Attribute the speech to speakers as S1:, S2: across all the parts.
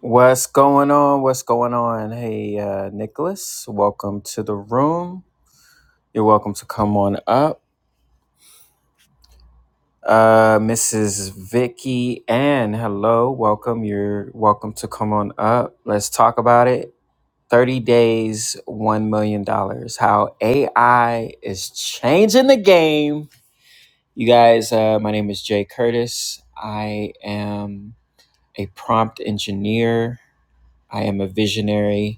S1: What's going on? What's going on? Hey, uh, Nicholas, welcome to the room. You're welcome to come on up. Uh, Mrs. Vicky Ann, hello, welcome. You're welcome to come on up. Let's talk about it. 30 days, $1 million. dollars. How AI is changing the game. You guys, uh, my name is Jay Curtis. I am a prompt engineer. I am a visionary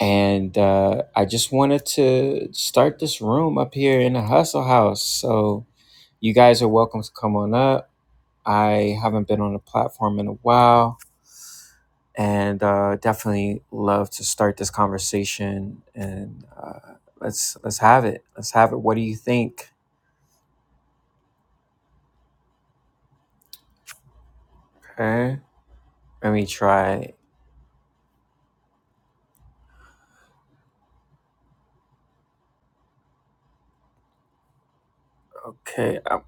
S1: And uh, I just wanted to start this room up here in the Hustle House. So you guys are welcome to come on up. I haven't been on the platform in a while and uh, definitely love to start this conversation and uh, let's let's have it. Let's have it. What do you think? Okay. Let me try. Okay, I'm,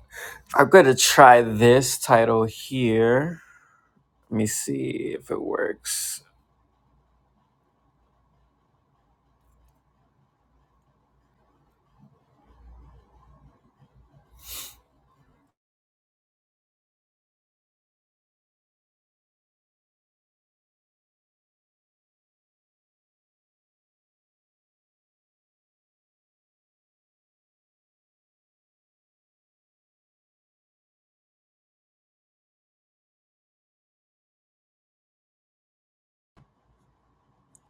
S1: I'm gonna try this title here. Let me see if it works.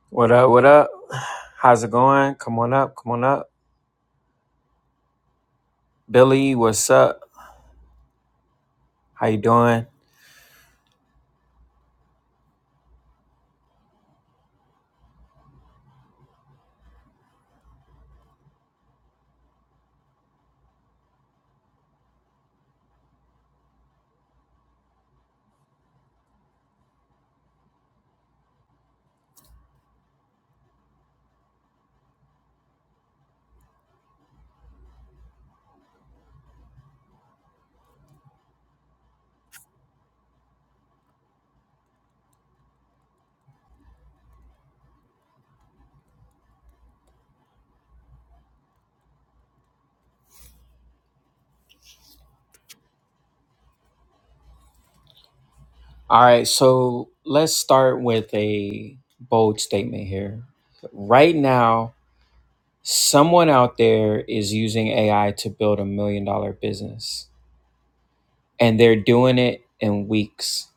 S1: What up? What up? How's it going? Come on up. Come on up. Billy, what's up? How you doing? All right, so let's start with a bold statement here. Right now, someone out there is using AI to build a million dollar business, and they're doing it in weeks,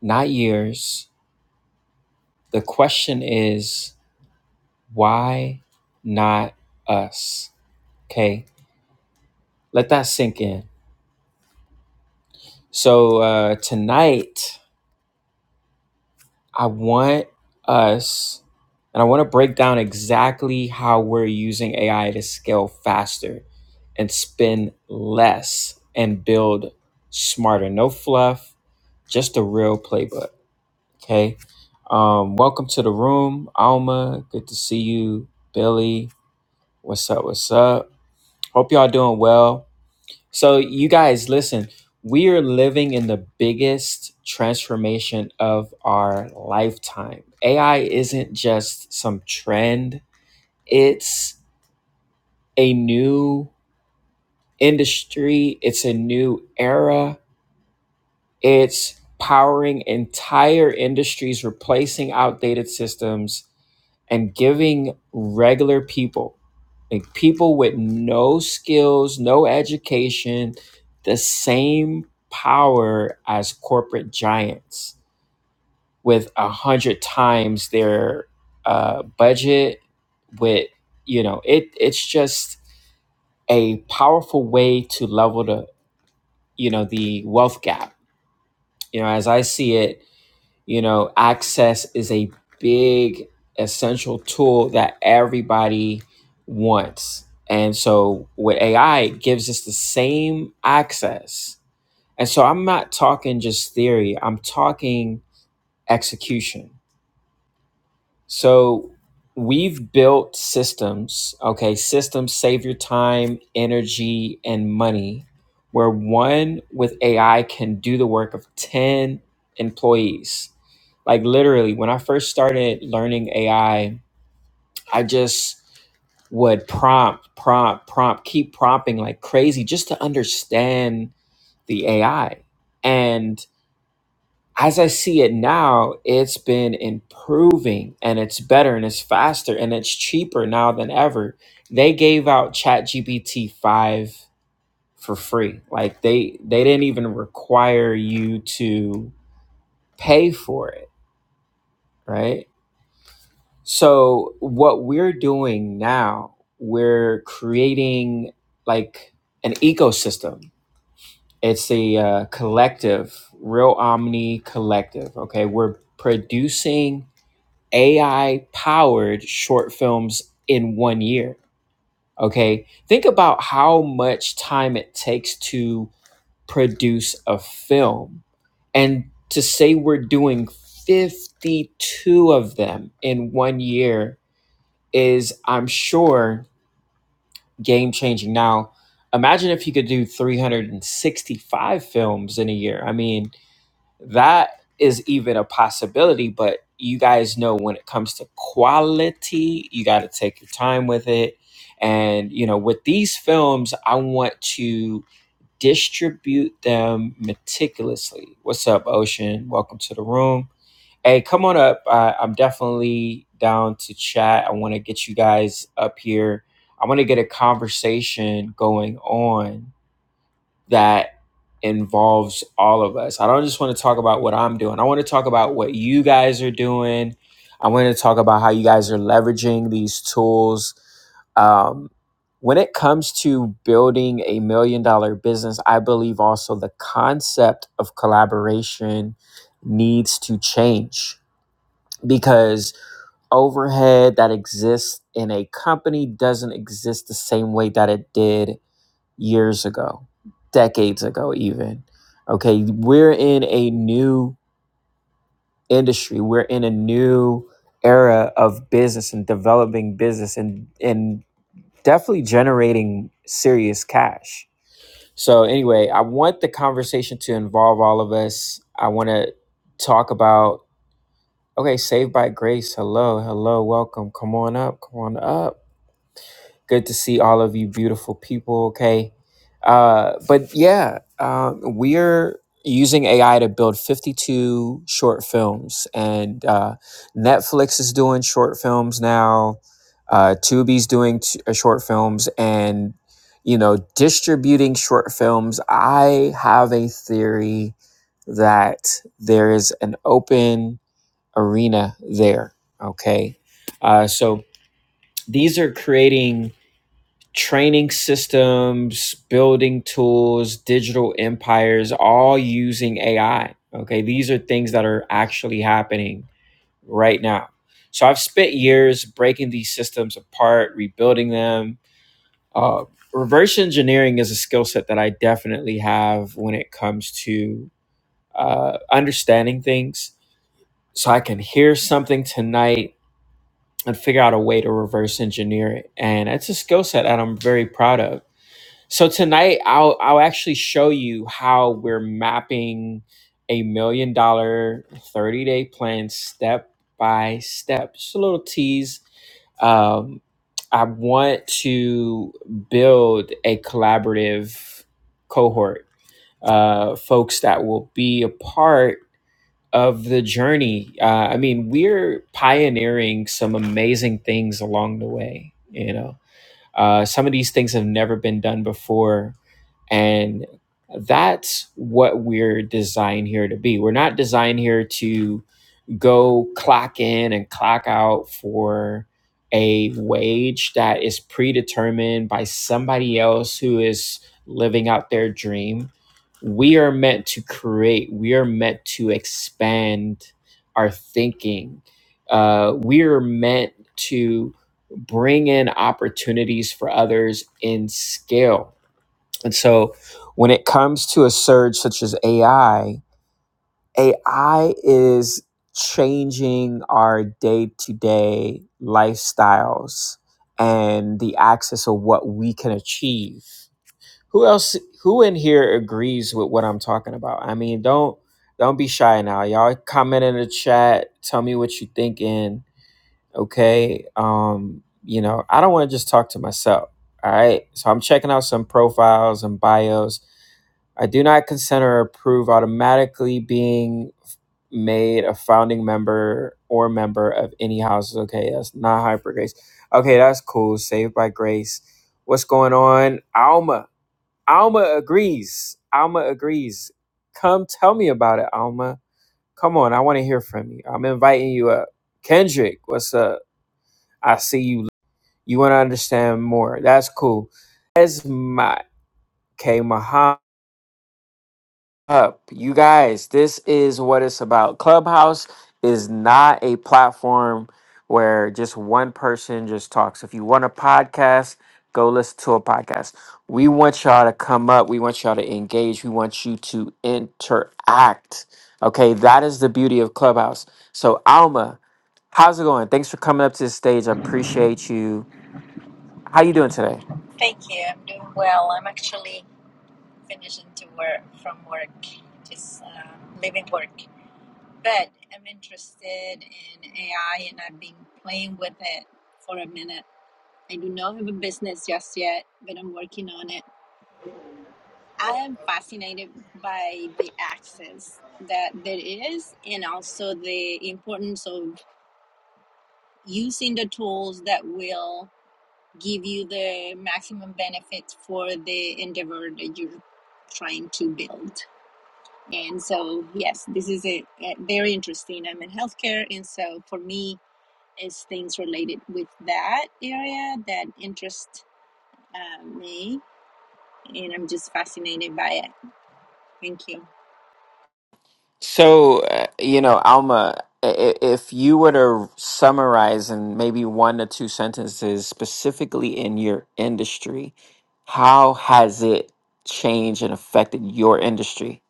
S1: not years. The question is, why not us? Okay, let that sink in. So, uh, tonight, I want us, and I want to break down exactly how we're using AI to scale faster and spend less and build smarter. No fluff, just a real playbook. Okay. Um, welcome to the room, Alma. Good to see you, Billy. What's up? What's up? Hope y'all doing well. So, you guys, listen, we are living in the biggest transformation of our lifetime. AI isn't just some trend, it's a new industry, it's a new era. It's powering entire industries, replacing outdated systems, and giving regular people, like people with no skills, no education, the same power as corporate giants with a hundred times their uh, budget. With you know, it it's just a powerful way to level the you know the wealth gap. You know, as I see it, You know, access is a big essential tool that everybody wants. And so with AI, it gives us the same access. And so I'm not talking just theory, I'm talking execution. So we've built systems, okay? Systems save your time, energy, and money, where one with AI can do the work of 10 employees. Like literally, when I first started learning AI, I I just would prompt, prompt, prompt, keep prompting like crazy just to understand the AI. and as I see it now, it's been improving and it's better and it's faster and it's cheaper now than ever. They gave out ChatGPT 5 for free. Like they they didn't even require you to pay for it, right? So what we're doing now, we're creating like an ecosystem. It's a uh, collective, real omni collective, okay? We're producing AI powered short films in one year. Okay. Think about how much time it takes to produce a film. And to say we're doing 52 of them in one year is, I'm sure, game changing. Now, imagine if you could do 365 films in a year. I mean, that is even a possibility but you guys know when it comes to quality you got to take your time with it and you know with these films i want to distribute them meticulously what's up ocean welcome to the room hey come on up I, i'm definitely down to chat i want to get you guys up here i want to get a conversation going on that involves all of us. I don't just want to talk about what I'm doing. I want to talk about what you guys are doing. I want to talk about how you guys are leveraging these tools um, when it comes to building a million dollar business, I believe also the concept of collaboration needs to change because overhead that exists in a company doesn't exist the same way that it did years ago, decades ago, even. Okay, we're in a new industry, we're in a new era of business and developing business and, and definitely generating serious cash. So, anyway, I want the conversation to involve all of us. I want to talk about, okay, saved by grace. Hello, hello, welcome. Come on up, come on up. Good to see all of you beautiful people, okay? Uh, but yeah, um, we're using AI to build 52 short films, and uh, Netflix is doing short films now. Uh, Tubi's doing t- uh, short films, and you know, distributing short films. I have a theory that there is an open arena there. Okay, uh, so these are creating training systems, building tools, digital empires, all using AI. Okay. These are things that are actually happening right now. So I've spent years breaking these systems apart, rebuilding them. Uh, reverse engineering is a skill set that I definitely have when it comes to uh, understanding things. So I can hear something tonight and figure out a way to reverse engineer it. And it's a skill set that I'm very proud of so tonight I'll I'll actually show you how we're mapping a million dollar 30 day plan step by step. Just a little tease. Um, I want to build a collaborative cohort, uh, folks that will be a part of the journey. Uh, I mean, we're pioneering some amazing things along the way, you know. Uh, some of these things have never been done before and that's what we're designed here to be. We're not designed here to go clock in and clock out for a wage that is predetermined by somebody else who is living out their dream. We are meant to create, we are meant to expand our thinking. Uh, we are meant to bring in opportunities for others in scale and so when it comes to a surge such as AI, AI is changing our day to day lifestyles and the access of what we can achieve. Who else who in here agrees with what I'm talking about? I mean, don't don't be shy now. Y'all comment in the chat, tell me what you thinking, okay? Um, you know, I don't want to just talk to myself. All right. So I'm checking out some profiles and bios I do not consent or approve automatically being made a founding member or member of any house. Okay, that's not hyper grace. Okay, that's cool. Saved by grace. What's going on? Alma. Alma agrees. Alma agrees. Come tell me about it, Alma. Come on, I want to hear from you. I'm inviting you up. Kendrick, what's up? I see you. You want to understand more. That's cool. Esma K. Muhammad. up. You guys, this is what it's about. Clubhouse is not a platform where just one person just talks. If you want a podcast, go listen to a podcast. We want y'all to come up. We want y'all to engage. We want you to interact. Okay, that is the beauty of Clubhouse. So, Alma, how's it going? Thanks for coming up to the stage. I appreciate you. How you doing today? So, uh, you know, Alma, i- i- if you were to summarize in maybe one to two sentences, specifically in your industry, how has it changed and affected your industry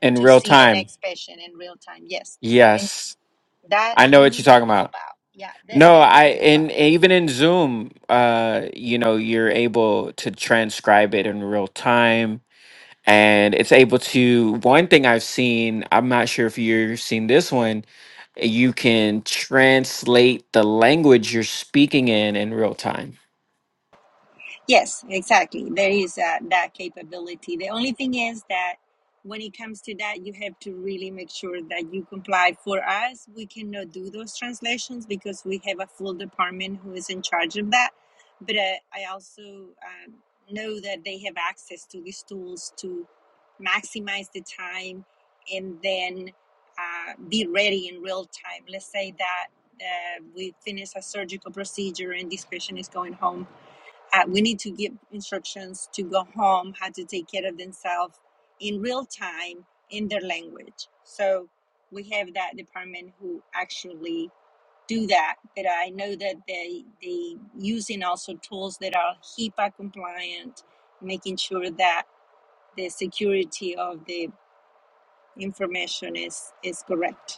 S1: in real time? Yes, I know what you're talking about. No, I and even in Zoom, uh, you know, you're able to transcribe it in real time and it's able to one thing i've seen i'm not sure if you've seen this one you can translate the language you're speaking in in real time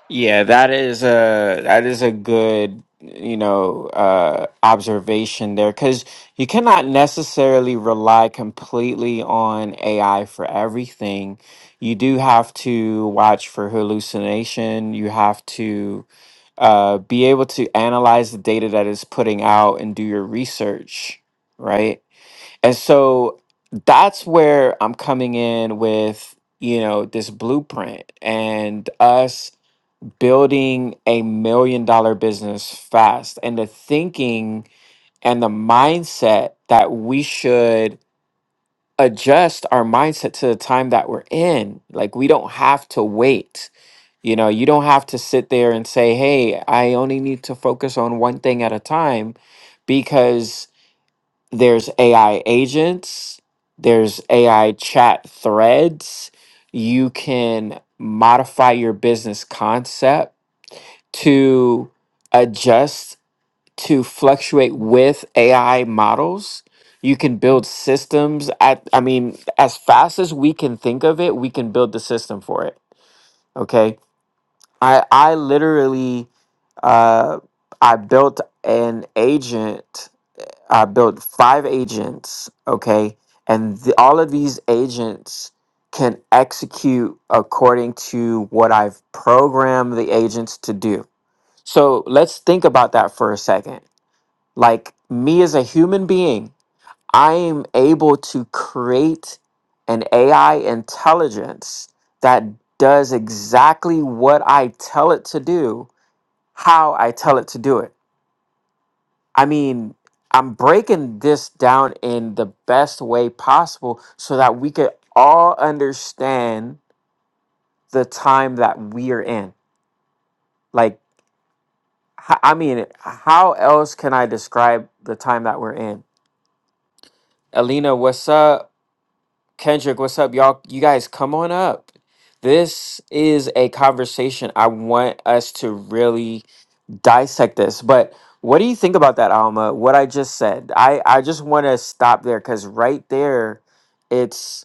S1: yeah that is a that is a good you know uh observation there because you cannot necessarily rely completely on ai for everything you do have to watch for hallucination you have to uh, be able to analyze the data that is putting out and do your research, right? And so that's where I'm coming in with you know this blueprint and us building a million dollar business fast and the thinking and the mindset that we should adjust our mindset to the time that we're in like we don't have to wait you know, you don't have to sit there and say, hey, I only need to focus on one thing at a time because there's AI agents, there's AI chat threads. You can modify your business concept to adjust to fluctuate with AI models. You can build systems at, I mean, as fast as we can think of it, we can build the system for it. Okay I I literally uh I built an agent. I built five agents, okay? And the, all of these agents can execute according to what I've programmed the agents to do. So let's think about that for a second. Like me as a human being, I am able to create an AI intelligence that does exactly what I tell it to do how I tell it to do it. I mean, I'm breaking this down in the best way possible so that we could all understand the time that we're in. Like, h- I mean, how else can I describe the time that we're in? Alina, what's up? Kendrick, what's up? Y'all, you guys come on up. This is a conversation I want us to really dissect this, but what do you think about that, Alma? What I just said. I I just want to stop there because right there, it's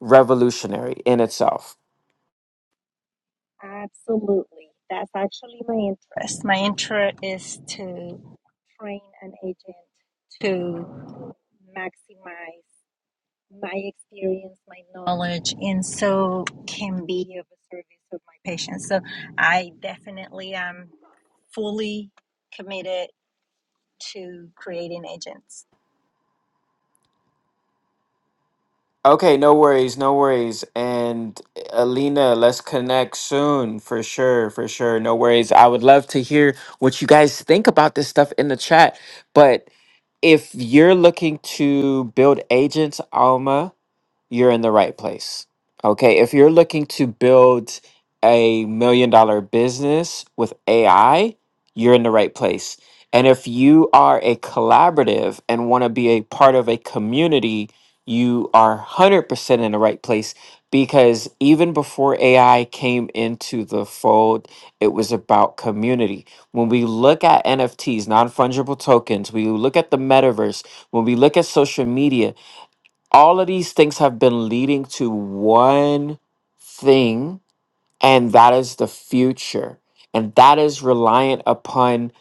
S1: revolutionary in itself. Okay, no worries, no worries. And uh, Alina, let's connect soon for sure, for sure. No worries. I would love to hear what you guys think about this stuff in the chat. But if you're looking to build agents, Alma, you're in the right place. Okay. If you're looking to build a million dollar business with AI, you're in the right place. And if you are a collaborative and want to be a part of a community, you are 100% in the right place because even before AI came into the fold, it was about community. When we look at NFTs, non fungible tokens, we look at the metaverse, when we look at social media, all of these things have been leading to one thing, and that is the future. And that is reliant upon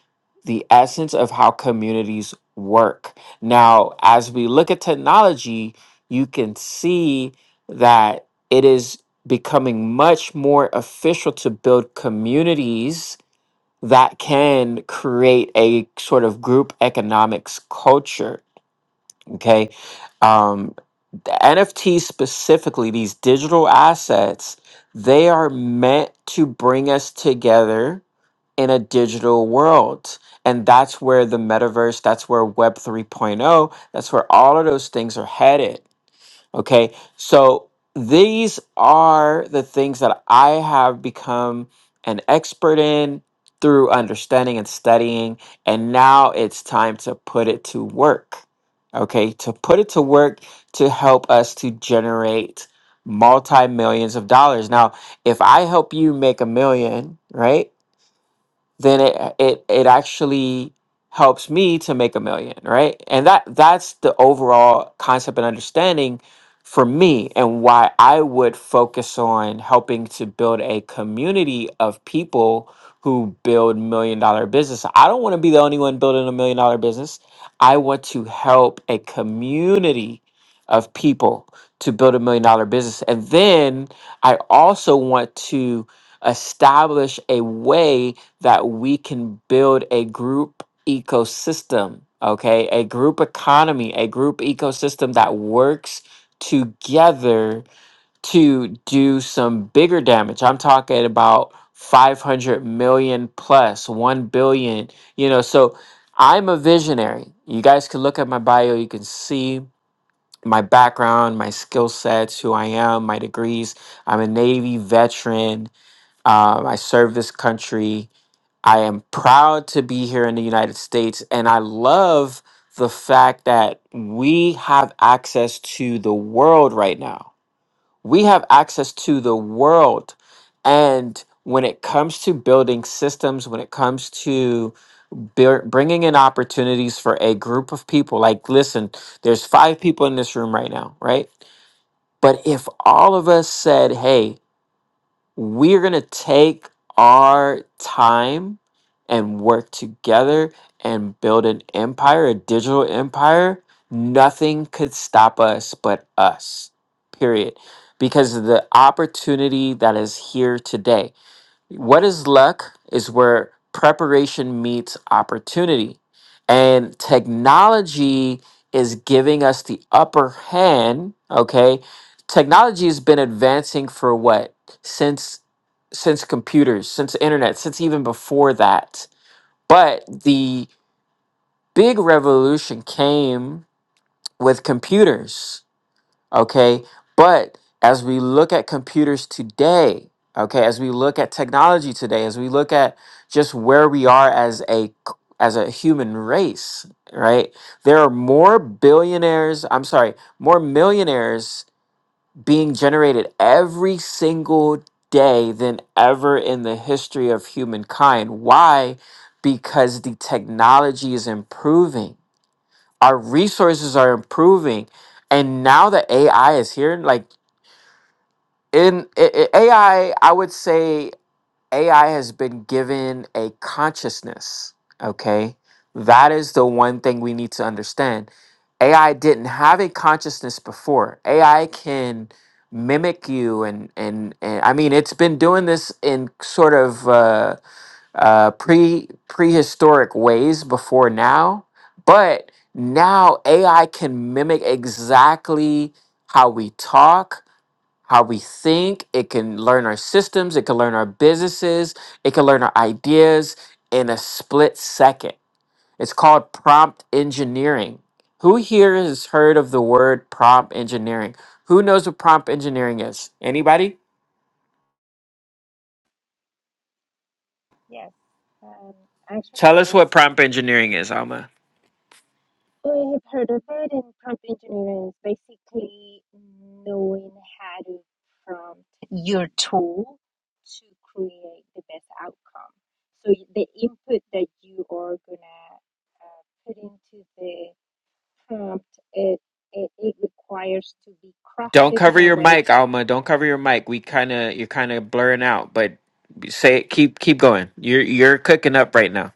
S1: the essence of how communities work. Now, as we look at technology, you can see that it is becoming much more official to build communities that can create a sort of group economics culture. Okay. Um, the NFTs specifically, these digital assets, they are meant to bring us together in a digital world. And that's where the metaverse, that's where Web 3.0, that's where all of those things are headed. Okay. So these are the things that I have become an expert in through understanding and studying. And now it's time to put it to work. Okay. To put it to work to help us to generate multi millions of dollars. Now, if I help you make a million, right? then it it it actually helps me to make a million, right? And that that's the overall concept and understanding for me and why I would focus on helping to build a community of people who build million dollar business. I don't want to be the only one building a million dollar business. I want to help a community of people to build a million dollar business. And then I also want to establish a way that we can build a group ecosystem, okay? A group economy, a group ecosystem that works together to do some bigger damage. I'm talking about 500 million plus, 1 billion, you know. So I'm a visionary. You guys can look at my bio, you can see my background, my skill sets, who I am, my degrees. I'm a Navy veteran. Um, I serve this country I am proud to be here in the United States, and I love the fact that we have access to the world right now. We have access to the world. And when it comes to building systems, when it comes to buil- bringing in opportunities for a group of people, like, listen, there's five people in this room right now, right? But if all of us said, hey, we're going to take our time and work together and build an empire, a digital empire. Nothing could stop us but us, period. Because the opportunity that is here today. What is luck is where preparation meets opportunity. And technology is giving us the upper hand, okay? Technology has been advancing for what? Since since computers, since internet, since even before that. But the big revolution came with computers Okay. But as we look at computers today, okay, as we look at technology today, as we look at just where we are as a c- as a human race, right? There are more billionaires, I'm sorry, more millionaires being generated every single day than ever in the history of humankind. Why? Because the technology is improving our resources are improving and now that ai is here like in i i- ai i would say ai has been given a consciousness okay that is the one thing we need to understand ai didn't have a consciousness before ai can mimic you and and, and i mean it's been doing this in sort of uh uh, pre prehistoric ways before now, but now AI can mimic exactly how we talk, how we think. It can learn our systems, it can learn our businesses, it can learn our ideas in a split second. It's called prompt engineering. Who here has heard of the word prompt engineering? Who knows what prompt engineering is? Anybody? Tell us what prompt engineering is, Alma. Don't cover your mic, Alma. Don't cover your mic. We kind of you're kind of blurring out, but say keep keep going. You're you're cooking up right now.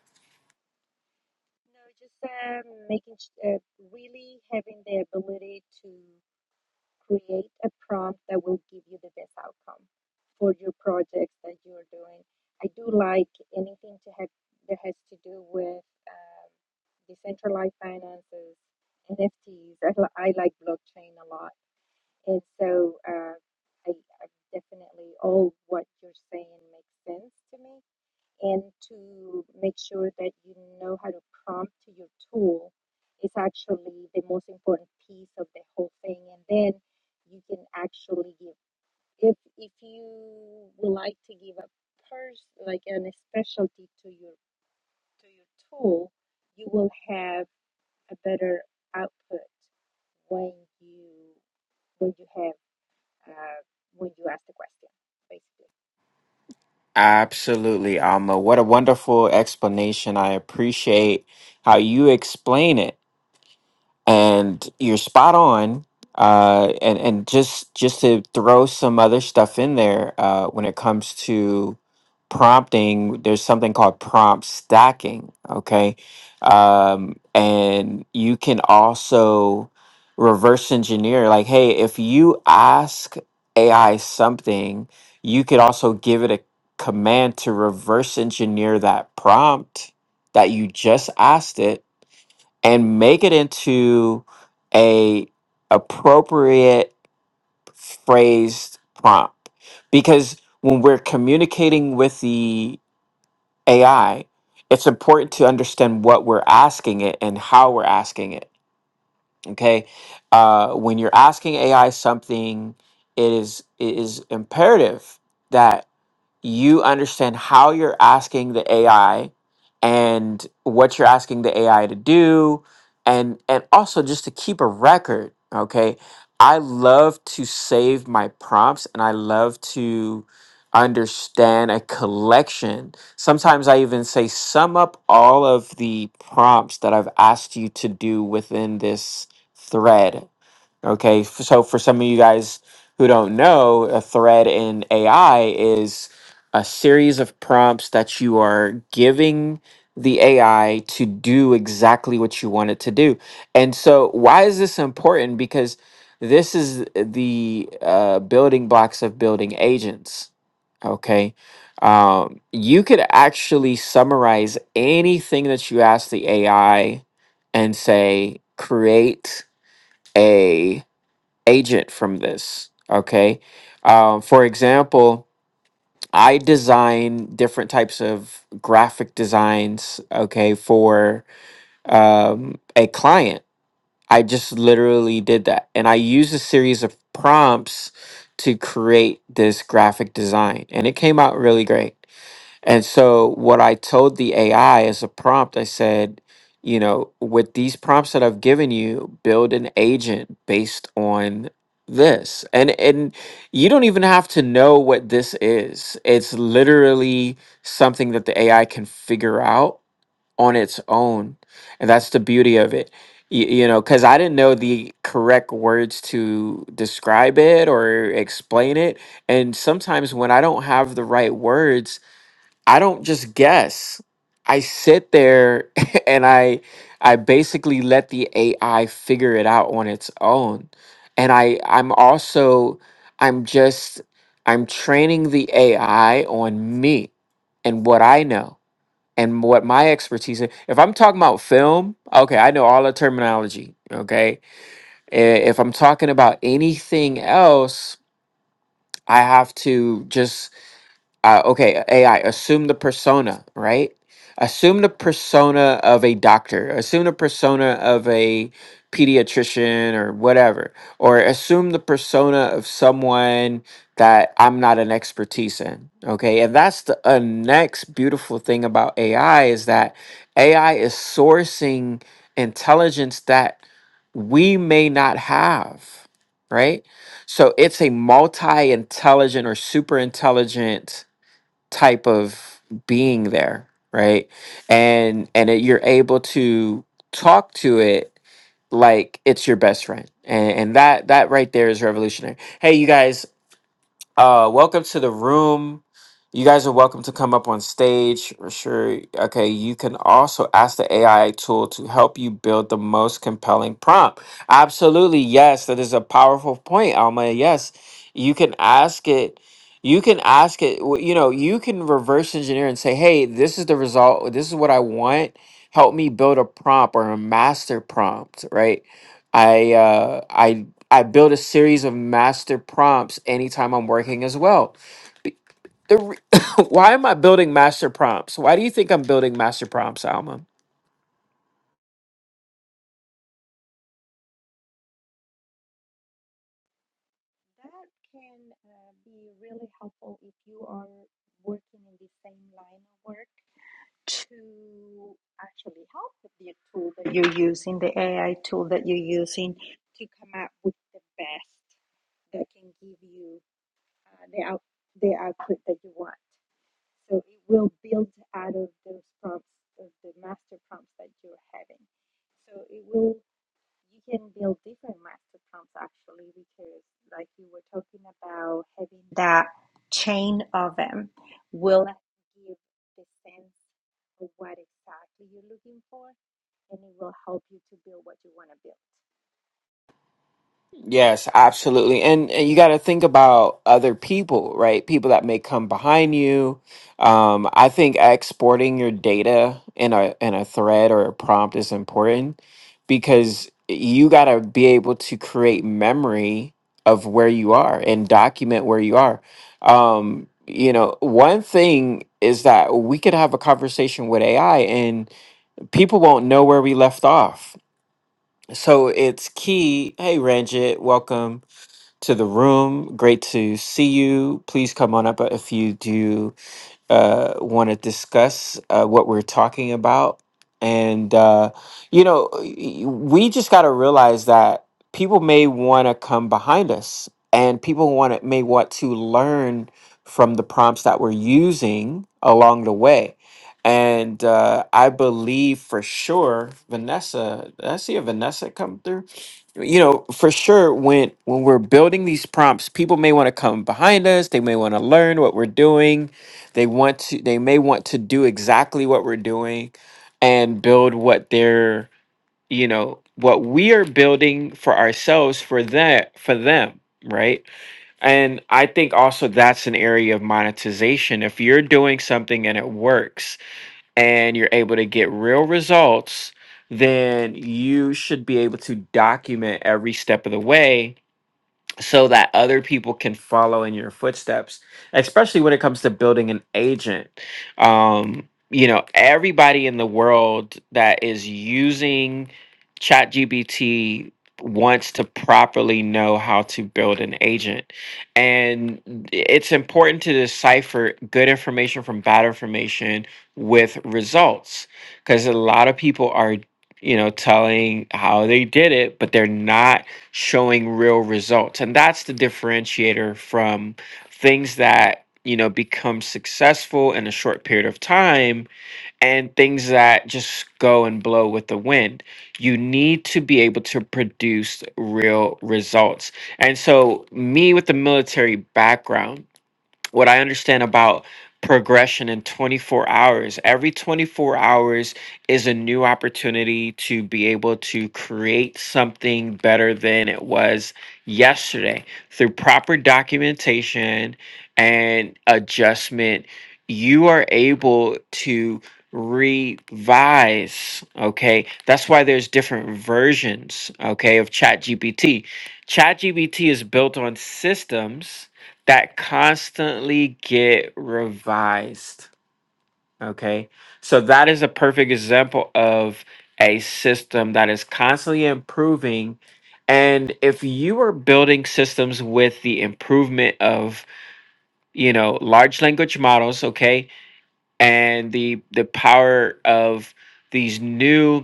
S1: Absolutely, Alma. What a wonderful explanation. I appreciate how you explain it. and you're spot on. Uh, and and just just to throw some other stuff in there uh, when it comes to prompting, there's something called prompt stacking. Okay, um, and you can also reverse engineer. Like, hey, if you ask AI something, you could also give it a command to reverse engineer that prompt that you just asked it and make it into a appropriate phrased prompt because when we're communicating with the AI it's important to understand what we're asking it and how we're asking it okay uh, when you're asking AI something it is it is imperative that you understand how you're asking the AI and what you're asking the AI to do and and also just to keep a record, okay? I love to save my prompts and I love to understand a collection. Sometimes I even say sum up all of the prompts that I've asked you to do within this thread Okay, f- so for some of you guys who don't know, a thread in AI is a series of prompts that you are giving the AI to do exactly what you want it to do. And so, why is this important? Because this is the uh, building blocks of building agents. Okay. Um, you could actually summarize anything that you ask the AI and say, create a agent from this. Okay. Uh, for example, I design different types of graphic designs. Okay. For um, a client, I just literally did that. And I used a series of prompts to create this graphic design, and it came out really great. And so, what I told the AI as a prompt, I said, you know, with these prompts that I've given you, build an agent based on this. And and you don't even have to know what this is. It's literally something that the AI can figure out on its own. And that's the beauty of it. You, you know, cuz I didn't know the correct words to describe it or explain it. And sometimes when I don't have the right words, I don't just guess. I sit there and I I basically let the AI figure it out on its own. And I I'm also I'm just I'm training the AI on me and what I know and what my expertise is. If I'm talking about film, okay, I know all the terminology, okay? I- If I'm talking about anything else, I have to just uh, okay, AI, assume the persona, right? Assume the persona of a doctor, assume the persona of a pediatrician or whatever, or assume the persona of someone that I'm not an expertise in. Okay. And that's the uh, next beautiful thing about AI is that AI is sourcing intelligence that we may not have, right? So it's a multi intelligent or super intelligent type of being there right and and it, you're able to talk to it like it's your best friend and, and that that right there is revolutionary hey you guys uh, welcome to the room. You guys are welcome to come up on stage. for Sure. Okay. You can also ask the AI tool to help you build the most compelling prompt. Absolutely. Yes. That is a powerful point, Alma. Yes. You can ask it. You can ask it. w- You know, you can reverse engineer and say, hey, this is the result. This is what I want. Help me build a prompt or a master prompt, right? I uh, I I build a series of master prompts anytime I'm working as well. Be- The re- why am I building master prompts? Why do you think I'm building master prompts, Alma?
S2: using, the AI tool that you're using, chim,
S1: Yes, absolutely. And, and you got to think about other people, right? People that may come behind you. Um, I think exporting your data in a in a thread or a prompt is important because you got to be able to create memory of where you are and document where you are. Um, you know, one thing is that we could have a conversation with AI and people won't know where we left off. So it's key. Hey, Ranjit, welcome to the room. Great to see you. Please come on up if you do uh, want to discuss uh, what we're talking about. And, uh, you know, y- we just got to realize that people may want to come behind us and people want to, may want to learn from the prompts that we're using along the way. And uh, I believe for sure, Vanessa, did I see a Vanessa come through you know for sure when when we're building these prompts people may want to come behind us they may want to learn what we're doing they want to they may want to do exactly what we're doing and build what they're, you know, what we are building for ourselves for that for them, right? And I think also that's an area of monetization. If you're doing something and it works and you're able to get real results, then you should be able to document every step of the way so that other people can follow in your footsteps, especially when it comes to building an agent. Um, you know, everybody in the world that is using ChatGPT wants to properly know how to build an agent. And it's important to decipher good information from bad information with results because a lot of people are, you know, telling how they did it, but they're not showing real results and that's the differentiator from things that you know become successful in a short period of time and things that just go and blow with the wind you need to be able to produce real results and so me with the military background what I understand about progression in 24 hours. Every 24 hours is a new opportunity to be able to create something better than it was yesterday through proper documentation and adjustment. You are able to revise okay that's why there's different versions okay of ChatGPT. ChatGPT is built on systems that constantly get revised. Okay. So that is a perfect example of a system that is constantly improving. And if you are building systems with the improvement of, you know, large language models, okay, and the the power of these new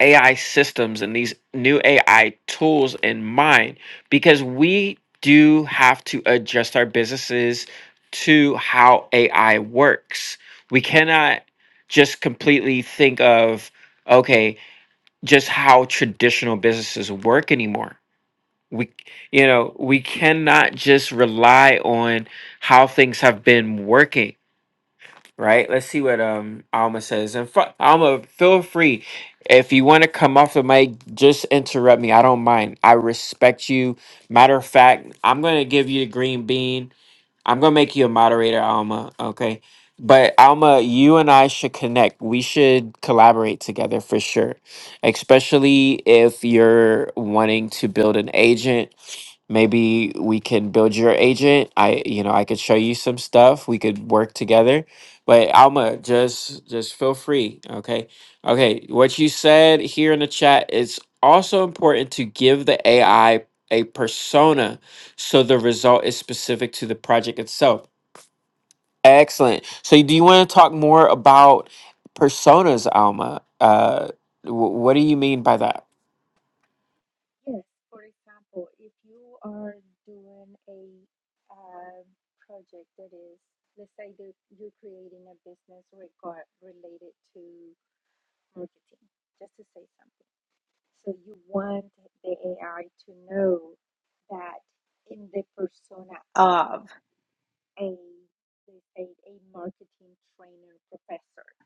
S1: AI systems and these new AI tools in mind because we do have to adjust our businesses to how AI works. We cannot just completely think of okay, just how traditional businesses work anymore. We you know, we cannot just rely on how things have been working right? Let's see what um Alma says. And fu- Alma, feel free if you want to come off the mic, just interrupt me. I don't mind. I respect you. Matter of fact, I'm gonna give you the green bean I'm gonna make you a moderator, Alma. Okay. But Alma, you and I should connect. We should collaborate together for sure. Especially if you're wanting to build an agent. Maybe we can build your agent. I you know, I could show you some stuff. We could work together. But Alma, just just feel free. Okay. Okay. What you said here in the chat is also important to give the AI a persona so the result is specific to the project itself. Excellent. So, do you want to talk more about personas, Alma? Uh, wh- what do you mean by that?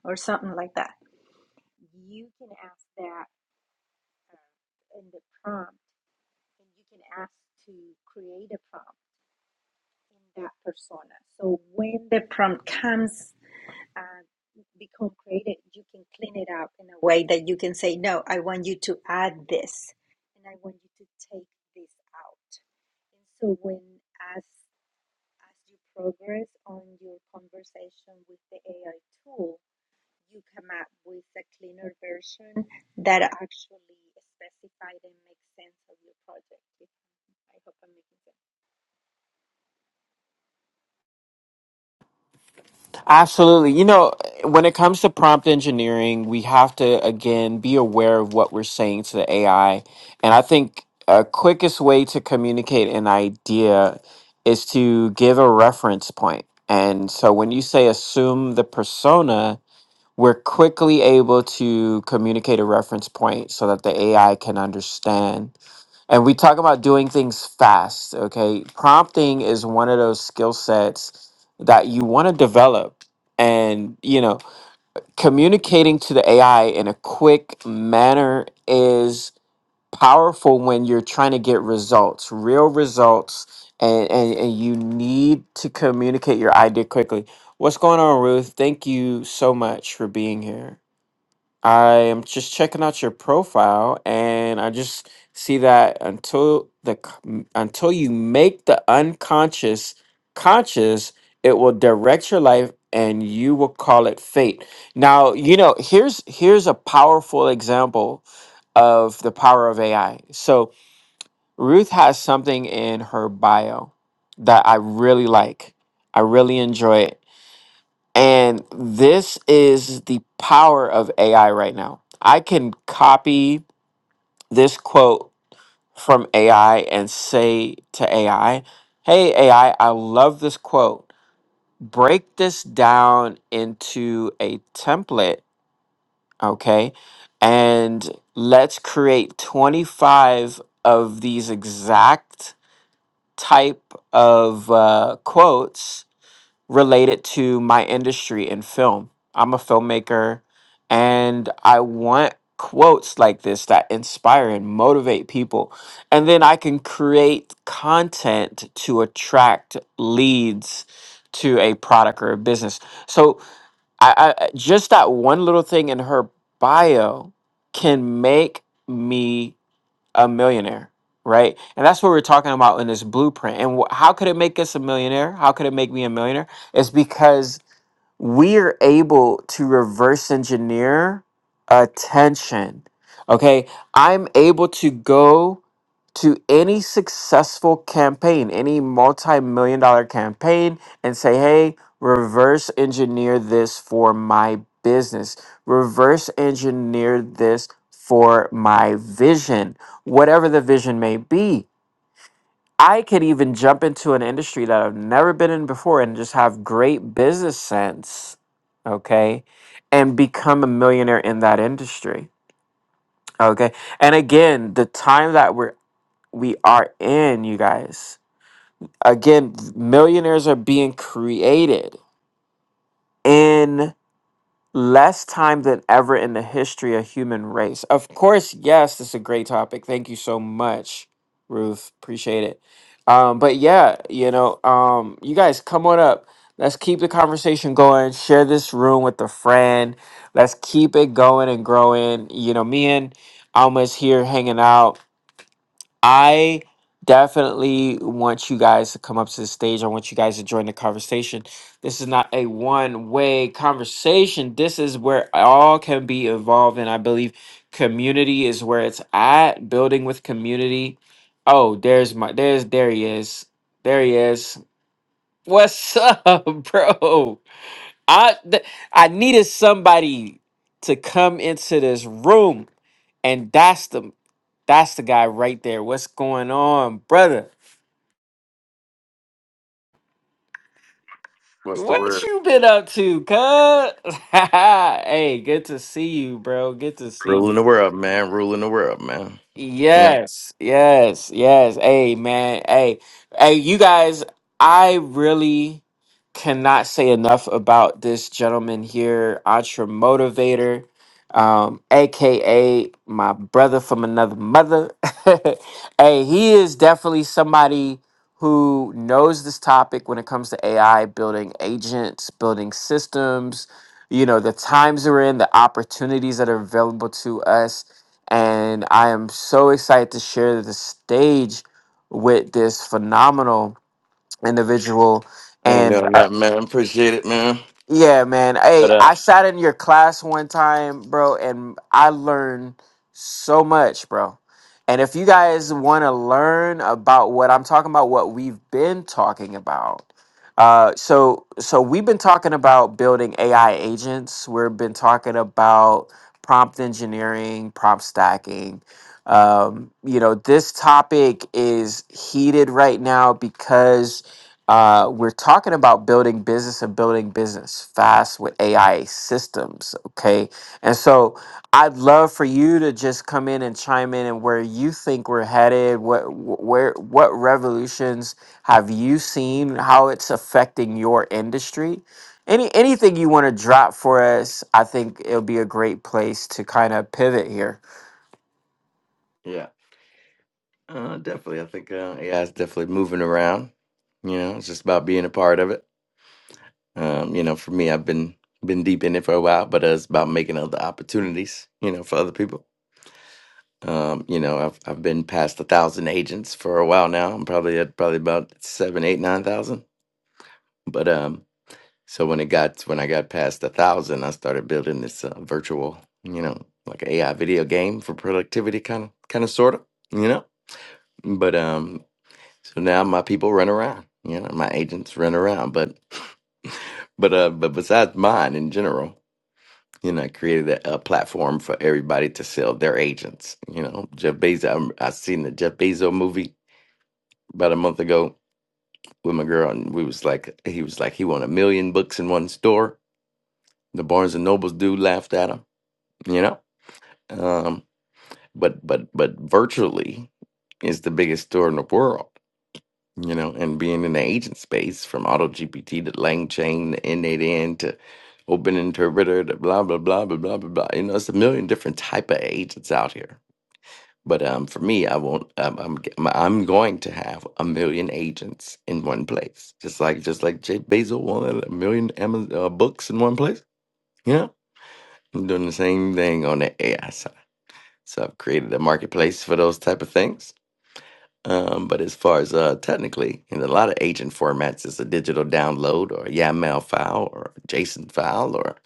S2: or something like that, prompt comes, that you can say, no, I want you to add this, that
S1: Absolutely. You know, when it comes to prompt engineering, we have to again be aware of what we're saying to the AI. And I think a quickest way to communicate an idea is to give a reference point. And so when you say assume the persona, we're quickly able to communicate a reference point so that the AI can understand. And we talk about doing things fast, okay? Prompting is one of those skill sets that you want to develop. And, you know, communicating to the AI in a quick manner is powerful when you're trying to get results, real results, and, and, and you need to communicate your idea quickly. What's going on, Ruth? Thank you so much for being here. I am just checking out your profile, and I just see that until the c- m- until you make the unconscious conscious, it will direct your life, and you will call it fate. Now, you know here's here's a powerful example of the power of AI. So Ruth has something in her bio that I really like. I really enjoy it. And this is the power of AI right now. I can copy this quote from AI and say to AI, Hey, AI, I I love this quote. Break this down into a template, okay? And let's create 25 of these exact type of uh, quotes related to my industry in film. I'm a filmmaker and I want quotes like this that inspire and motivate people. And then I can create content to attract leads to a product or a business. So I, I just that one little thing in her bio can make me a millionaire, right? And that's what we're talking about in this blueprint. And wh- how could it make us a millionaire? How could it make me a millionaire? It's because we're able to reverse engineer attention. Okay, I'm able to go to any successful campaign, any multi million dollar campaign, and say, hey, reverse engineer this for my business, reverse engineer this for my vision, whatever the vision may be. I could even jump into an industry that I've never been in before and just have great business sense, okay, and become a millionaire in that industry, okay. And again, the time that we're we are in, you guys. Again, millionaires are being created in. less time than ever in the history of human race. Of course, yes, this is a great topic. Thank you so much, Ruth. Appreciate it. Um, but yeah, you know, um, you guys come on up. Let's keep the conversation going. Share this room with a friend. Let's keep it going and growing. You know, me and Alma's here hanging out. I definitely want you guys to come up to the stage. I want you guys to join the conversation. This is not a one way conversation. This is where all can be involved. And I believe community is where it's at. Building with community. Oh, there's my, there's, there he is. There he is. What's up, bro? I, th- I needed somebody to come into this room. And that's the that's the guy right there. What's going on, brother?
S3: What's the
S1: What
S3: word?
S1: you been up to, cuz? hey, good to see you, bro. Good to see
S3: Ruling
S1: you.
S3: the world, man. Ruling the world, man. You know,
S1: Yes, yes, yes. Hey, man. Hey, hey, you guys, I really cannot say enough about this gentleman here, Ultra Motivator, um, aka my brother from another mother. Hey, he is definitely somebody who knows this topic when it comes to AI, building agents, building systems, you know, the times we're in, the opportunities that are available to us and I am so excited to share the stage with this phenomenal individual.
S3: I ain't
S1: And
S3: doing
S1: uh,
S3: nothing, man. Appreciate it, man.
S1: yeah, man.
S3: But
S1: Hey,
S3: uh,
S1: I sat in your class one time, bro, and I learned so much, bro. And if you guys want to learn about what I'm talking about, what we've been talking about, uh, so so we've been talking about building AI agents. We've been talking about prompt engineering, prompt stacking. Um, you know, this topic is heated right now because uh, we're talking about building business and building business fast with AI systems. Okay. And so I'd love for you to just come in and chime in and where you think we're headed, what, wh- where, what revolutions have you seen, how it's affecting your industry? Any, anything you want to drop for us, I think it'll be a great place to kind of pivot here.
S3: yeah, uh, definitely. I think uh, yeah, it's definitely moving around. You know, it's just about being a part of it. Um, you know, for me, I've been been deep in it for a while, but uh, it's about making other opportunities. You know, for other people. Um, you know, I've I've been past a thousand agents for a while now. I'm probably at probably about seven, eight, nine thousand. But um, So when it got when I got past a thousand, I started building this uh, virtual, you know, like AI video game for productivity, kind of, kind of, sort of, you know. But um, so now my people run around, you know, my agents run around. But but uh, but besides mine in general, you know, I created a, a platform for everybody to sell their agents. You know, Jeff Bezos. I, I seen the Jeff Bezos movie about a month ago with my girl, and we was like, he was like, he won a million books in one store. The Barnes and Nobles dude laughed at him you know um but but but virtually is the biggest store in the world you know and being in the agent space from AutoGPT to langchain to n8n to open interpreter to blah blah blah blah blah blah blah you know it's a million different type of agents out here but um for me i won't i'm i'm, g- I'm going to have a million agents in one place just like just like jay basil wanted a million Amazon, uh, books in one place you know i'm doing the same thing on the ai side So I've created a marketplace for those type of things. Um, but as far as uh, technically, in a lot of agent formats, it's a digital download or a YAML file or a JSON file or,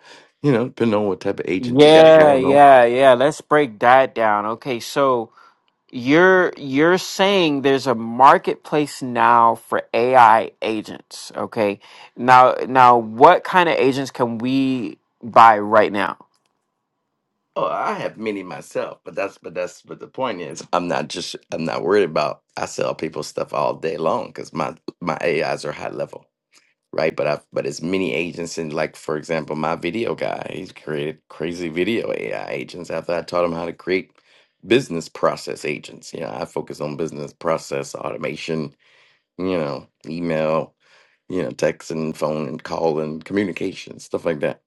S3: you know, depending on what type of agent you got
S1: Yeah,
S3: going on.
S1: yeah, yeah. Let's break that down. Okay. So, you're you're saying there's a marketplace now for AI agents, okay? Now now what kind of agents can we buy right now?
S3: Oh, I have many myself, but that's but that's but the point is, I'm not just I'm not worried about. I sell people stuff all day long because my my AIs are high level. right? But I've but as many agents in like for example, my video guy, he's created crazy video AI agents after I taught him how to create business process agents. You know, I focus on business process automation, you know, email, you know, text and phone and call and communication, stuff like that.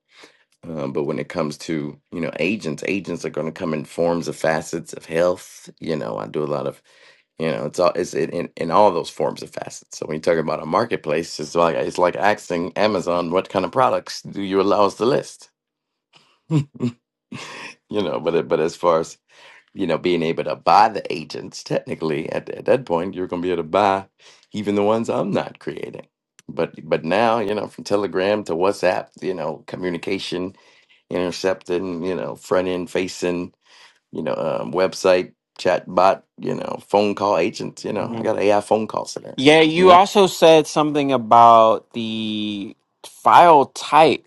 S3: Um, but when it comes to you know agents, agents are going to come in forms of facets of health. You know, I do a lot of you know, it's all it's in, in, in all those forms of facets. So when you talk about a marketplace, it's like it's like asking Amazon what kind of products do you allow us to list? You know, but it- but as far as you know, being able to buy the agents, technically at, at that point, you're going to be able to buy even the ones I'm not creating. But but now, you know, from Telegram to WhatsApp, you know, communication, intercepting, you know, front end facing you know, um, website, chat bot, you know, phone call agents, you know, I
S1: Mhm.
S3: got AI phone call center,
S1: Yeah,
S3: you
S1: you
S3: know?
S1: also said something about the file type.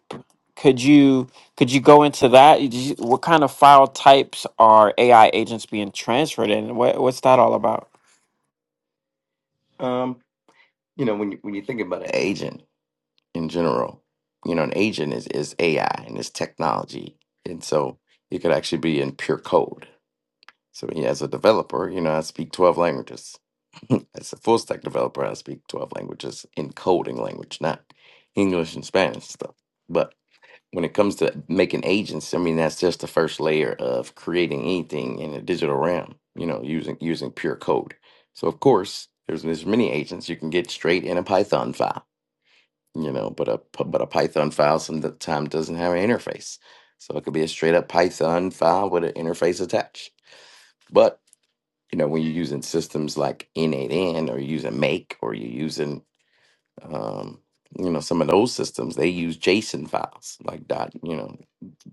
S1: Could you could you go into that? Did you- What kind of file types are AI agents being transferred in? What what's that all about?
S3: Um, you know, when you, when you think about an agent in general, you know, an agent is, is AI and it's technology. And so it could actually be in pure code. So yeah, as a developer, you know, I speak 12 languages. as a full stack developer, I speak 12 languages in coding language, not English and Spanish stuff. But when it comes to making agents, I mean, that's just the first layer of creating anything in a digital realm, you know, using using pure code. So of course, there's there's many agents you can get straight in a Python file, you know, but a but a Python file sometimes doesn't have an interface. So it could be a straight up Python file with an interface attached. But you know, when you're using systems like N8N or you're using Make or you're using, um, you know, some of those systems, they use JSON files like dot, you know,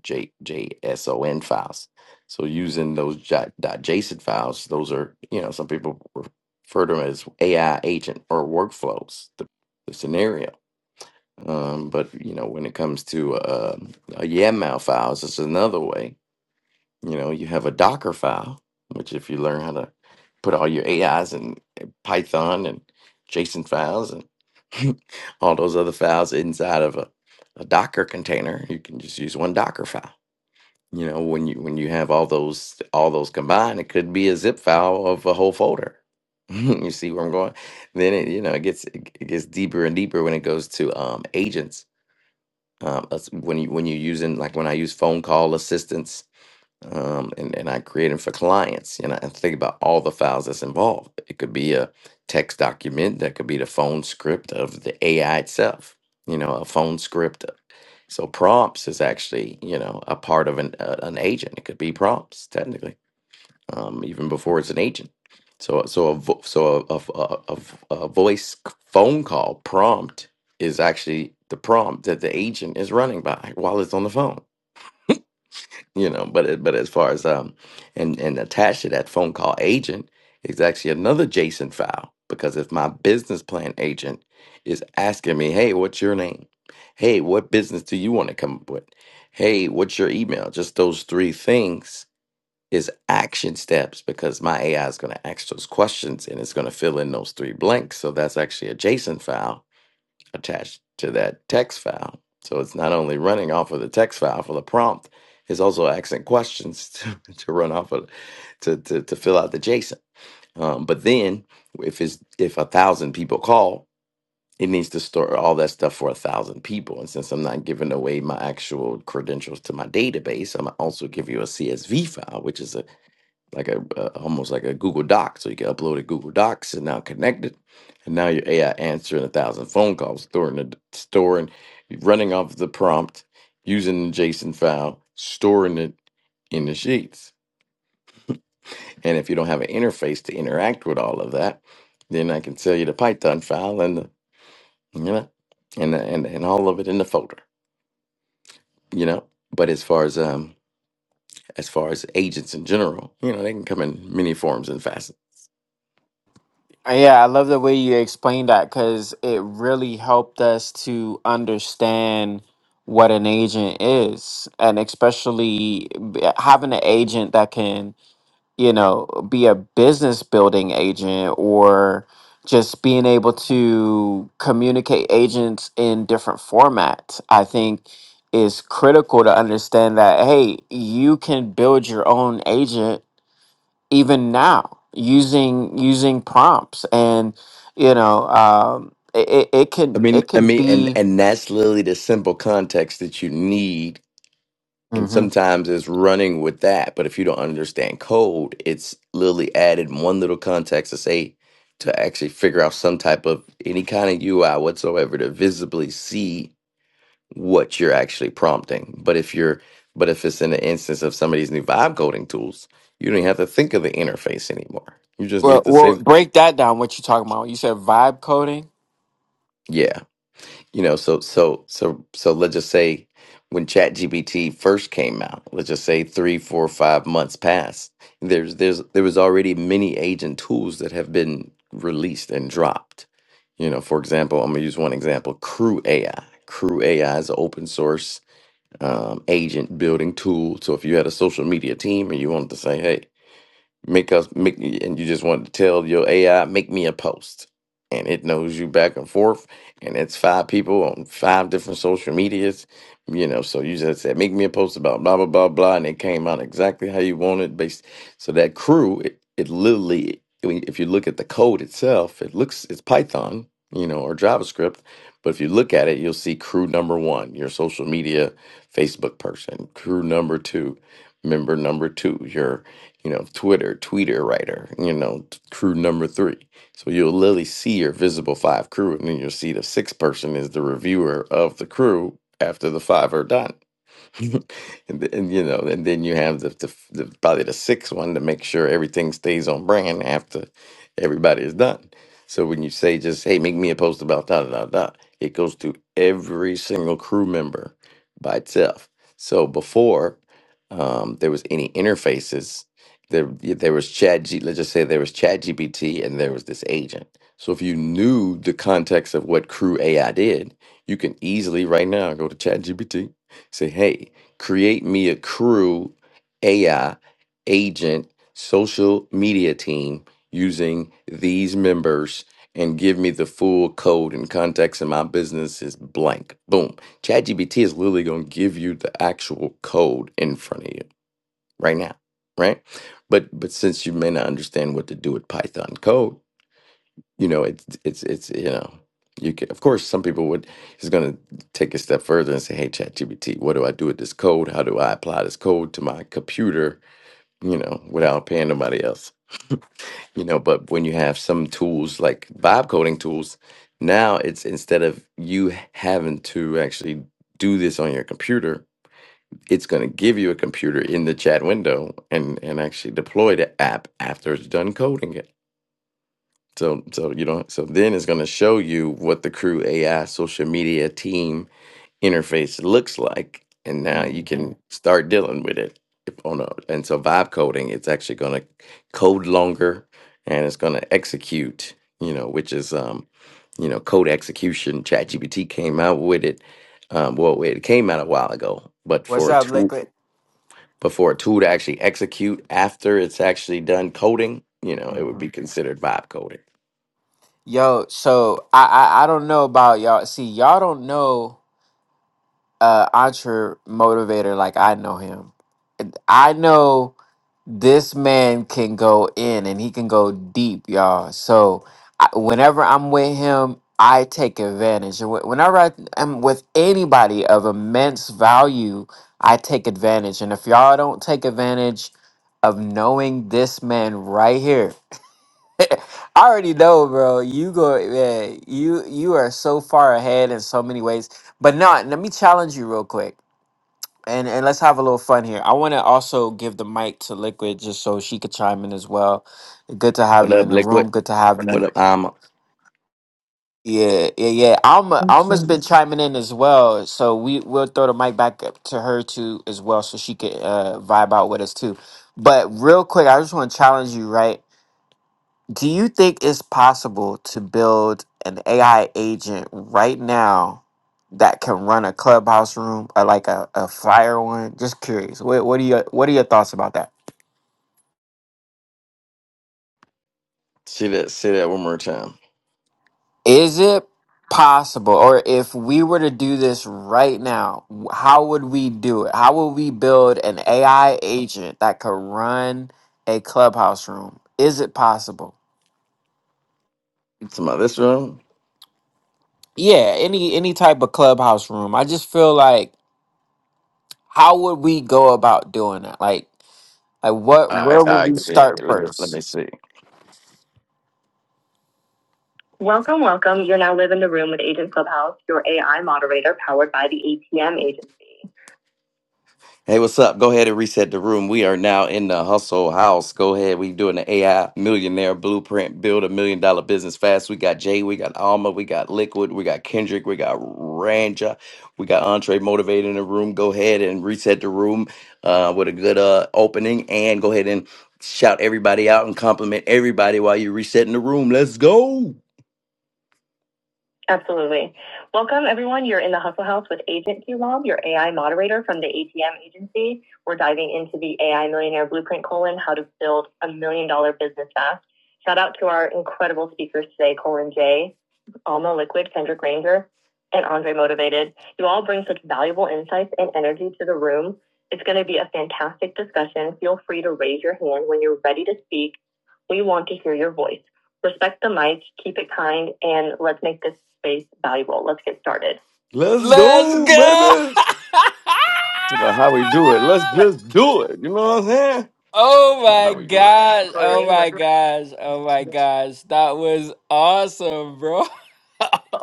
S3: J JSON files. So using those dot, dot JSON files, those are, you know, some people refer to them as AI agent or workflows, the, the scenario. Um, but you know, when it comes to uh, a YAML files, it's another way you know, you have a Docker file, which if you learn how to put all your AIs and Python and JSON files and all those other files inside of a, a Docker container, you can just use one Docker file. You know, when you when you have all those all those combined, it could be a zip file of a whole folder. you see where I'm going? Then it you know it gets it it gets deeper and deeper when it goes to um, agents. Um, as- when you when you're using like when I use phone call assistance um, and, and I create them for clients. And I think about all the files that's involved. It could be a text document, that could be the phone script of the AI itself, you know, a phone script. So prompts is actually, you know, a part of an uh, an agent. It could be prompts technically, um, even before it's an agent. So so a vo- so a, a, a, a v- a voice c- phone call prompt is actually the prompt that the agent is running by while it's on the phone you know but it- but as far as um and and attached to that phone call agent is actually another json file because if my business plan agent is asking me hey what's your name hey what business do you want to come up with hey what's your email just those three things is action steps because my ai is going to ask those questions and it's going to fill in those three blanks so that's actually a json file attached to that text file. So it's not only running off of the text file for the prompt, it's also asking questions to, to run off of to, to, to fill out the JSON. Um, but then if it's if a thousand people call, it needs to store all that stuff for a thousand people. And since I'm not giving away my actual credentials to my database, I'm also give you a CSV file, which is a like a uh, almost like a Google Doc, so you can upload it Google Docs and now connect it, and now your AI answering a thousand phone calls, storing the storing, running off the prompt, using the JSON file, storing it in the sheets. And if you don't have an interface to interact with all of that, then I can sell you the Python file and the you know and the, and and all of it in the folder, you know. But as far as um as far as agents in general, you know, they can come in many forms and facets
S1: Uh, Yeah, I love the way you explained that because it really helped us to understand what an agent is, and especially b- having an agent that can, you know, be a business building agent or just being able to communicate agents in different formats. I think is critical to understand that hey, you can build your own agent even now using using prompts and you know um it, it, it
S3: I
S1: could
S3: mean,
S1: it
S3: I
S1: could
S3: mean, and
S1: be
S3: and that's literally the simple context that you need. And
S1: hmm
S3: sometimes it's running with that. But if you don't understand code, it's literally added one little context to say to actually figure out some type of any kind of UI whatsoever to visibly see what you're actually prompting. But if you're, but if it's in the instance of some of these new vibe coding tools, you don't even have to think of the interface anymore. You just
S1: well,
S3: need to say
S1: well break that down what you talking about you said vibe coding
S3: Yeah, you know, so so so so let's just say when ChatGPT first came out, let's just say three, four, five months passed. There's there's there was already many agent tools that have been released and dropped. You know, for example, I'm gonna use one example: Crew AI. Crew AI is an open source um, agent building tool. So if you had a social media team and you wanted to say, "Hey," Make us make and you just want to tell your AI, make me a post. And it knows you back and forth. And it's five people on five different social medias. You know, so you just said, make me a post about blah blah blah blah. And it came out exactly how you want it based. So that crew, it, it literally I mean, if you look at the code itself, it looks it's Python, you know, or JavaScript. But if you look at it, you'll see crew number one, your social media Facebook person, crew number two, member number two, your you know, Twitter, tweeter writer, you know, t- crew number three. So you'll literally see your visible five crew, and then you'll see the sixth person is the reviewer of the crew after the five are done. and, th- and you know, and then you have the, the, f- the probably the sixth one to make sure everything stays on brand after everybody is done. So when you say just hey, make me a post about da da da da, it goes to every single crew member by itself. So before um, there was any interfaces, there there was Chat G. Let's just say there was Chat GPT and there was this agent. So if you knew the context of what Crew AI did, you can easily right now go to ChatGPT Say, hey, create me a crew, AI, agent, social media team using these members and give me the full code and context and my business is blank. Boom. ChatGPT is literally going to give you the actual code in front of you right now, right? But but since you may not understand what to do with Python code, you know it's it's it's you know you can of course some people would is going to take a step further and say hey ChatGPT, what do i do with this code how do i apply this code to my computer you know without paying nobody else you know but when you have some tools like vibe coding tools now it's instead of you having to actually do this on your computer it's going to give you a computer in the chat window and and actually deploy the app after it's done coding it so so you don't so then it's gonna show you what the crew AI social media team interface looks like. And now you
S1: hmm
S3: can start dealing with it. If, on a, and so vibe coding, it's actually gonna code longer and it's gonna execute, you know, which is um, you know, code execution. ChatGPT came out with it. Um, well it came out a while ago, but
S1: what's
S3: for a
S1: up
S3: tool
S1: liquid
S3: but for a tool to actually execute after it's actually done coding, you know, it would
S1: hmm
S3: be considered vibe coding.
S1: yo so I, I i don't know about y'all see y'all don't know uh entre motivator like I know him. I know this man can go in and he can go deep, y'all. So I, whenever I'm with him, I take advantage. And wh- Whenever I am with anybody of immense value, I take advantage. And if y'all don't take advantage of knowing this man right here, I already know, bro. You go, yeah, you you are so far ahead in so many ways. But not. Let me challenge you real quick and and let's have a little fun here. I want to also give the mic to Liquid just so she could chime in as well. Good to have
S3: What
S1: you in
S3: up,
S1: the
S3: liquid?
S1: room. Good to have
S3: What
S1: you.
S3: up? I'm
S1: Yeah, yeah, yeah. Alma,
S4: Thank
S1: Alma's
S4: you.
S1: been chiming in as well, so we we'll throw the mic back up to her too as well, so she could uh, vibe out with us too. But real quick, I just want to challenge you, right? Do you think it's possible to build an AI agent right now that can run a clubhouse room or like a, a fire one? Just curious. What what are your what are your thoughts about that?
S3: see that say that one more time.
S1: Is it possible or if we were to do this right now, w- how would we do it? How would we build an AI agent that could run a clubhouse room? Is it possible?
S3: It's about this room.
S1: Yeah, any any type of clubhouse room. I just feel like how would we go about doing that? Like Like what?
S3: All right,
S1: Where
S3: all
S1: will
S3: right.
S1: we
S3: give me-
S1: start
S3: Let me, let me
S1: first?
S3: see. Welcome, welcome. You're now live in the room with Agent Clubhouse, your AI moderator powered by the ATM agency. Hey, what's up? Go ahead and reset the room. We are now in the hustle house. Go ahead. We doing the AI millionaire blueprint, build a million dollar business fast. We got Jay, we got Alma, we got Liquid, we got Kendrick, we got Ranja, we got Entree Motivated in the room. Go ahead and reset the room uh, with a good uh, opening and go ahead and shout everybody out and compliment everybody while you're resetting the room. Let's go. Absolutely. Welcome, everyone. You're in the Hustle House with Agent Q QLob, your AI moderator from the ATM agency. We're diving into the AI Millionaire Blueprint colon, how to build a million dollar business fast. Shout out to our incredible speakers today, Colin Jay, Alma Liquid, Kendrick Ranger, and Andre Motivated. You all bring such valuable insights and energy to the room. It's going to be a fantastic discussion. Feel free to raise your hand when you're ready to speak. We want to hear your voice respect the mic, keep it kind, and let's make this space valuable. Let's get started. Let's
S1: Let's go.
S3: go, baby. It's about how we do it. Let's just do it. You know what I'm saying?
S1: oh
S3: It's about
S1: my
S3: how we do it.
S1: gosh. Oh
S3: Absolutely.
S1: my gosh. Oh my gosh. That was awesome, bro.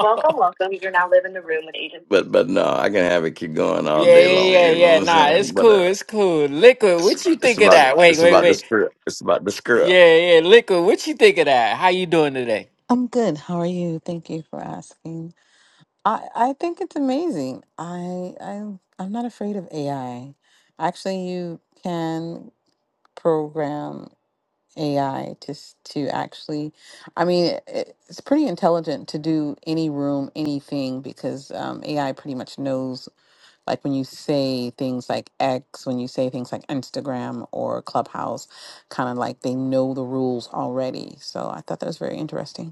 S3: Welcome, welcome. You're now living the room with Agent. But but no, I can have it keep going all
S1: Yeah,
S3: day long.
S1: yeah, yeah,
S3: You know
S1: yeah.
S3: what I'm
S1: Nah,
S3: saying?
S1: it's
S3: But
S1: cool.
S3: uh,
S1: It's cool. Liquid, what you
S3: it's
S1: think of
S3: about
S1: that? Wait,
S3: it's
S1: wait,
S3: about the
S1: wait.
S3: spirit. It's about the scrub.
S1: Yeah, yeah. Liquid, what you think of that? How you doing today?
S4: I'm good. How are you? Thank you for asking. I, I think it's amazing. I I I'm not afraid of AI. Actually, you can program AI to s- to actually. I mean, it, it's pretty intelligent to do any room, anything because um, AI pretty much knows. Like when you say things like X, when you say things like Instagram or Clubhouse, kind of like they know the rules already. So I thought that was very interesting.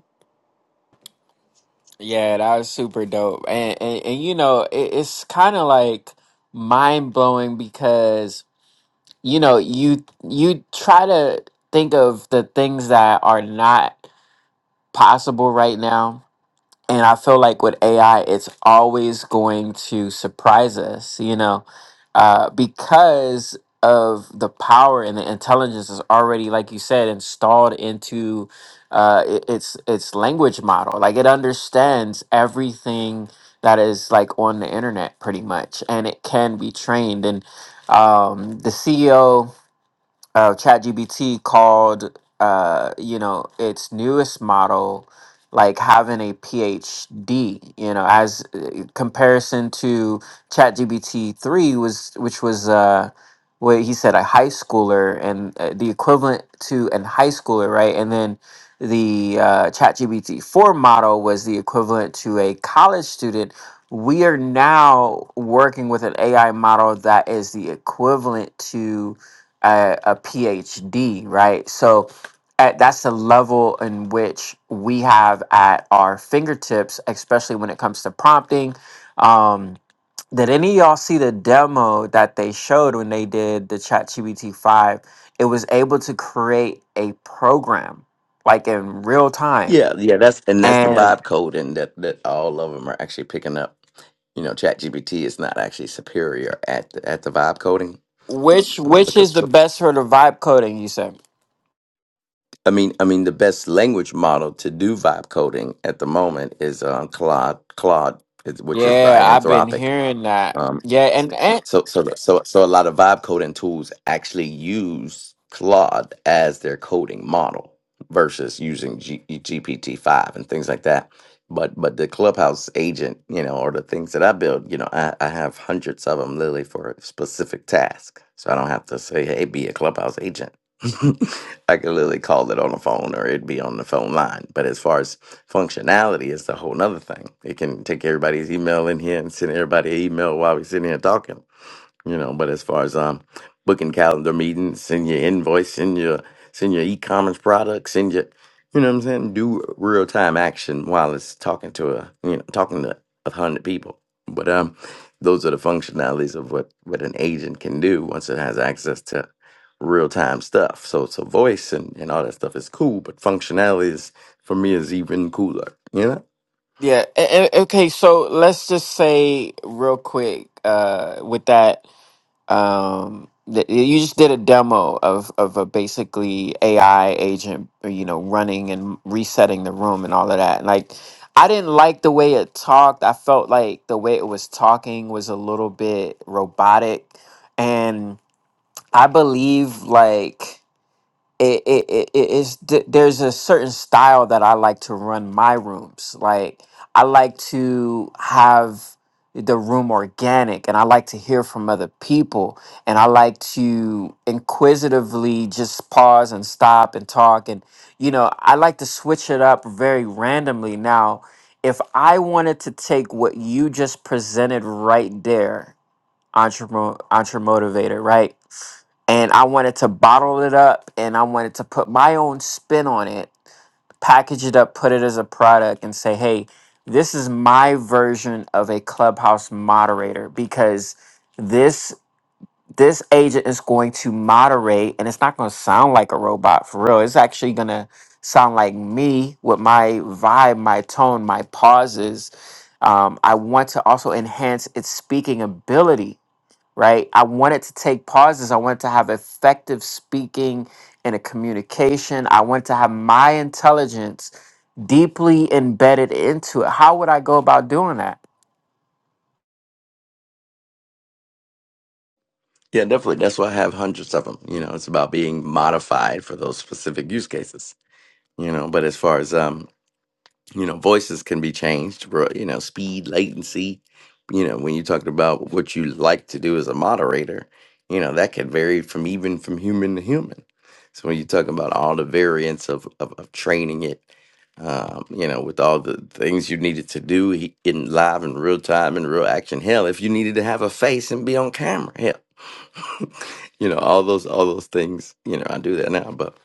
S1: Yeah, that was super dope. And and, and you know, it, it's kind of like mind blowing because you know you you try to think of the things that are not possible right now and i feel like with ai it's always going to surprise us you know uh, because of the power and the intelligence is already like you said installed into uh, it- its its language model like it understands everything that is like on the internet pretty much and it can be trained and um, the ceo uh, ChatGPT called, uh, you know, its newest model like having a PhD, you know, as uh, comparison to ChatGPT three was, which was, uh, what he said, a high schooler and uh, the equivalent to an high schooler, right? And then the uh, ChatGPT four model was the equivalent to a college student. We are now working with an AI model that is the equivalent to a, a PhD, right? So at, that's the level in which we have at our fingertips, especially when it comes to prompting. Um, did any of y'all see the demo that they showed when they did the ChatGPT 5? It was able to create a program like in real time.
S3: Yeah, yeah. That's and that's the
S1: And
S3: vibe code, and that that all of them are actually picking up. You know, ChatGPT is not actually superior at the, at the vibe coding.
S1: which
S3: um,
S1: which
S3: because
S1: is the
S3: cl-
S1: best for the vibe coding, you said?
S3: I mean, I mean, the best language model to do vibe coding at the moment is um, Claude, Claude, is- which is by
S1: Yeah, I've been
S3: Anthropic.
S1: hearing that.
S3: um,
S1: Yeah, and, and
S3: So so so so a lot of vibe coding tools actually use Claude as their coding model versus using G- GPT five and things like that. But but the Clubhouse agent, you know, or the things that I build, you know, I, I have hundreds of them literally for a specific task. So I don't have to say, hey, be a Clubhouse agent. I can literally call it on the phone or it'd be on the phone line. But as far as functionality it's a whole nother thing. It can take everybody's email in here and send everybody an email while we're sitting here talking you know. But as far as um booking calendar meetings, send your invoice, send your send your e-commerce product, send your you know what I'm saying. Do real time action while it's talking to a you know talking to a hundred people. But um, those are the functionalities of what what an agent can do once it has access to real time stuff. So so voice and and all that stuff is cool, but functionality is for me is even cooler. You know.
S1: Yeah. a- a- okay. So let's just say real quick, uh, with that, um, that you just did a demo of of a basically AI agent, you know, running and resetting the room and all of that. Like, I didn't like the way it talked. I felt like the way it was talking was a little bit robotic, and I believe like it, it, it it- it's th- there's a certain style that I like to run my rooms. Like I like to have the room organic and I like to hear from other people and I like to inquisitively just pause and stop and talk and you know I like to switch it up very randomly now if I wanted to take what you just presented right there entrepreneur, motivator, right? And I wanted to bottle it up and I wanted to put my own spin on it, package it up, put it as a product, and say, hey, this is my version of a clubhouse moderator because this this agent is going to moderate and it's not going to sound like a robot for real it's actually going to sound like me with my vibe my tone my pauses um, i want to also enhance its speaking ability right? I wanted to take pauses. I wanted to have effective speaking and a communication. I wanted to have my intelligence deeply embedded into it. How would I go about doing that?
S3: Yeah, definitely. That's why I have hundreds of them. You know, it's about being modified for those specific use cases. you know but as far as um you know voices can be changed bro you know speed latency you know when you talked about what you like to do as a moderator you know that could vary from even from human to human so when you talk about all the variants of of, of training it um, you know with all the things you needed to do he- in live and real time and real action hell if you needed to have a face and be on camera hell you know all those all those things you know i do that now but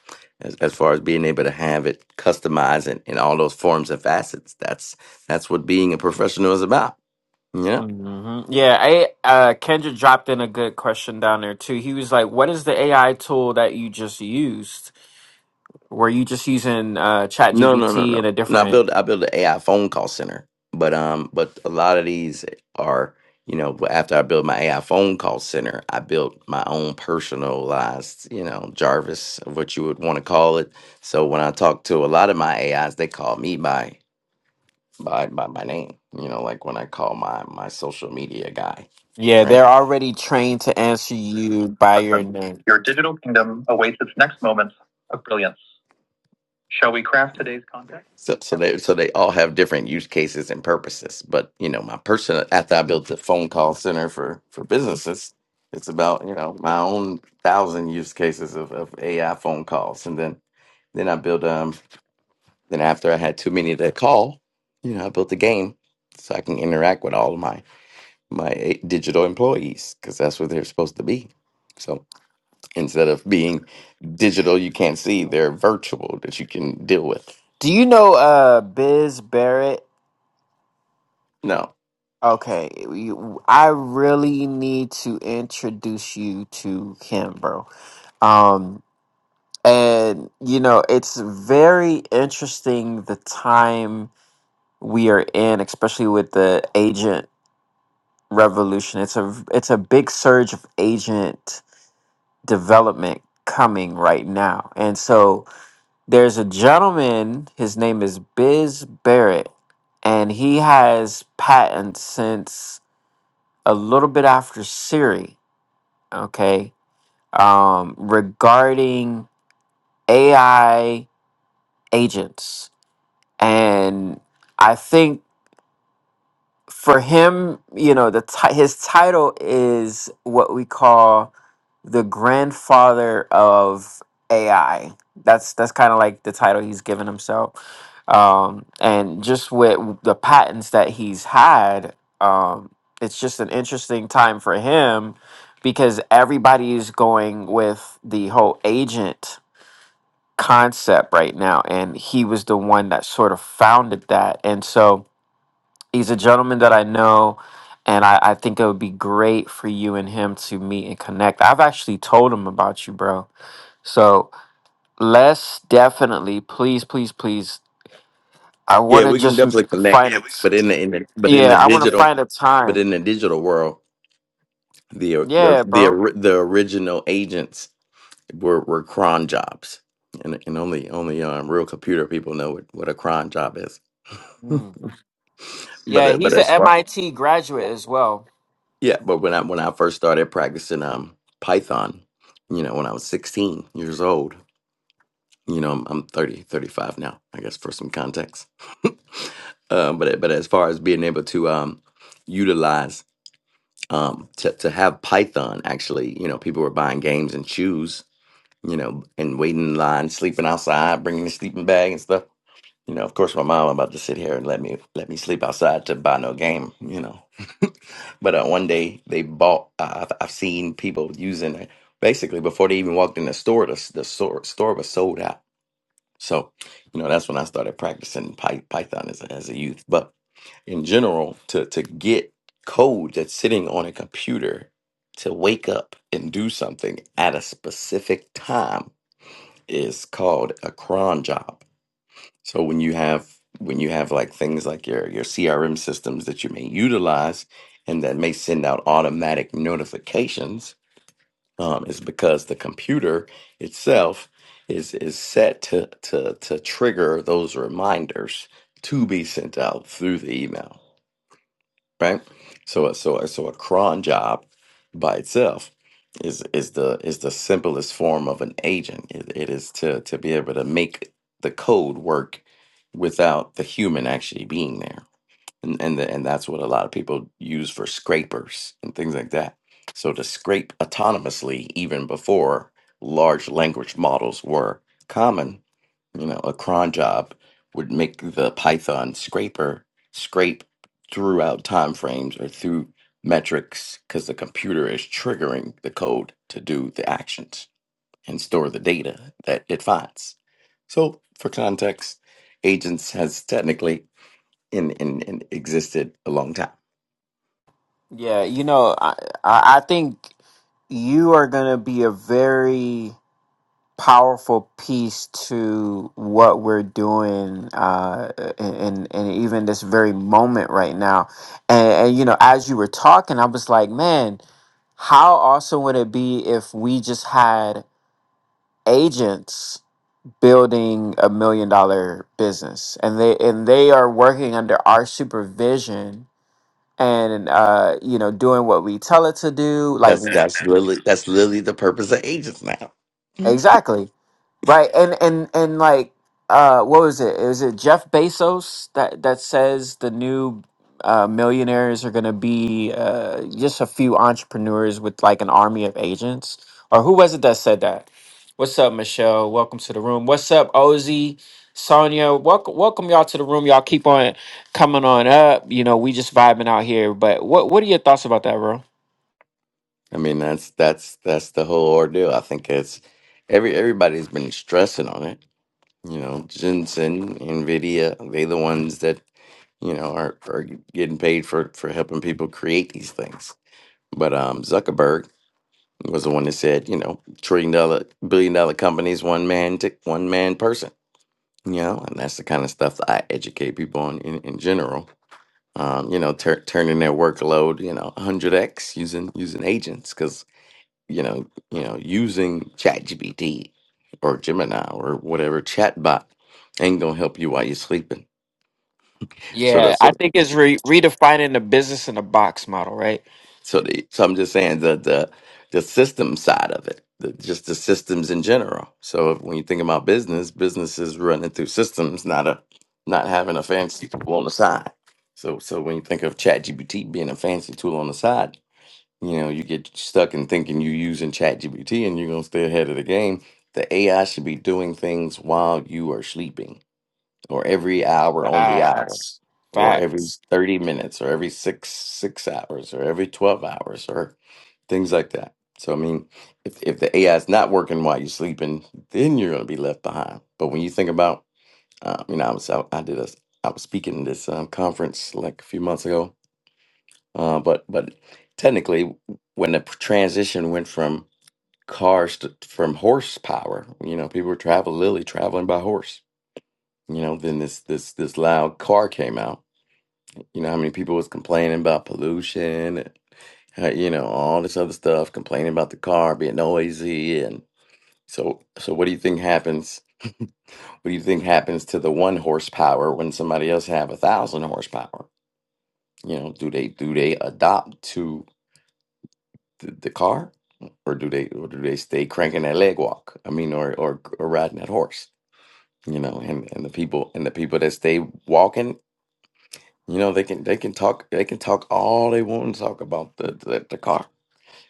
S3: as, as far as being able to have it customized in, in all those forms and facets that's that's what being a professional is about yeah
S1: hmm Yeah, I uh, Kendra dropped in a good question down there too. He was like, "What is the AI tool that you just used? Were you just using uh,
S3: no no no
S1: ChatGPT
S3: no
S1: and a
S3: no i
S1: different?"
S3: build i build an ai phone call center but um but a lot of these are you know after i built my ai phone call center i built my own personalized you know jarvis of what you would want to call it so when i talk to a lot of my ais they call me by by by my name. You know, like when I call my my social media guy,
S1: Yeah, they're
S3: right?
S1: already trained to answer you by your
S3: Hudson,
S1: name.
S3: your digital kingdom awaits its next moment of brilliance. Shall we craft today's content? So, so they so they all have different use cases and purposes. But you know, my personal after I built the phone call center for for businesses, it's about you know my own thousand use cases of, of AI phone calls, and then then I built um then after I had too many to call, you know, I built the game so I can interact with all of my my eight digital employees because that's what they're supposed to be. So instead of being digital, you can't see, they're virtual that you can deal with.
S1: Do you know uh, Biz Barrett?
S3: No,
S1: Okay, you, I really need to introduce you to him, bro. Um, and you know, it's very interesting the time we are in, especially with the agent revolution. It's a it's a big surge of agent development coming right now, and so there's a gentleman. His name is Biz Barrett, and he has patents since a little bit after Siri okay um regarding ai agents and i think for him, you know, the ti- his title is what we call the grandfather of AI. That's that's kind of like the title he's given himself, um, and just with the patents that he's had, um, it's just an interesting time for him because everybody is going with the whole agent concept right now, and he was the one that sort of founded that, and so He's a gentleman that I know, and I, I think it would be great for you and him to meet and connect. I've actually told him about you, bro. So let's definitely, please, please, please. I want
S3: yeah,
S1: to
S3: we can
S1: just m-
S3: definitely connect,
S1: find yeah, a,
S3: but
S1: we-
S3: in the, in the but in
S1: yeah,
S3: the
S1: I want to
S3: digital
S1: find a
S3: but
S1: time.
S3: in the digital world, the uh, the
S1: Yeah,
S3: the,
S1: bro.
S3: ori- the original agents were were cron jobs, and and only only um, real computer people know what, what a cron job is.
S1: Mm.
S3: but
S1: Yeah,
S3: uh, but
S1: he's an
S3: as far
S1: MIT graduate as well.
S3: Yeah, but when I when I first started practicing um Python, you know, when I was 16 years old, you know, I'm, I'm 30, thirty-five now, I guess for some context. um, but but as far as being able to um utilize um to to have Python actually, you know, people were buying games and shoes, you know, and waiting in line, sleeping outside, bringing a sleeping bag and stuff. You know, of course, my mom about to sit here and let me let me sleep outside to buy no game. You know, but uh, one day they bought. Uh, I've I've seen people using it basically before they even walked in the store. The, the store store was sold out. So, you know, that's when I started practicing Py- Python as a, as a youth. But in general, to to get code that's sitting on a computer to wake up and do something at a specific time is called a cron job so when you have when you have like things like your your CRM systems that you may utilize and that may send out automatic notifications, um, is because the computer itself is is set to to to trigger those reminders to be sent out through the email right? So a- so a- so a cron job by itself is is the is the simplest form of an agent. It, it is to to be able to make the code work without the human actually being there and and the, and that's what a lot of people use for scrapers and things like that. So to scrape autonomously, even before large language models were common, you know, a cron job would make the Python scraper scrape throughout time frames or through metrics because the computer is triggering the code to do the actions and store the data that it finds. So for context, agents has technically and, and, and existed a long time.
S1: Yeah, you know, I I I think you are gonna be a very powerful piece to what we're doing uh and and even this very moment right now and, and you know as you were talking i was like man how awesome would it be if we just had agents building a million dollar business and they and they are working under our supervision and uh you know doing what we tell it to do like
S3: That's that's literally that's literally the purpose of agents now. Mhm.
S1: Exactly. Right. And and and like uh what was it? Is it Jeff Bezos that that says the new uh, millionaires are going to be uh, just a few entrepreneurs with like an army of agents, or who was it that said that? What's up, Michelle? Welcome to the room. What's up, Ozzy, Sonia? Welcome, welcome y'all to the room. Y'all keep on coming on up. You know, we just vibing out here. But what what are your thoughts about that, bro?
S3: I mean that's that's that's the whole ordeal. I think it's every everybody's been stressing on it. You know, Jensen, NVIDIA, they the ones that, you know, are, are getting paid for, for helping people create these things. But um, Zuckerberg was the one that said, you know, trillion dollar, billion dollar companies, one man, tick, one man person, you know, and that's the kind of stuff that I educate people on in, in general. Um, you know, tur turning their workload, you know, 100x using using agents because you know, you know, using ChatGPT or Gemini or whatever chatbot ain't gonna help you while you're sleeping. So the
S1: Yeah,
S3: so
S1: I think it's re- redefining the business in the box model, right?
S3: so, the, so I'm just saying the the the system side of it, the, just the systems in general. So if, when you think about business, business is running through systems, not a not having a fancy tool on the side. So so when you think of ChatGPT being a fancy tool on the side, You know, you get stuck in thinking you're using ChatGPT and you're going to stay ahead of the game. The AI should be doing things while you are sleeping or every hour on the hour
S1: Facts.
S3: or every
S1: Facts.
S3: 30 minutes or every six six hours or every 12 hours or things like that. So I mean, if if the AI is not working while you're sleeping, then you're going to be left behind. But when you think about, uh, you know, I was I, I did a I was speaking at this um, conference like a few months ago, uh, but but technically, when the transition went from cars to from horsepower, you know, people were traveling literally traveling by horse. You know, then this this this loud car came out. You know, how many people was complaining about pollution and uh, you know all this other stuff, complaining about the car being noisy and so so. What do you think happens? What do you think happens to the one horsepower when somebody else have a thousand horsepower? You know, do they do they adopt to? the, the car, or do they or do they stay cranking that leg walk? I mean, or or, or riding that horse, you know? And and the people and the people that stay walking, you know, they can they can talk they can talk all they want to talk about the the, the car.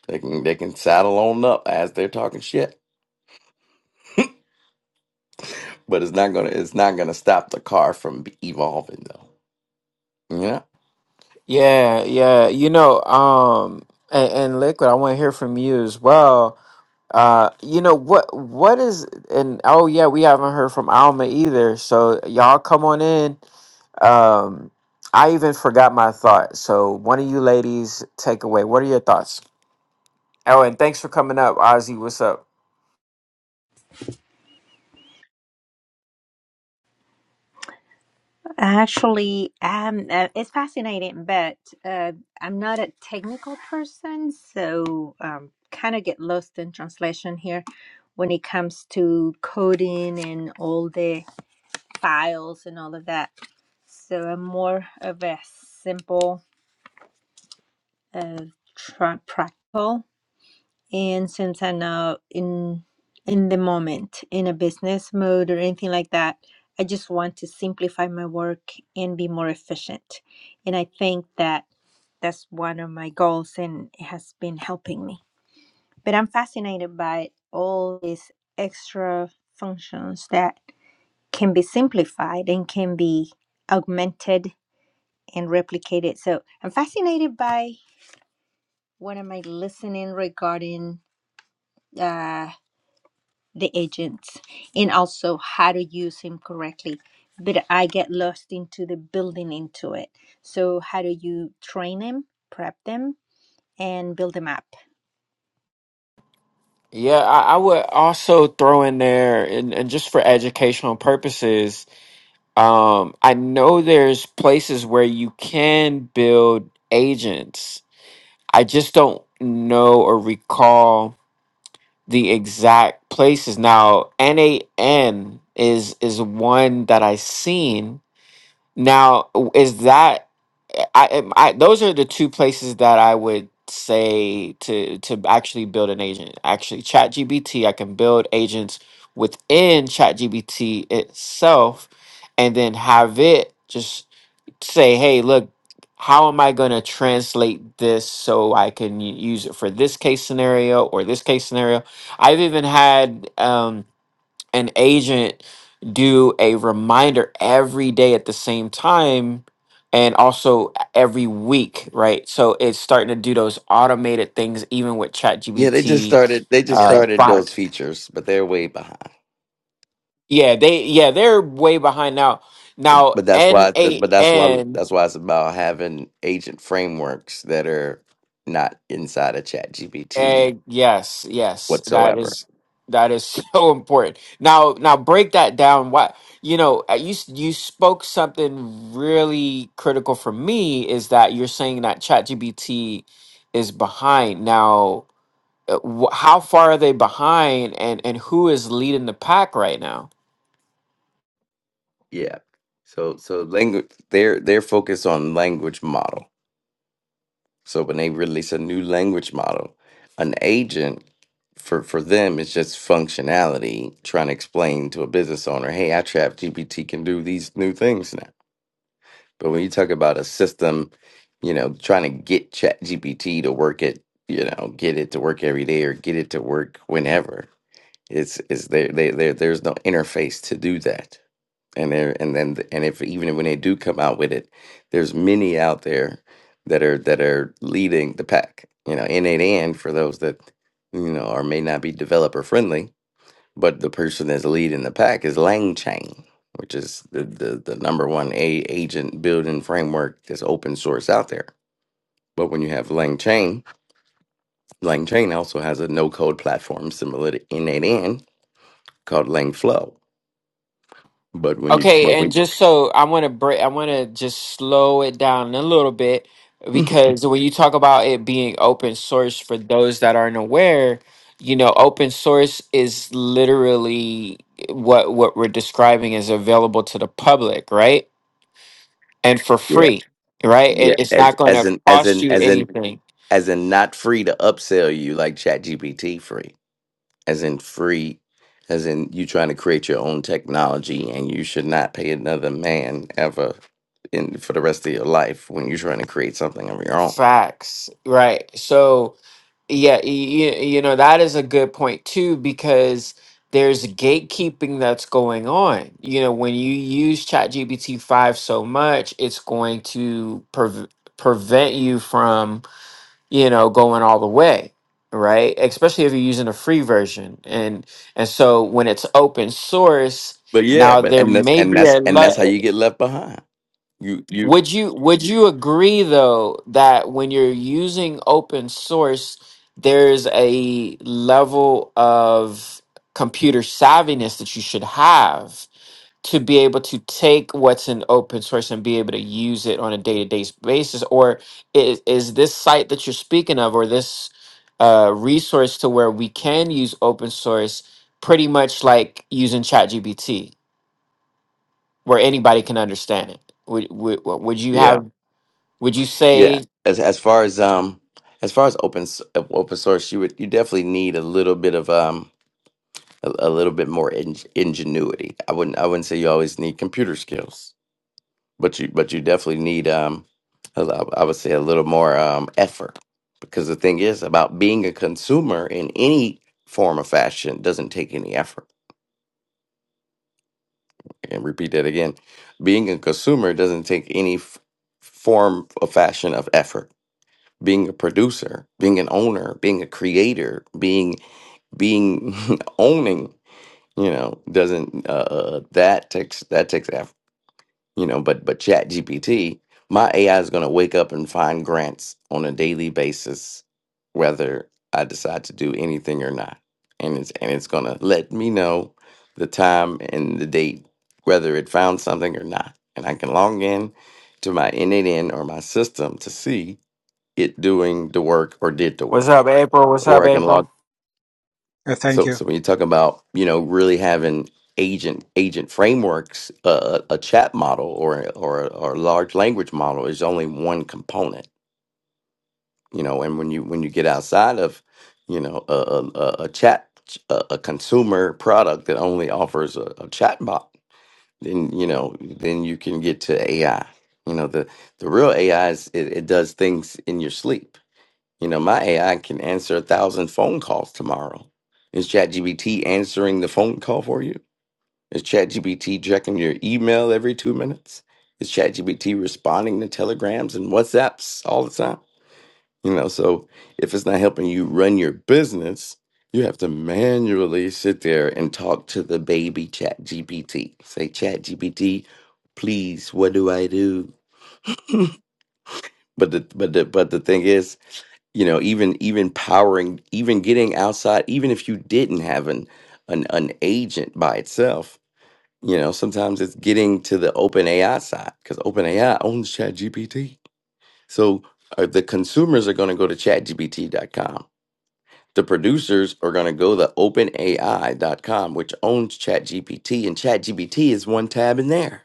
S3: They can they can saddle on up as they're talking shit, but it's not gonna it's not gonna stop the car from evolving though. You know?
S1: Yeah, yeah. You know, um and, and Liquid, I want to hear from you as well. Uh you know what what is and oh yeah, we haven't heard from Alma either. So y'all come on in. Um I even forgot my thought. So one of you ladies take away. What are your thoughts? Oh, and thanks for coming up, Ozzy. What's up?
S2: and since I'm not in in the moment in a business mode or anything like that, I just want to simplify my work and be more efficient. And I think that that's one of my goals and it has been helping me. But I'm fascinated by all these extra functions that can be simplified and can be augmented and replicated. So I'm fascinated
S1: Yeah, I, I would also throw in there and, and just for educational purposes, Um, I know there's places where you can build agents. I just don't know or recall the exact places. Now, NAN is is one that I seen now, is that I, I those are the two places that I would say to to actually build an agent. Actually, ChatGPT, I can build agents within ChatGPT itself and then have it just say, "Hey, look, how am I going to translate this so I can u- use it for this case scenario or this case scenario?" I've even had um an agent do a reminder every day at the same time and also every week, right? So it's starting to do those automated things even with
S3: Yeah, they just
S1: ChatGPT
S3: started they just
S1: Really? uh
S3: started
S1: five.
S3: those features, but they're way behind.
S1: Yeah, they yeah, they're way behind now. Now
S3: But that's why. But that's why.
S1: NAN
S3: That's why it's about having agent frameworks that are not inside of Chat GPT
S1: Egg, yes, yes, that
S3: whatsoever.
S1: is that is so important. Now, now break that down. Why? You know, uh, you s- you spoke something really critical for me is that you're saying that ChatGPT is behind. Now, uh, wh- how far are they behind, and and who is leading the pack right now?
S3: Yeah. So so language. They're they're focused on language model. So when they release a new language model, an agent for for them is just functionality trying to explain to a business owner, hey, I trap GPT can do these new things now. But when you talk about a system, you know, trying to get Chat GPT to work it, you know, get it to work every day or get it to work whenever. It's it's there they there there's no interface to do that. And there and then th- and if even when they do come out with it, there's many out there that are that are leading the pack. You know, in it and for those that you know are may not be developer friendly, but the person that's leading the pack is LangChain, which is the the, the number one a agent building framework that's open source out there. But when you have LangChain, LangChain also has a no code platform similar to N8N called LangFlow. But when you,
S1: Okay,
S3: but
S1: and
S3: when,
S1: just so I want to break, I want to just slow it down a little bit because when you talk about it being open source, for those that aren't aware, you know, open source is literally what what we're describing is available to the public, right? And for
S3: yeah,
S1: free, right?
S3: yeah,
S1: It, it's
S3: as
S1: not going
S3: as
S1: to
S3: in as
S1: cost
S3: in
S1: you
S3: as in
S1: anything.
S3: as in not free to upsell you like ChatGPT free, as in free, as in you trying to create your own technology, and you should not pay another man ever in for the rest of your life when you're trying to create something of your own.
S1: Facts, right? So. Yeah, you, you know, that is a good point too, because there's gatekeeping that's going on. You know, when you use ChatGPT 5 so much, it's going to prev prevent you from, you know, going all the way, right? Especially if you're using a free version. And and so when it's open source,
S3: But yeah,
S1: now
S3: but
S1: there
S3: and that's
S1: may
S3: and
S1: be a
S3: that's and that's how
S1: lot.
S3: you get left behind. You you
S1: Would you would you agree though that when you're using open source, there's a level of computer savviness that you should have to be able to take what's in open source and be able to use it on a day-to-day basis? Or is, is this site that you're speaking of or this uh, resource to where we can use open source pretty much like using ChatGPT, where anybody can understand it? Would would would you
S3: yeah.
S1: have would you
S3: Yeah,
S1: say?
S3: as as far as um as far as open s- uh, open source, you would you definitely need a little bit of um a, a little bit more in, ingenuity. I wouldn't I wouldn't say you always need computer skills, but you but you definitely need um a lo- I would say a little more um effort because the thing is about being a consumer in any form or fashion doesn't take any effort. And repeat that again, being a consumer doesn't take any f- form or fashion of effort being a producer, being an owner, being a creator, being being owning, you know, doesn't uh, uh, that takes that takes effort, you know, but but Chat GPT, my AI is going to wake up and find grants on a daily basis whether I decide to do anything or not. And it's and it's going to let me know the time and the date whether it found something or not. And I can log in to my NNN or my system to see it doing the work or did the
S1: What's
S3: work
S1: up, April? What's
S3: or
S1: up,
S3: i can log
S1: April?
S5: Uh, thank
S3: so
S5: you.
S3: so when you talk about you know really having agent agent frameworks uh, a chat model or or or a large language model is only one component you know and when you when you get outside of you know a, a, a a chat a, a consumer product that only offers a, a chat bot then you know then you can get to ai you know the the real ai is it, it does things in your sleep You know, my AI can answer a thousand phone calls tomorrow. Is ChatGPT answering the phone call for you? Is ChatGPT checking your email every two minutes? Is ChatGPT responding to telegrams and WhatsApps all the time? You know, so if it's not helping you run your business, you have to manually sit there and talk to the baby ChatGPT. Say, ChatGPT, please, what do I do? But the but the but the thing is, you know even even powering even getting outside even if you didn't have an an, an agent by itself you know sometimes it's getting to the open ai side because open ai owns ChatGPT. so uh, the consumers are going to go to chatgpt.com the producers are going to go to openai.com which owns chatgpt and chatgpt is one tab in there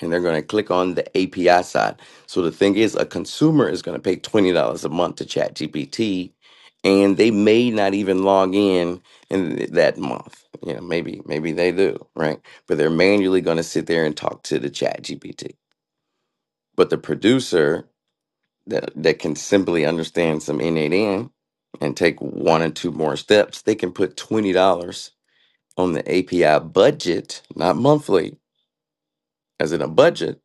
S3: and they're going to click on the API side. So the thing is, a consumer is going to pay twenty dollars a month to ChatGPT, and they may not even log in in that month. You know, maybe maybe they do, right? But they're manually going to sit there and talk to the ChatGPT. But the producer that that can simply understand some N8N and take one or two more steps, they can put twenty dollars on the API budget, not monthly, as in a budget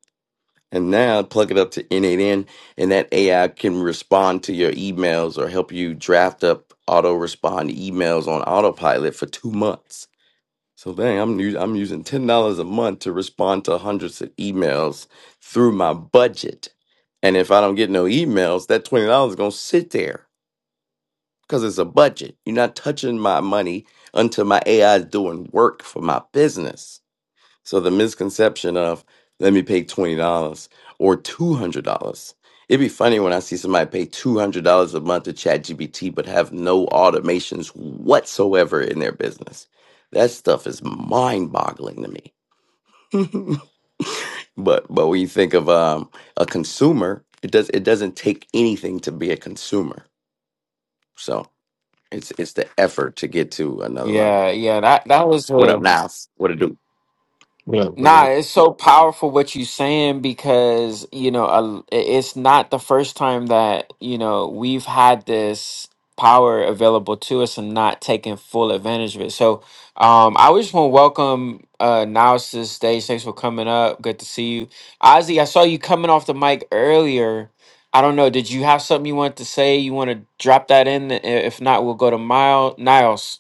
S3: And now plug it up to N8N, and that AI can respond to your emails or help you draft up auto respond emails on autopilot for two months. So dang, I'm u- I'm using ten dollars a month to respond to hundreds of emails through my budget. And if I don't get no emails, that twenty dollars is gonna sit there because it's a budget. You're not touching my money until my AI is doing work for my business. So the misconception of let me pay twenty dollars or two hundred dollars. It'd be funny when I see somebody pay two hundred dollars a month to ChatGPT but have no automations whatsoever in their business. That stuff is mind-boggling to me. but but when you think of um, a consumer, it does it doesn't take anything to be a consumer. So it's it's the effort to get to another level.
S1: Yeah, yeah. That that was
S3: What up,
S1: a.
S3: Niles? What it do?
S6: What up, what
S1: Nah,
S6: up?
S1: it's so powerful what you're saying because, you know, a- it's not the first time that, you know, we've had this power available to us and not taking full advantage of it. So, um, I just want to welcome uh Niles to the stage. Thanks for coming up. Good to see you. Ozzy, I saw you coming off the mic earlier. I don't know, did you have something you wanted to say? You want to drop that in? I- If not, we'll go to Mile Niles.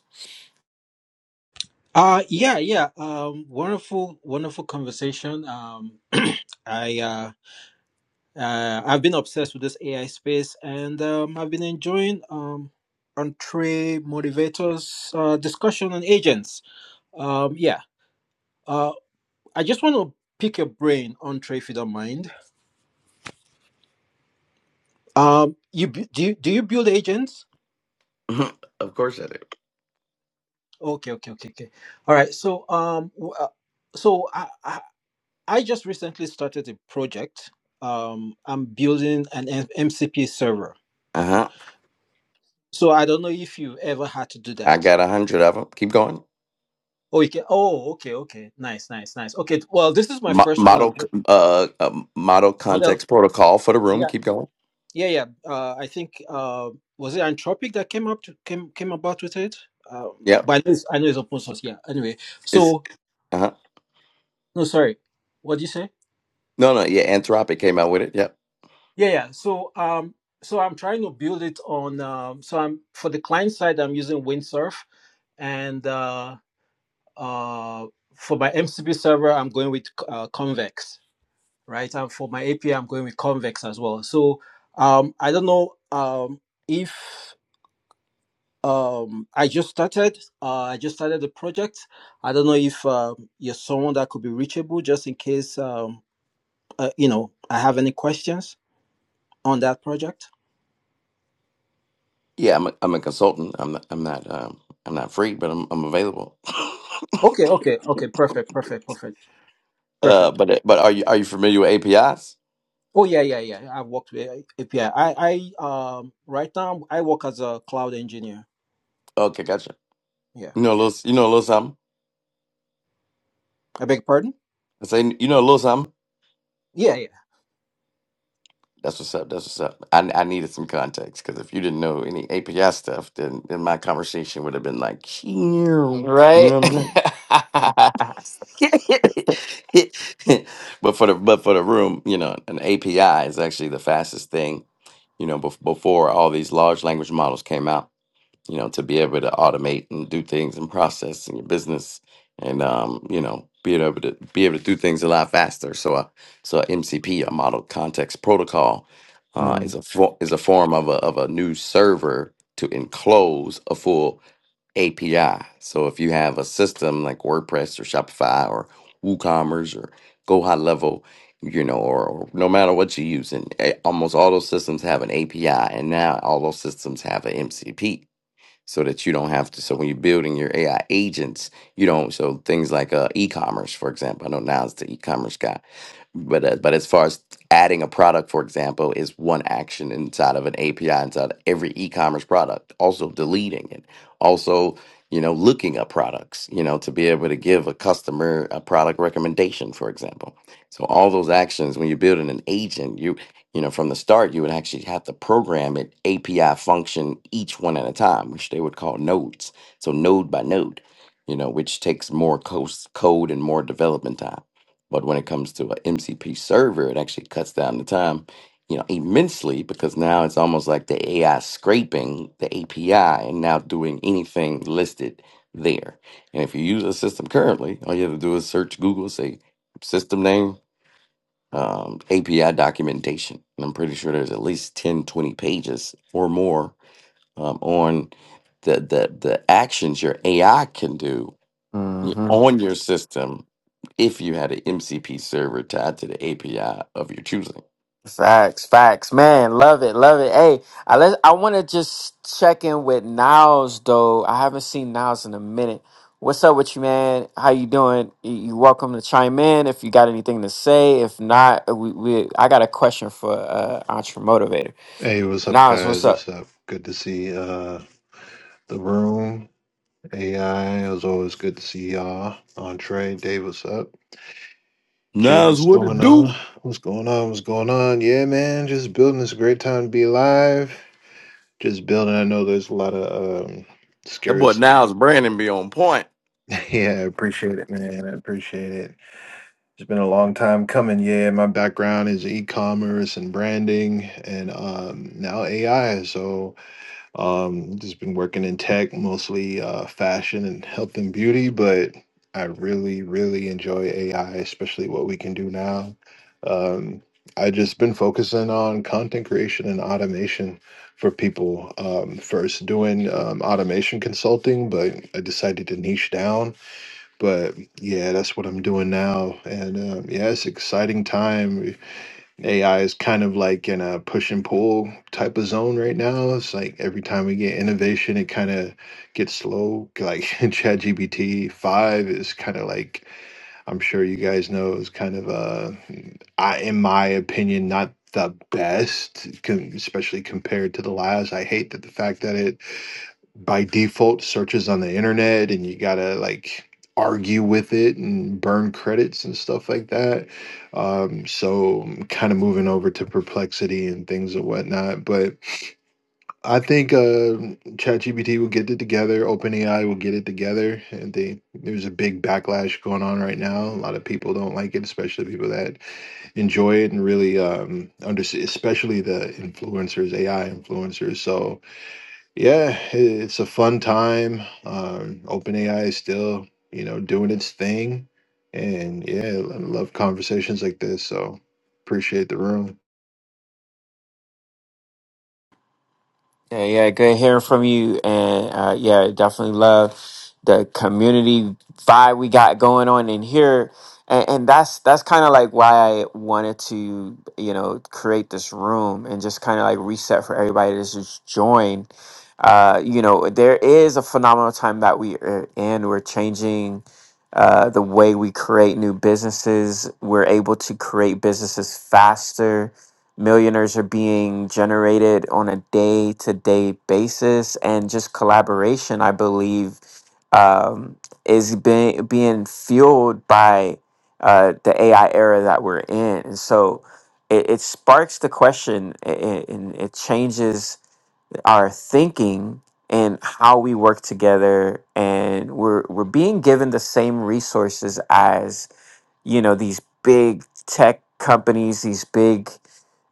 S5: Uh yeah, yeah. Um wonderful wonderful conversation. Um I uh, uh I've been obsessed with this AI space and um I've been enjoying um Entre Motivator's uh discussion on agents. Um yeah. Uh I just want to pick your brain, Entre, if you don't mind. Um you bu- do you, do you build agents?
S3: of course I do.
S5: Okay, okay, okay, okay. All right. So um w- uh, so I, I I just recently started a project. Um, I'm building an M- MCP server.
S3: Uh huh.
S5: So I don't know if you've ever had to do
S3: I
S5: that.
S3: got a hundred of them. Keep going.
S5: Oh, you can. Oh, okay, okay, nice, nice, nice. Okay, well, this is my
S3: Mo-
S5: first one. I'm
S3: model, c-
S5: doing
S3: uh, uh, model
S5: model.
S3: context protocol for the room.
S5: Yeah,
S3: Keep going.
S5: yeah, yeah. Uh, I think uh, was it Anthropic that came up to came came about with it. Um,
S3: Yep.
S5: but I know, it's, I know it's open source. Yeah. Anyway,
S3: It's
S5: so
S3: uh huh.
S5: no, sorry. What did you say?
S3: No, no. Yeah, Anthropic came out with it. Yep.
S5: Yeah, yeah. So um, so I'm trying to build it on. Um, so I'm for the client side, I'm using Windsurf and uh, uh, for my MCP server, I'm going with uh, Convex, right? And for my API, I'm going with Convex as well. So um, I don't know um, if um, I just started. Uh, I just started the project. I don't know if uh, you're someone that could be reachable, just in case um, uh, you know I have any questions on that project.
S3: Yeah, I'm a, I'm a consultant. I'm not, I'm not um I'm not free, but I'm I'm available.
S5: Okay, okay, okay. Perfect, perfect, perfect, perfect.
S3: uh, but but are you are you familiar with APIs?
S5: Oh yeah, yeah, yeah. I've worked with API. I, I I um right now I work as a cloud engineer.
S3: Okay, gotcha.
S5: Yeah.
S3: You know a little, you know a little something.
S5: I beg your pardon?
S3: I say, you know a little something.
S5: Yeah,
S3: That's what's up. That's what's up. I, I needed some context because if you didn't know any API stuff, then, then my conversation would have been like, you know what
S1: Right?
S3: I'm saying? but for the but for the room, you know, an API is actually the fastest thing, you know, bef- before all these large language models came out. you know, to be able to automate and do things and process in your business and um, you know, being able to be able to do things a lot faster. So a so a MCP, a model context protocol, uh,
S1: Hmm.
S3: is a fo- is a form of a of a new server to enclose a full API. So if you have a system like WordPress or Shopify or WooCommerce or Go High Level, you know, or, or no matter what you're using, eh, almost all those systems have an API, and now all those systems have an MCP so that you don't have to. So when you're building your AI agents, you don't. So things like uh, e-commerce, for example, I know now it's the e-commerce guy, but uh, but as far as adding a product, for example, is one action inside of an API inside of every e-commerce product. Also deleting it. Also, you know, looking up products. You know, to be able to give a customer a product recommendation, for example. So all those actions when you're building an agent, you you know, from the start, you would actually have to program it API function each one at a time, which they would call nodes. So node by node, you know, which takes more cos- code and more development time. But when it comes to an MCP server, it actually cuts down the time, you know, immensely because now it's almost like the AI scraping the API and now doing anything listed there. And if you use a system currently, all you have to do is search Google, say system name um, API documentation. And I'm pretty sure there's at least 10, 20 pages or more um, on the, the, the actions your AI can do on your system if you had an MCP server tied to the API of your choosing.
S1: Facts, facts, man, love it, love it. Hey, I let I want to just check in with Niles though. I haven't seen Niles in a minute. What's up with you, man? How you doing? You you welcome to chime in if you got anything to say. If not, we, we I got a question for uh Entre Motivator.
S6: Hey, what's up,
S1: Niles, what's
S6: guys?
S1: up?
S6: What's up? Good to see uh the room. AI, it was always good to see y'all. Entree, Dave, what's up? Jay,
S3: Nas,
S6: what's
S3: what
S6: going
S3: it do?
S6: on? What's going on? What's going on? Yeah, man, just building this great time to be alive. Just building. I know there's a lot of um
S3: That boy
S6: scares.
S3: Niles Brandon be on point.
S6: yeah, I appreciate it, man. I appreciate it. It's been a long time coming. Yeah, my background is e-commerce and branding and um now AI, so Um, just been working in tech, mostly uh, fashion and health and beauty, but I really, really enjoy AI, especially what we can do now. Um, I just been focusing on content creation and automation for people. Um, first doing um, automation consulting, but I decided to niche down. But yeah, that's what I'm doing now, and um, yeah, it's exciting time. AI is kind of like in a push and pull type of zone right now. It's like every time we get innovation, it kind of gets slow. Like ChatGPT 5 is kind of like, I'm sure you guys know, is kind of, uh, I, in my opinion, not the best, com- especially compared to the last. I hate that the fact that it by default searches on the internet and you gotta like argue with it and burn credits and stuff like that um so kind of moving over to perplexity and things and whatnot but i think uh ChatGPT will get it together openai will get it together and they there's a big backlash going on right now a lot of people don't like it especially people that enjoy it and really um understand especially the influencers ai influencers so yeah, i- it's a fun time. Um, OpenAI is still, you know, doing its thing, and yeah, I love conversations like this. So appreciate the room.
S1: Yeah, yeah, good hearing from you, and uh, yeah, definitely love the community vibe we got going on in here, and, and that's that's kind of like why I wanted to, you know, create this room and just kind of like reset for everybody that's just joined. Uh, you know, there is a phenomenal time that we are in. We're changing uh, the way we create new businesses. We're able to create businesses faster millionaires are being generated on a day to day basis, and just collaboration, I believe, um, is being being fueled by uh, the AI era that we're in. And so it, it sparks the question a- a- and it changes our thinking and how we work together and we're we're being given the same resources as you know these big tech companies these big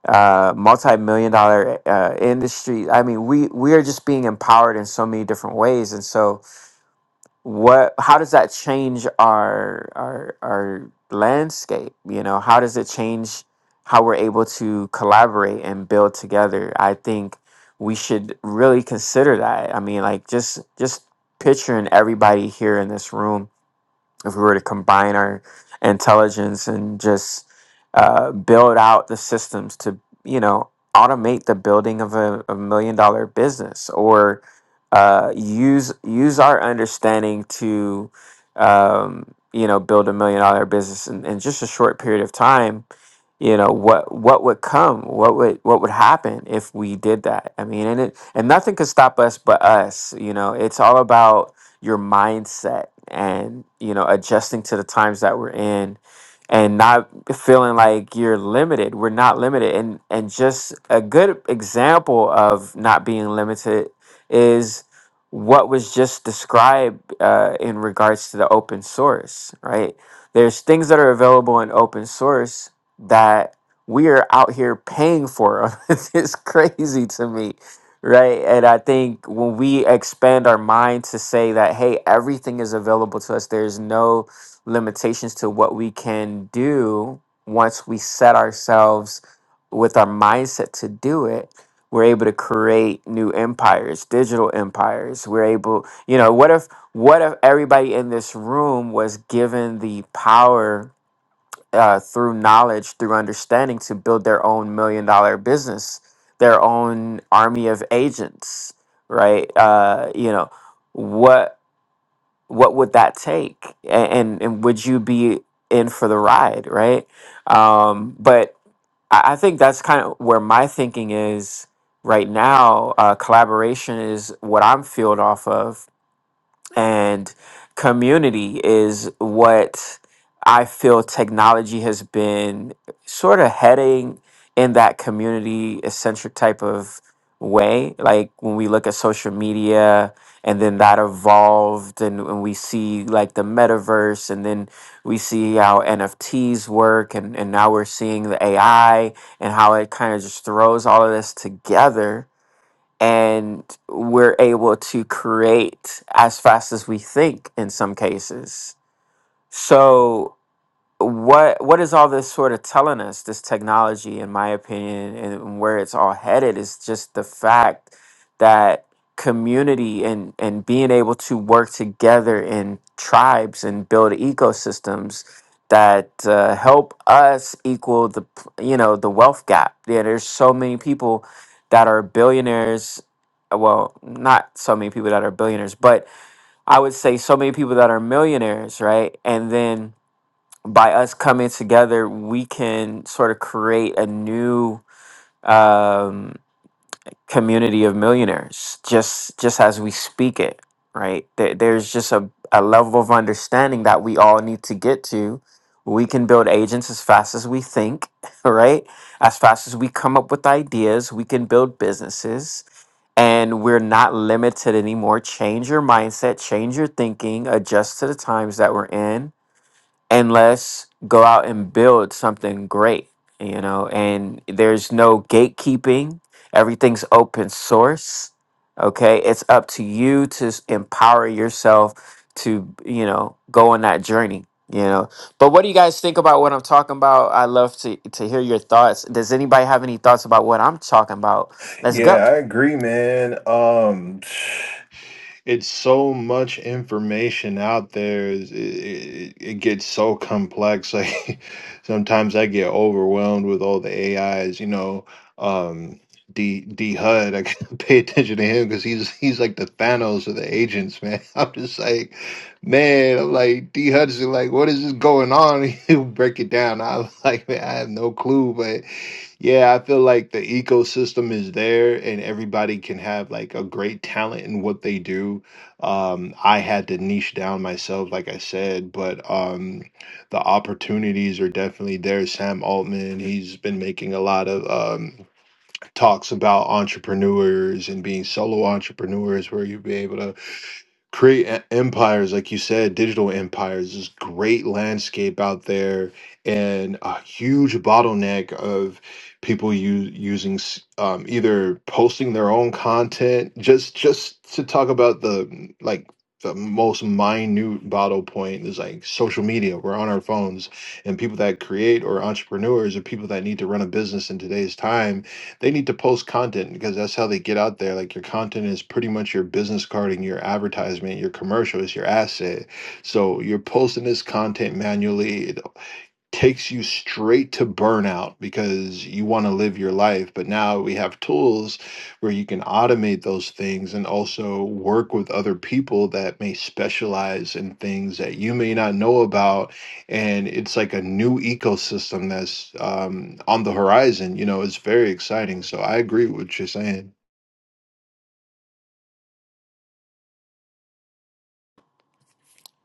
S1: uh multi-million dollar uh industry i mean we we are just being empowered in so many different ways and so what how does that change our our our landscape you know how does it change how we're able to collaborate and build together i think we should really consider that i mean like just just picturing everybody here in this room if we were to combine our intelligence and just uh, build out the systems to you know automate the building of a, a million dollar business or uh, use use our understanding to um, you know build a million dollar business in, in just a short period of time you know what what would come what would what would happen if we did that i mean and it and nothing could stop us but us you know it's all about your mindset and you know adjusting to the times that we're in and not feeling like you're limited we're not limited and and just a good example of not being limited is what was just described uh, in regards to the open source right there's things that are available in open source that we are out here paying for it's crazy to me right? And I think when we expand our mind to say that, hey, everything is available to us, there's no limitations to what we can do once we set ourselves with our mindset to do it. We're able to create new empires, digital empires. We're able, you know, what if what if everybody in this room was given the power uh, through knowledge, through understanding, to build their own million dollar business, their own army of agents, right? Uh, you know, what what would that take, A- and and would you be in for the ride, right? Um, but I, I think that's kind of where my thinking is right now. Uh, collaboration is what I'm fueled off of and community is what I feel technology has been sort of heading in that community eccentric type of way. Like when we look at social media and then that evolved and, and we see like the metaverse and then we see how NFTs work and, and now we're seeing the AI and how it kind of just throws all of this together and we're able to create as fast as we think in some cases. So what what is all this sort of telling us this technology in my opinion and where it's all headed is just the fact that community and and being able to work together in tribes and build ecosystems that uh, help us equal the p- you know the wealth gap yeah there's so many people that are billionaires uh, well not so many people that are billionaires but i would say so many people that are millionaires right and then by us coming together, we can sort of create a new um, community of millionaires just just as we speak it, right? There, there's just a, a level of understanding that we all need to get to. We can build agents as fast as we think, right? As fast as we come up with ideas, we can build businesses and we're not limited anymore. Change your mindset, change your thinking, adjust to the times that we're in and let's go out and build something great you know and there's no gatekeeping everything's open source okay it's up to you to s- empower yourself to you know go on that journey you know but what do you guys think about what i'm talking about i love to to hear your thoughts does anybody have any thoughts about what i'm talking about let's go
S6: Yeah, I agree, man. Um, it's so much information out there. It, it, it gets so complex. Like sometimes I get overwhelmed with all the AIs. You know, um, D D HUD. I gotta pay attention to him because he's he's like the Thanos of the agents, man. I'm just like, man. I'm like D HUD's like, what is this going on? He'll break it down. I'm like, man, I have no clue, but yeah, I feel like the ecosystem is there and everybody can have like a great talent in what they do. Um, I had to niche down myself, like I said, but um, the opportunities are definitely there. Sam Altman, he's been making a lot of um, talks about entrepreneurs and being solo entrepreneurs where you'll be able to create e- empires like you said digital empires this great landscape out there and a huge bottleneck of people u- using s- um, either posting their own content just just to talk about the like the most minute bottle point is like social media we're on our phones and people that create or entrepreneurs or people that need to run a business in today's time they need to post content because that's how they get out there. Like your content is pretty much your business card and your advertisement, your commercial is your asset. So you're posting this content manually. It takes you straight to burnout because you want to live your life. But now we have tools where you can automate those things and also work with other people that may specialize in things that you may not know about. And it's like a new ecosystem that's um, on the horizon. You know, it's very exciting. So I agree with what you're saying.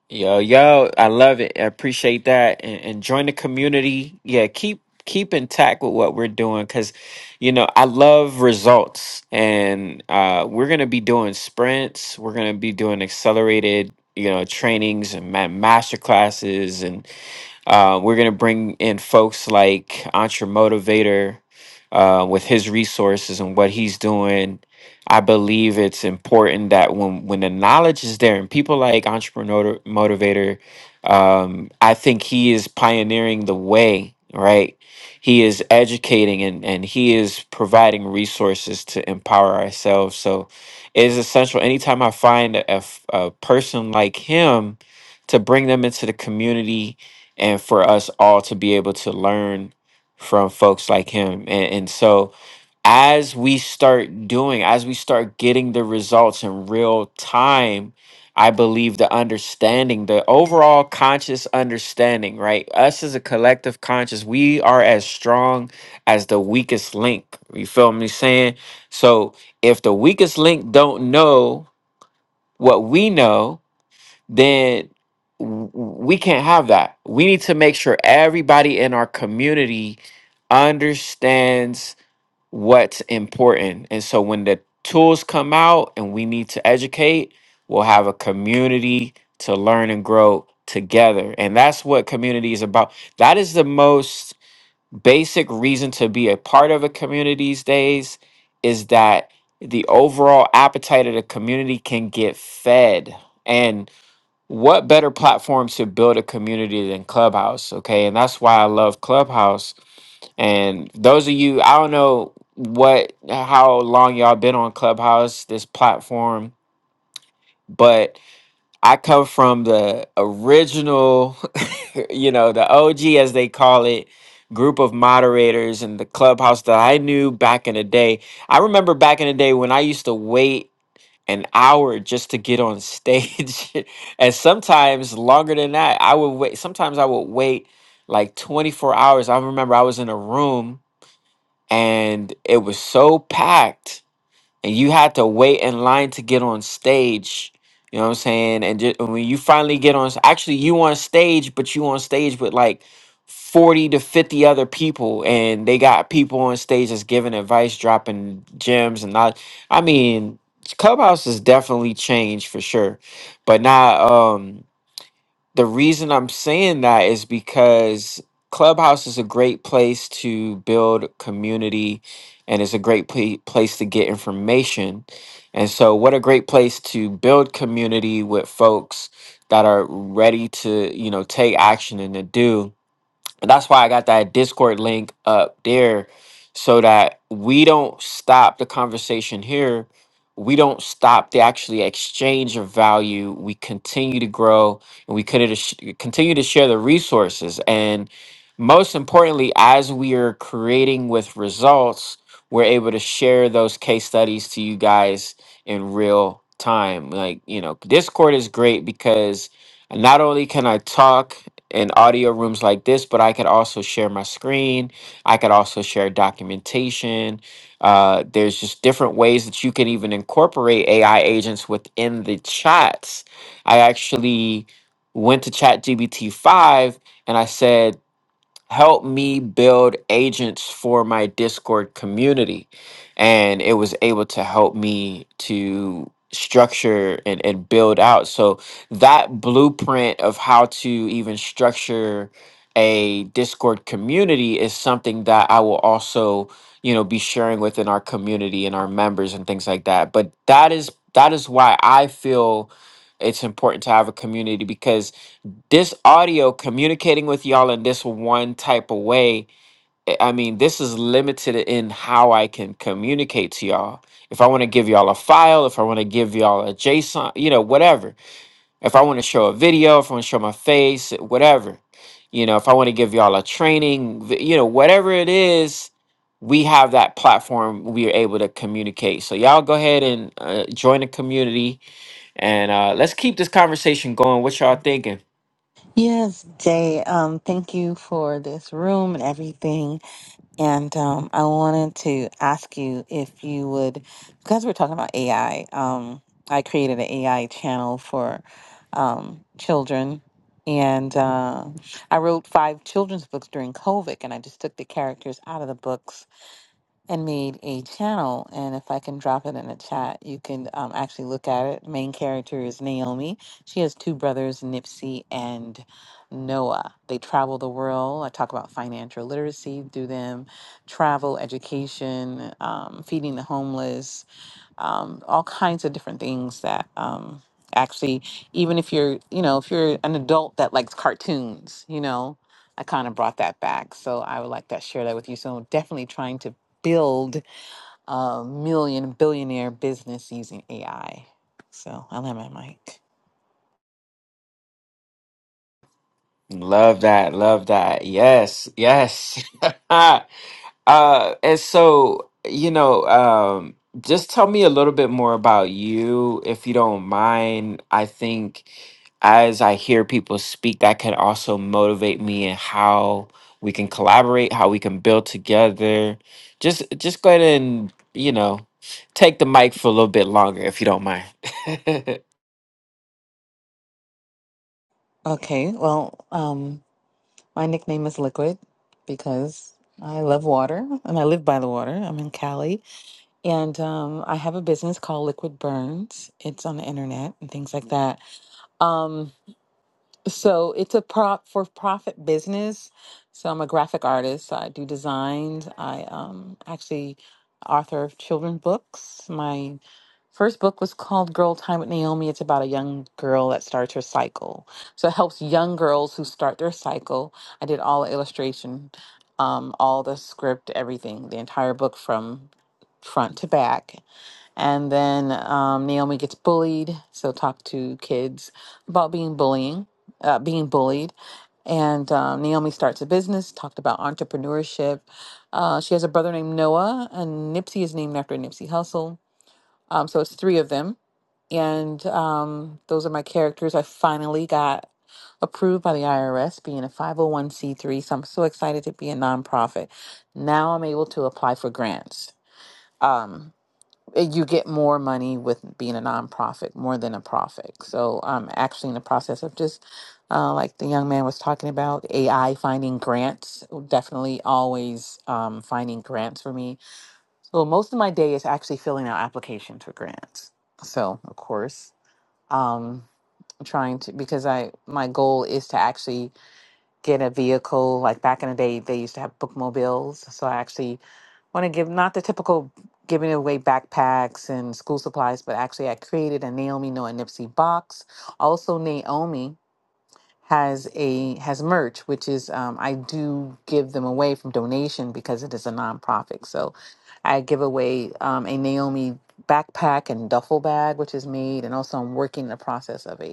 S1: Yo, yo, I love it. I appreciate that. And, and join the community. Yeah, keep keep intact with what we're doing because you know I love results. And uh we're gonna be doing sprints, we're gonna be doing accelerated, you know, trainings and ma- master classes and. Uh, we're going to bring in folks like Entre Motivator uh, with his resources and what he's doing. I believe it's important that when when the knowledge is there and people like Entrepreneur Motivator, um, I think he is pioneering the way, right? He is educating and, and he is providing resources to empower ourselves. So it is essential anytime I find a, a f- a person like him to bring them into the community and for us all to be able to learn from folks like him. And, and so, as we start doing, as we start getting the results in real time, I believe the understanding, the overall conscious understanding, right? Us as a collective conscious, we are as strong as the weakest link. You feel me saying? So if the weakest link don't know what we know, then w- we can't have that. We need to make sure everybody in our community understands what's important. And so when the tools come out and we need to educate, we'll have a community to learn and grow together. And that's what community is about. That is the most basic reason to be a part of a community these days is that the overall appetite of the community can get fed what better platform to build a community than Clubhouse? Okay. And that's why I love Clubhouse. And those of you, I don't know what, how long y'all been on Clubhouse, this platform, but I come from the original, you know, the OG, as they call it, group of moderators and the Clubhouse that I knew back in the day. I remember back in the day when I used to wait an hour just to get on stage and sometimes longer than that i would wait sometimes i would wait like 24 hours i remember i was in a room and it was so packed and you had to wait in line to get on stage. You know what I'm saying? And just, when you finally get on, s- actually you on stage, but you on stage with like 40 to 50 other people, and they got people on stage that's giving advice, dropping gems, and not. I mean, Clubhouse has definitely changed for sure, but now. Um, the reason I'm saying that is because Clubhouse is a great place to build community and it's a great pla- place to get information. And so, what a great place to build community with folks that are ready to, you know, take action and to do that's why I got that Discord link up there so that we don't stop the conversation here. We don't stop the actually exchange of value. We continue to grow and we could sh- continue to share the resources. And most importantly, as we are creating with results, we're able to share those case studies to you guys in real time. Like, you know, Discord is great because not only can I talk in audio rooms like this, but I could also share my screen. I could also share documentation. Uh, there's just different ways that you can even incorporate AI agents within the chats. I actually went to ChatGPT 5 and I said, help me build agents for my Discord community. And it was able to help me to structure and, and build out. So that blueprint of how to even structure a Discord community is something that I will also, you know, be sharing within our community and our members and things like that. But that is that is why I feel it's important to have a community because this audio communicating with y'all in this one type of way i I mean this is limited in how i can communicate to y'all if i want to give y'all a file if i want to give y'all a json you know whatever if i want to show a video if i want to show my face eh, whatever you know if i want to give y'all a training vi- you know whatever it is we have that platform we are able to communicate so y'all go ahead and uh, join the community and uh, let's keep this conversation going what y'all thinking
S4: Yes, Jay. Um, thank you for this room and everything. And um, I wanted to ask you if you would, because we're talking about AI. Um, I created an AI channel for um, children, and uh, I wrote five children's books during COVID, and I just took the characters out of the books and made a channel. And if I can drop it in the chat, you can um, actually look at it. Main character is Naomi. She has two brothers, Nipsey and Noah. They travel the world. I talk about financial literacy through them, travel, education, um, feeding the homeless um, all kinds of different things that um, actually, even if you're, you know, if you're an adult that likes cartoons, you know, I kind of brought that back. So I would like to share that with you. So definitely trying to build a million billionaire business using AI. So I'll have my mic.
S1: Love that. Love that. Yes. Yes. uh, and so, you know, um, just tell me a little bit more about you, if you don't mind. I think as I hear people speak, that can also motivate me in how we can collaborate, how we can build together. Just, just go ahead and, you know, take the mic for a little bit longer, if you don't mind.
S4: Okay. Well, um, my nickname is Liquid because I love water and I live by the water. I'm in Cali And um, I have a business called Liquid Burns. It's on the internet and things like that. Um, so it's a prop for profit business. So I'm a graphic artist. I do designs. I um, actually author of children books. My first book was called Girl Time with Naomi. It's about a young girl that starts her cycle. So it helps young girls who start their cycle. I did all the illustration, um, all the script, everything, the entire book from front to back and then um, Naomi gets bullied, so talk to kids about being bullying, uh, being bullied. And um, Naomi starts a business, talked about entrepreneurship. Uh, she has a brother named Noah, and Nipsey is named after Nipsey Hussle. Um, so it's three of them. And um, those are my characters. I finally got approved by the IRS, being a 501c3. So I'm so excited to be a nonprofit. Now I'm able to apply for grants. Um, eh, you get more money with being a nonprofit more than a profit. So I'm actually in the process of just, uh, like the young man was talking about, AI finding grants. Definitely always um, finding grants for me. So most of my day is actually filling out applications for grants. So of course, um, trying to because I my goal is to actually get a vehicle. Like back in the day, they used to have bookmobiles. So I actually want to give not the typical giving away backpacks and school supplies, but actually I created a Naomi Noah Nipsey box. Also, Naomi has a has merch, which is um, I do give them away from donation because it is a nonprofit. So I give away um, a Naomi backpack and duffel bag, which is made, and also I'm working the process of a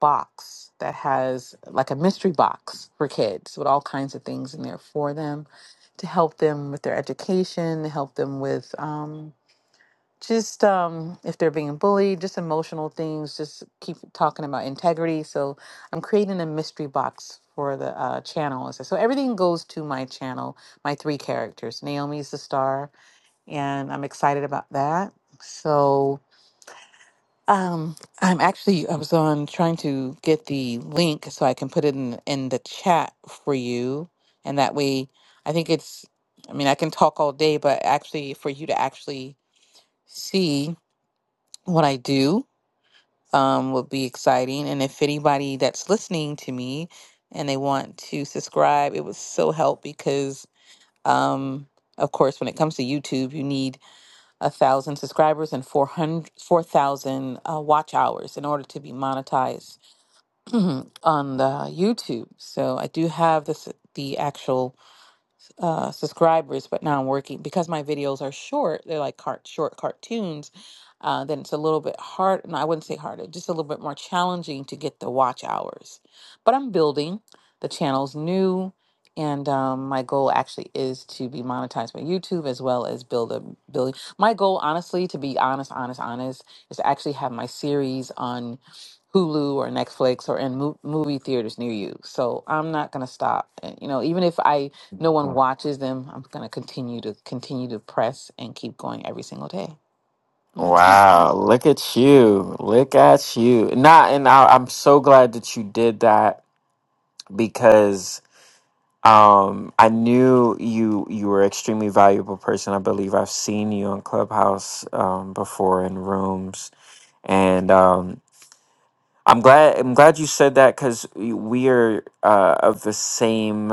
S4: box that has like a mystery box for kids with all kinds of things in there for them to help them with their education, to help them with um, just um, if they're being bullied, just emotional things, just keep talking about integrity. So I'm creating a mystery box for the uh, channel. So so everything goes to my channel, my three characters. Naomi's the star, and I'm excited about that. So um, I'm actually I was on trying to get the link so I can put it in in the chat for you, and that way I think it's. I mean, I can talk all day, but actually for you to actually see what I do um would be exciting. And if anybody that's listening to me and they want to subscribe, it would so help because um of course when it comes to YouTube, you need a thousand subscribers and 400, 4,000 uh, watch hours in order to be monetized on the YouTube. So I do have this the actual uh, subscribers, but now I'm working because my videos are short. They're like cart short cartoons. Uh, then it's a little bit hard. No, I wouldn't say harder, just a little bit more challenging to get the watch hours. But I'm building. The channel's new, and um, my goal actually is to be monetized by YouTube as well as build a building. My goal, honestly, to be honest, honest, honest, is to actually have my series on Hulu or Netflix or in mo- movie theaters near you. So I'm not gonna stop. And, you know, even if I no one watches them. I'm gonna continue to continue to press and keep going every single day. And that's it.
S1: Wow, look at you. Look at you. Nah, and I, I'm so glad that you did that because um I knew you you were an extremely valuable person. I believe I've seen you on Clubhouse um before in rooms and um I'm glad I'm glad you said that cuz we are uh of the same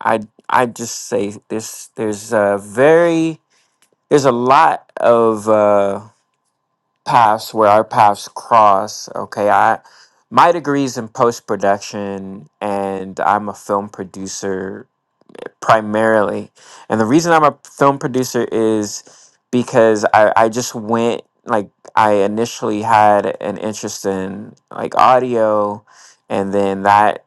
S1: I I just say this there's a very there's a lot of uh paths where our paths cross. Okay, I my degree is in post production, and I'm a film producer primarily. And the reason I'm a film producer is because I, I just went like I initially had an interest in like audio and then that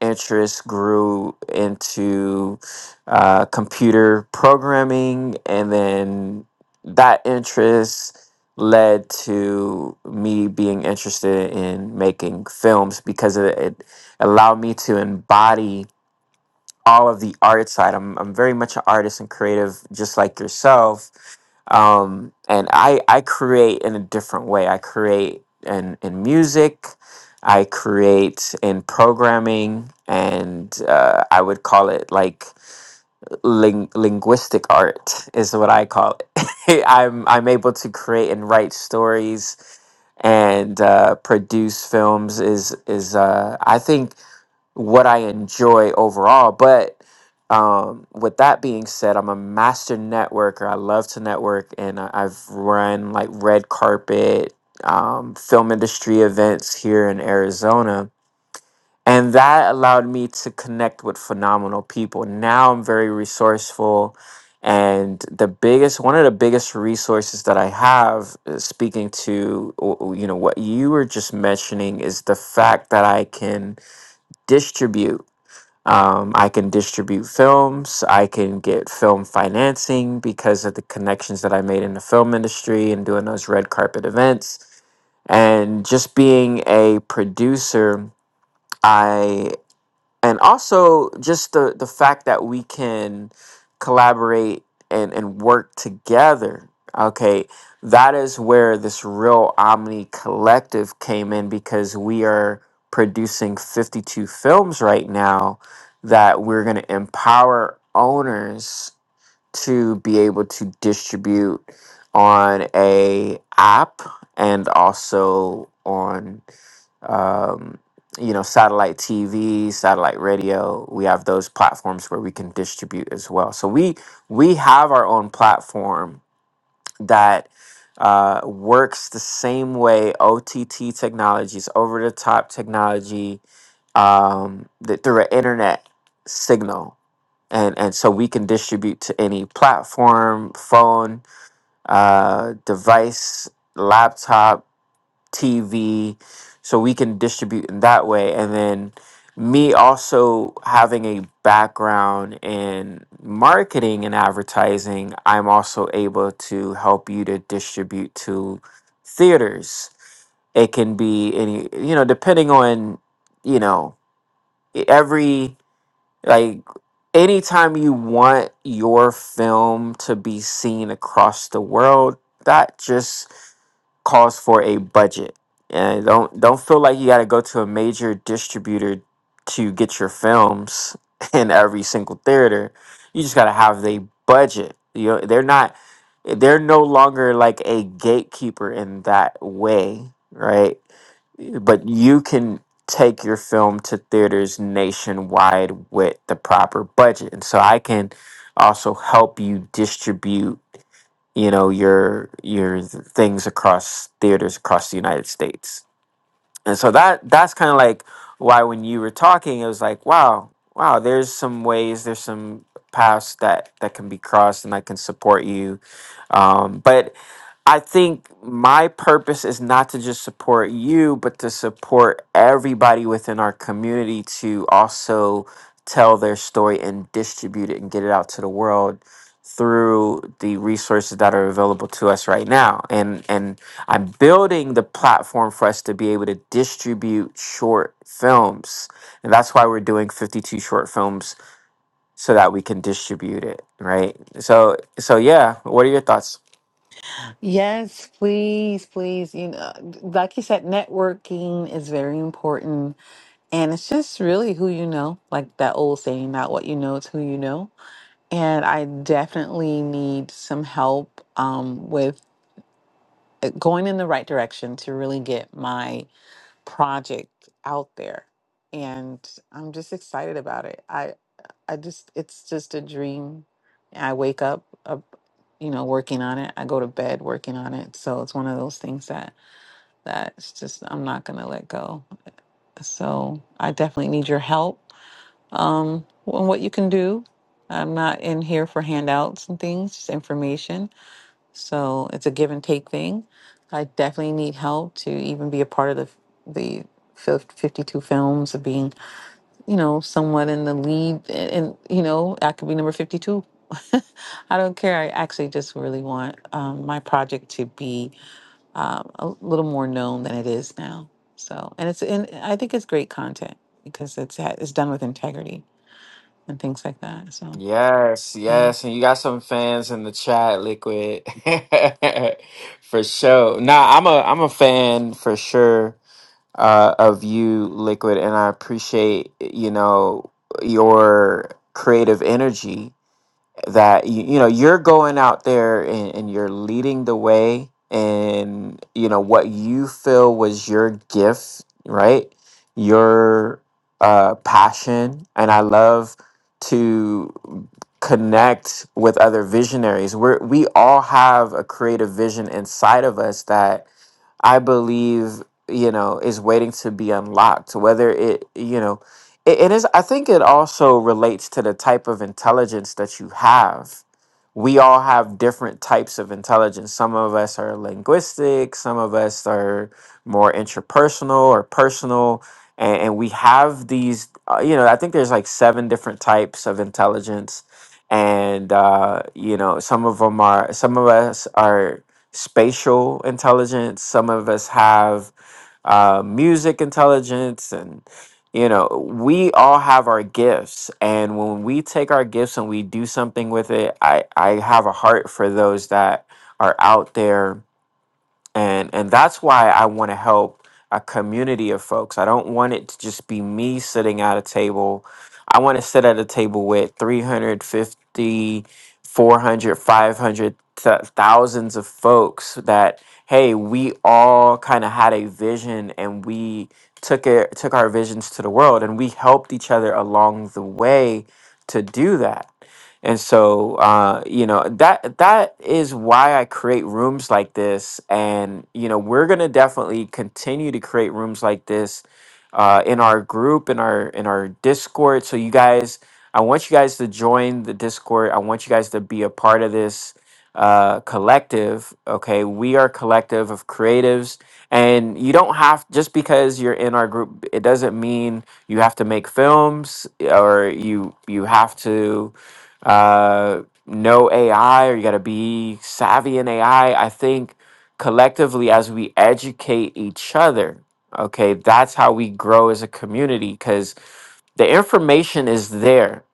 S1: interest grew into uh, computer programming and then that interest led to me being interested in making films because it, it allowed me to embody all of the art side. I'm I'm very much an artist and creative, just like yourself. Um, and I I create in a different way. I create in in music. I create in programming, and uh, I would call it like ling- linguistic art is what I call it. I'm I'm able to create and write stories and uh, produce films. Is is uh, I think what I enjoy overall. But um, with that being said, I'm a master networker. I love to network, and I, I've run like red carpet um, film industry events here in Arizona. And that allowed me to connect with phenomenal people. Now I'm very resourceful. And the biggest, one of the biggest resources that I have, uh, speaking to, w- you know, what you were just mentioning, is the fact that I can distribute um, I can distribute films. I can get film financing because of the connections that I made in the film industry and doing those red carpet events. And just being a producer, I and also just the the fact that we can collaborate and and work together okay that is where this real omni collective came in because we are producing 52 films right now that we're going to empower owners to be able to distribute on a app and also on um, you know, satellite TV, satellite radio. We have those platforms where we can distribute as well. So we we have our own platform that uh, works the same way OTT technologies, over the top technology, um, th- through an internet signal. And, and so we can distribute to any platform, phone, uh, device, laptop, TV so we can distribute in that way. And then me also having a background in marketing and advertising, I'm also able to help you to distribute to theaters. It can be any, you know, depending on, you know, every like anytime you want your film to be seen across the world, that just calls for a budget. And don't don't feel like you got to go to a major distributor to get your films in every single theater. You just got to have the budget. You know, they're not they're no longer like a gatekeeper in that way, right? But you can take your film to theaters nationwide with the proper budget and so i can also help you distribute you know your your things across theaters across the united states and so that that's kind of like why when you were talking it was like wow wow there's some ways there's some paths that that can be crossed and i can support you um, but I think my purpose is not to just support you, but to support everybody within our community to also tell their story and distribute it and get it out to the world through the resources that are available to us right now. And and I'm building the platform for us to be able to distribute short films. And that's why we're doing 52 short films so that we can distribute it, right? So so yeah, what are your thoughts
S4: Yes, please, please. You know, like you said, networking is very important. And it's just really who you know, like that old saying, not what you know, it's who you know. And I definitely need some help um, with going in the right direction to really get my project out there. And I'm just excited about it. I just it's just a dream. I wake up, uh, you know, working on it. I go to bed working on it. So it's one of those things that that's just I'm not gonna let go. So I definitely need your help um, on what you can do. I'm not in here for handouts and things, just information. So it's a give and take thing. I definitely need help to even be a part of the the fif- 52 films of being you know, someone in the lead, and, and you know, I could be number 52. I don't care. I actually just really want um, my project to be um, a little more known than it is now. So, and it's, and I think it's great content because it's ha- it's done with integrity and things like that. So,
S1: Yes,
S4: yeah.
S1: yes, and you got some fans in the chat, Liquid, for sure. Nah, I'm a I'm a fan for sure uh, of you, Liquid, and I appreciate you know your creative energy that you, you know you're going out there and, and you're leading the way and you know what you feel was your gift right your uh passion and i love to connect with other visionaries we're we all have a creative vision inside of us that I believe, you know, is waiting to be unlocked. Whether it, you know, it, it is, I think it also relates to the type of intelligence that you have. We all have different types of intelligence. Some of us are linguistic, some of us are more interpersonal or personal. And, and we have these, uh, you know, I think there's like seven different types of intelligence. And, uh, you know, some of them are, some of us are spatial intelligence. Some of us have uh, music intelligence, and you know, we all have our gifts. And when we take our gifts and we do something with it, I I have a heart for those that are out there and and that's why I want to help a community of folks. I don't want it to just be me sitting at a table. I want to sit at a table with 350, 400, th- thousands of folks that hey, we all kind of had a vision and we took it took our visions to the world and we helped each other along the way to do that. And so, uh, you know, that that is why I create rooms like this. And, you know, we're gonna definitely continue to create rooms like this uh, in our group, in our in our Discord. So you guys, I want you guys to join the Discord. I want you guys to be a part of this uh, collective. Okay, we are a collective of creatives, and you don't have just because you're in our group. It doesn't mean you have to make films or you you have to uh, no AI or you got to be savvy in AI. I I think collectively, as we educate each other, okay, that's how we grow as a community because the information is there,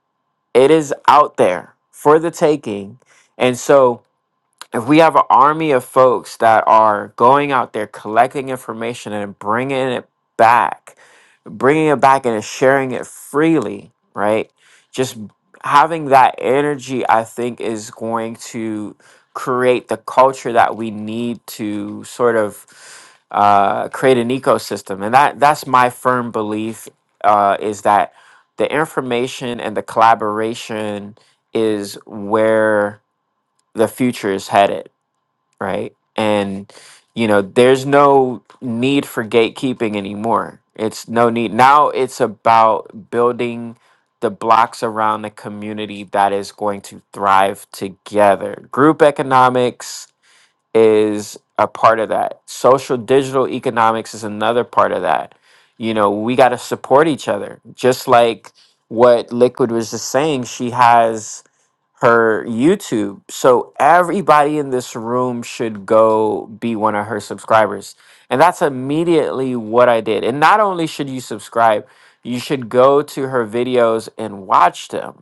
S1: it is out there for the taking. And so, if we have an army of folks that are going out there collecting information and bringing it back, bringing it back and sharing it freely, right? Just having that energy, I think, is going to create the culture that we need to sort of uh, create an ecosystem, and that that's my firm belief uh, is that the information and the collaboration is where the future is headed right? And you know, there's no need for gatekeeping anymore. It's no need. Now it's about building the blocks around a community that is going to thrive together. Group economics, is a part of that. Social digital economics is another part of that. You know, we got to support each other. Just like what Liquid was just saying, she has her YouTube. So everybody in this room should go be one of her subscribers. And that's immediately what I did. And not only should you subscribe, you should go to her videos and watch them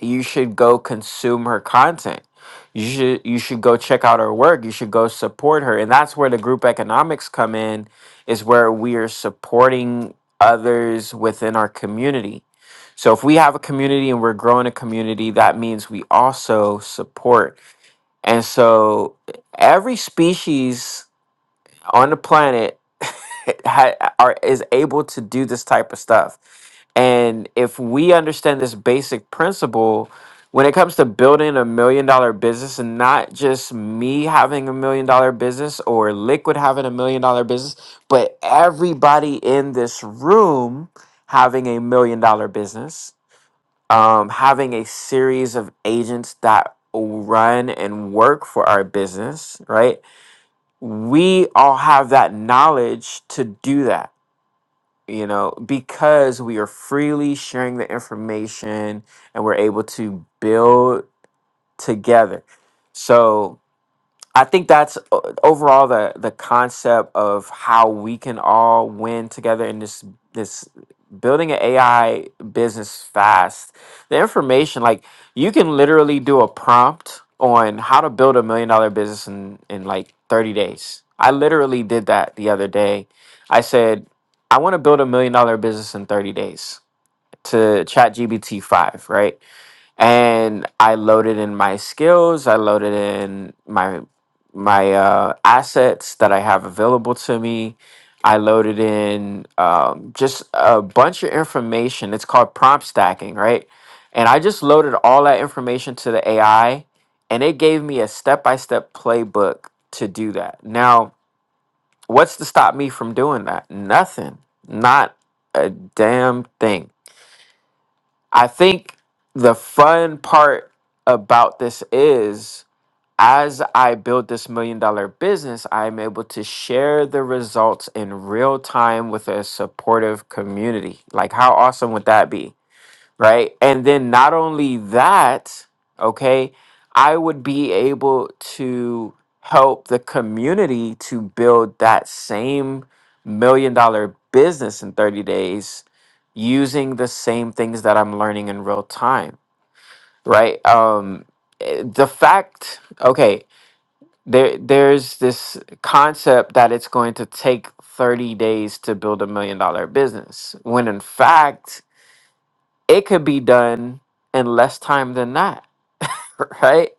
S1: you should go consume her content. You should you should go check out her work. You should go support her. And that's where the group economics come in is where we are supporting others within our community. So if we have a community and we're growing a community, that means we also support. And so every species on the planet ha, are is able to do this type of stuff. And if we understand this basic principle when it comes to building a million dollar business and not just me having a million dollar business or liquid having a million dollar business, but everybody in this room having a million dollar business, um, having a series of agents that run and work for our business, right? we all have that knowledge to do that you know because we are freely sharing the information and we're able to build together so I think that's o- overall the the concept of how we can all win together in this this building an AI business fast. The information like you can literally do a prompt on how to build a million dollar business in in like 30 days. I literally did that the other day. I said I want to build a million dollar business in 30 days to ChatGPT 5, right? and I loaded in my skills, I loaded in my my uh, assets that I have available to me. I loaded in um, just a bunch of information. It's called prompt stacking, right? And I just loaded all that information to the AI, and it gave me a step by step playbook to do that. Now, what's to stop me from doing that? Nothing. Not a damn thing I think the fun part about this is as I build this million dollar business, I'm able to share the results in real time with a supportive community. Like, how awesome would that be? right? And then not only that, okay, I would be able to help the community to build that same million dollar business in 30 days using the same things that I'm learning in real time, right? Um eh, the fact, okay, there there's this concept that it's going to take 30 days to build a million dollar business when in fact it could be done in less time than that, right?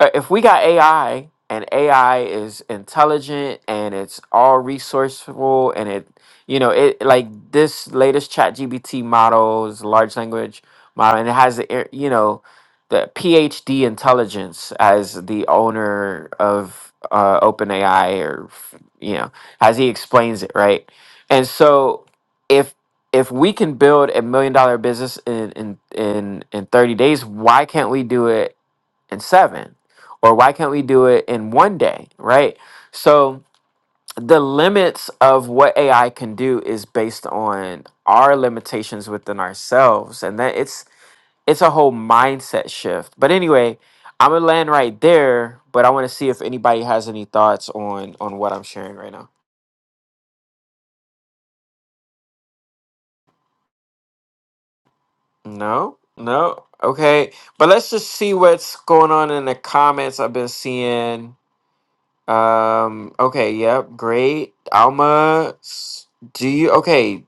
S1: uh, if we got AI and AI is intelligent and it's all resourceful and it you know it like this latest chat GBT models large language model and it has the air- you know the PhD intelligence as the owner of uh, OpenAI or f- you know as he explains it right and so if if we can build a million dollar business in in in in 30 days why can't we do it in seven or why can't we do it in one day, right? So the limits of what AI can do is based on our limitations within ourselves. And that it's it's a whole mindset shift. But anyway, I'm gonna land right there, but I wanna see if anybody has any thoughts on on what I'm sharing right now. No? No? Okay. But let's just see what's going on in the comments I've been seeing. Um, okay, yep, great. Alma, s- do you, okay,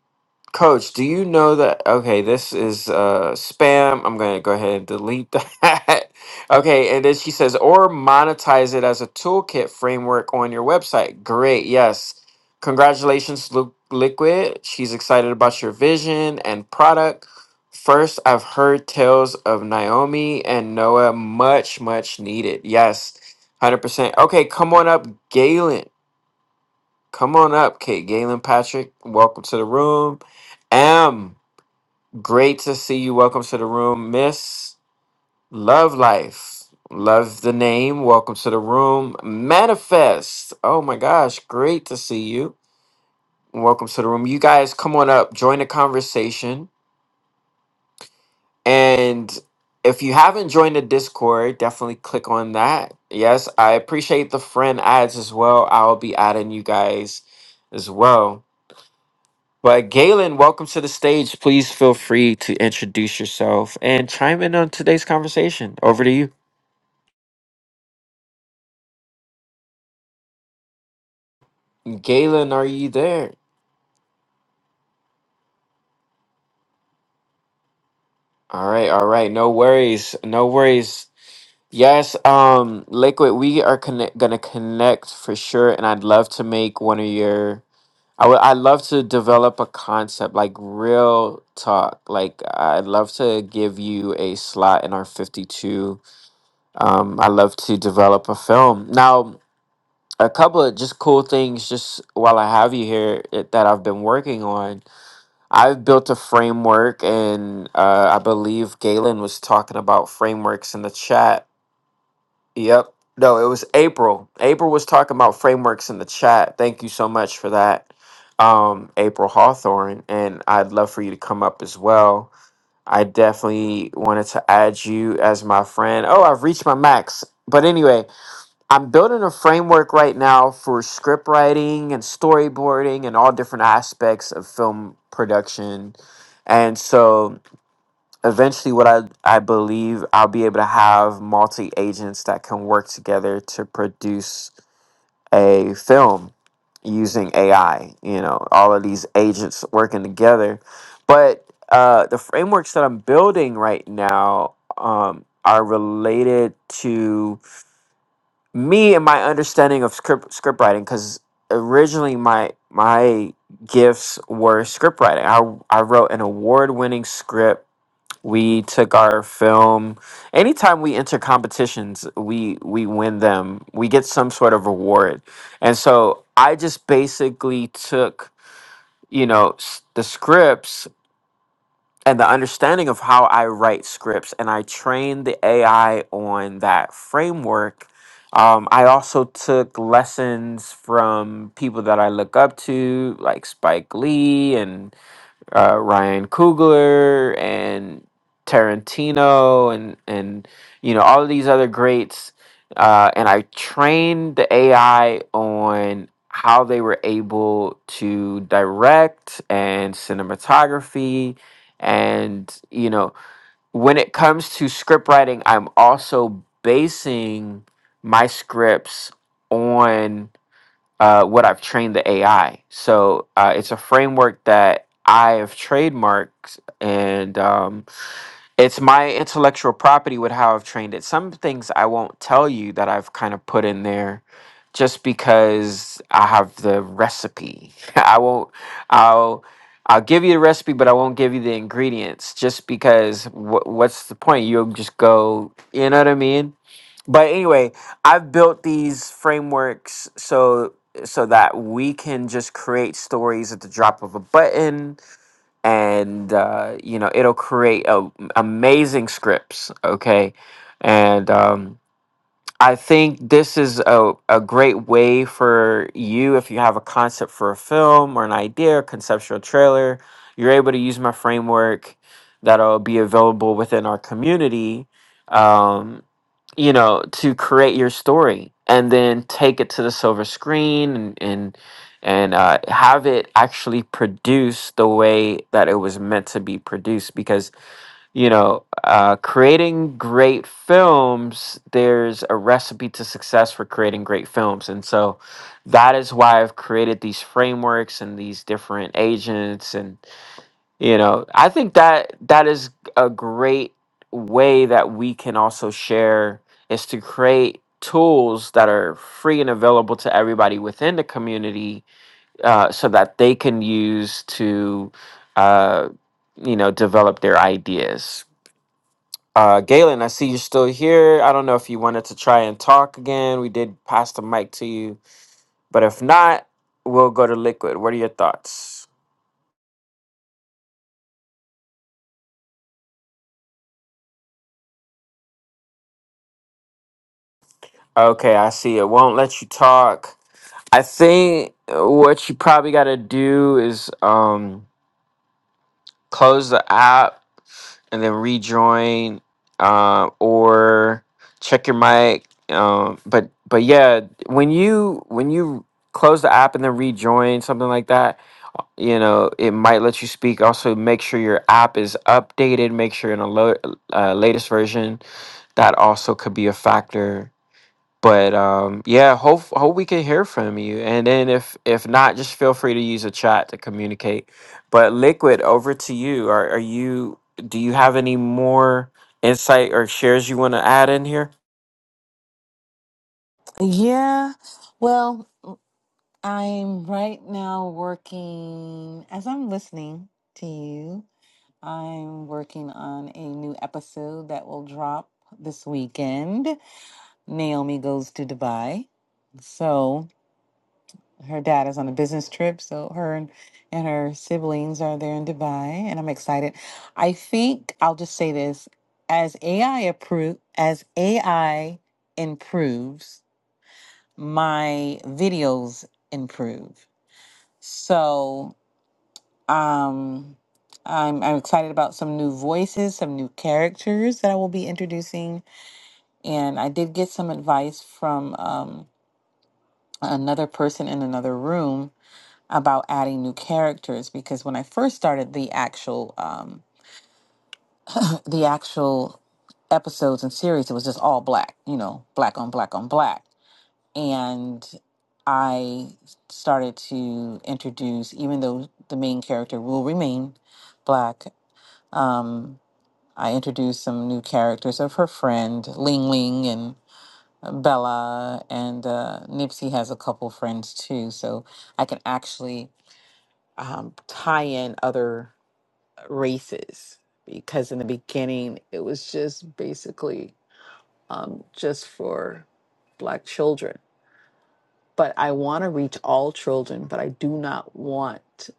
S1: coach, do you know that, okay, this is uh, spam. I'm going to go ahead and delete that. okay, and then she says, or monetize it as a toolkit framework on your website. Great, yes. Congratulations, Lu- Liquid. She's excited about your vision and product. First, I've heard tales of Naomi and Noah, much, much needed. Yes. Hundred percent. Okay, come on up, Galen. Come on up, Kate. Galen Patrick, welcome to the room. Am, great to see you. Welcome to the room. Miss Love Life. Love the name. Welcome to the room. Manifest. Oh my gosh, great to see you. Welcome to the room. You guys come on up, join the conversation. And if you haven't joined the Discord, definitely click on that. Yes, I appreciate the friend ads as well. I'll be adding you guys as well. But Galen, welcome to the stage. Please feel free to introduce yourself and chime in on today's conversation. Over to you. Galen, are you there? All right, all right. No worries. No worries. Yes, um, Liquid, we are connect gonna connect for sure, and I'd love to make one of your I would I love to develop a concept like real talk. Like I'd love to give you a slot in our 52. Um, I love to develop a film. Now, a couple of just cool things just while I have you here it, that I've been working on. I've built a framework and uh, I believe Galen was talking about frameworks in the chat Yep. No, it was April. April was talking about frameworks in the chat. Thank you so much for that, um, April Hawthorne. And I'd love for you to come up as well. I definitely wanted to add you as my friend. Oh, I've reached my max. But anyway, I'm building a framework right now for script writing and storyboarding and all different aspects of film production. And so eventually what I, I believe I'll be able to have multi agents that can work together to produce a film using AI, you know, all of these agents working together. But uh, the frameworks that I'm building right now um, are related to me and my understanding of script, script writing because originally my my gifts were script writing. I, I wrote an award winning script we took our film. Anytime we enter competitions, we we win them. We get some sort of reward. And so I just basically took, you know, s- the scripts and the understanding of how I write scripts and I trained the AI on that framework. Um, I also took lessons from people that I look up to, like Spike Lee uh, Ryan Coogler and Tarantino and and you know all of these other greats. Uh, and I trained the AI on how they were able to direct and cinematography and you know when it comes to script writing i'm also basing my scripts on uh, what I've trained the AI. So uh, it's a framework that I have trademarked, and um, it's my intellectual property with how I've trained it. Some things I won't tell you that I've kind of put in there just because I have the recipe. I won't, I'll. I'll give you the recipe, but I won't give you the ingredients just because wh- what's the point? You'll just go, you know what I mean? but anyway i've built these frameworks so so that we can just create stories at the drop of a button and uh, you know it'll create a, amazing scripts okay and um I think this is a, a great way for you if you have a concept for a film or an idea, a conceptual trailer, you're able to use my framework that'll be available within our community, um, you know, to create your story and then take it to the silver screen and and, and uh, have it actually produced the way that it was meant to be produced because you know, uh, creating great films, there's a recipe to success for creating great films. And so that is why I've created these frameworks and these different agents. And, you know, I think that that is a great way that we can also share is to create tools that are free and available to everybody within the community uh, so that they can use to, uh, you know, develop their ideas. Uh, Galen, I see you're still here. I don't know if you wanted to try and talk again. We did pass the mic to you, but if not, we'll go to Liquid. What are your thoughts? Okay, I see. It won't let you talk. I think what you probably got to do is um, close the app and then rejoin uh, or check your mic um, but but yeah when you when you close the app and then rejoin something like that uh, you know it might let you speak also make sure your app is updated make sure in a lo- uh, latest version that also could be a factor but um yeah hope hope we can hear from you and then if if not just feel free to use a chat to communicate but liquid over to you are are you do you have any more insight or shares you want to add in here
S4: Yeah. Well, I'm right now working, as I'm listening to you, I'm working on a new episode that will drop this weekend. Naomi goes to Dubai. So her dad is on a business trip. So her and, and her siblings are there in Dubai, and I'm excited. I think I'll just say this: as AI approve, as AI improves, my videos improve. So um, I'm I'm excited about some new voices, some new characters that I will be introducing, and I did get some advice from. um, another person in another room about adding new characters because when I first started the actual um, the actual episodes and series, it was just all black, you know, black on black on black, and I started to introduce, even though the main character will remain black, um, I introduced some new characters of her friend Ling Ling and Bella, and uh, Nipsey has a couple friends too, so I can actually um, tie in other races because in the beginning it was just basically um, just for black children. But I want to reach all children, but I do not want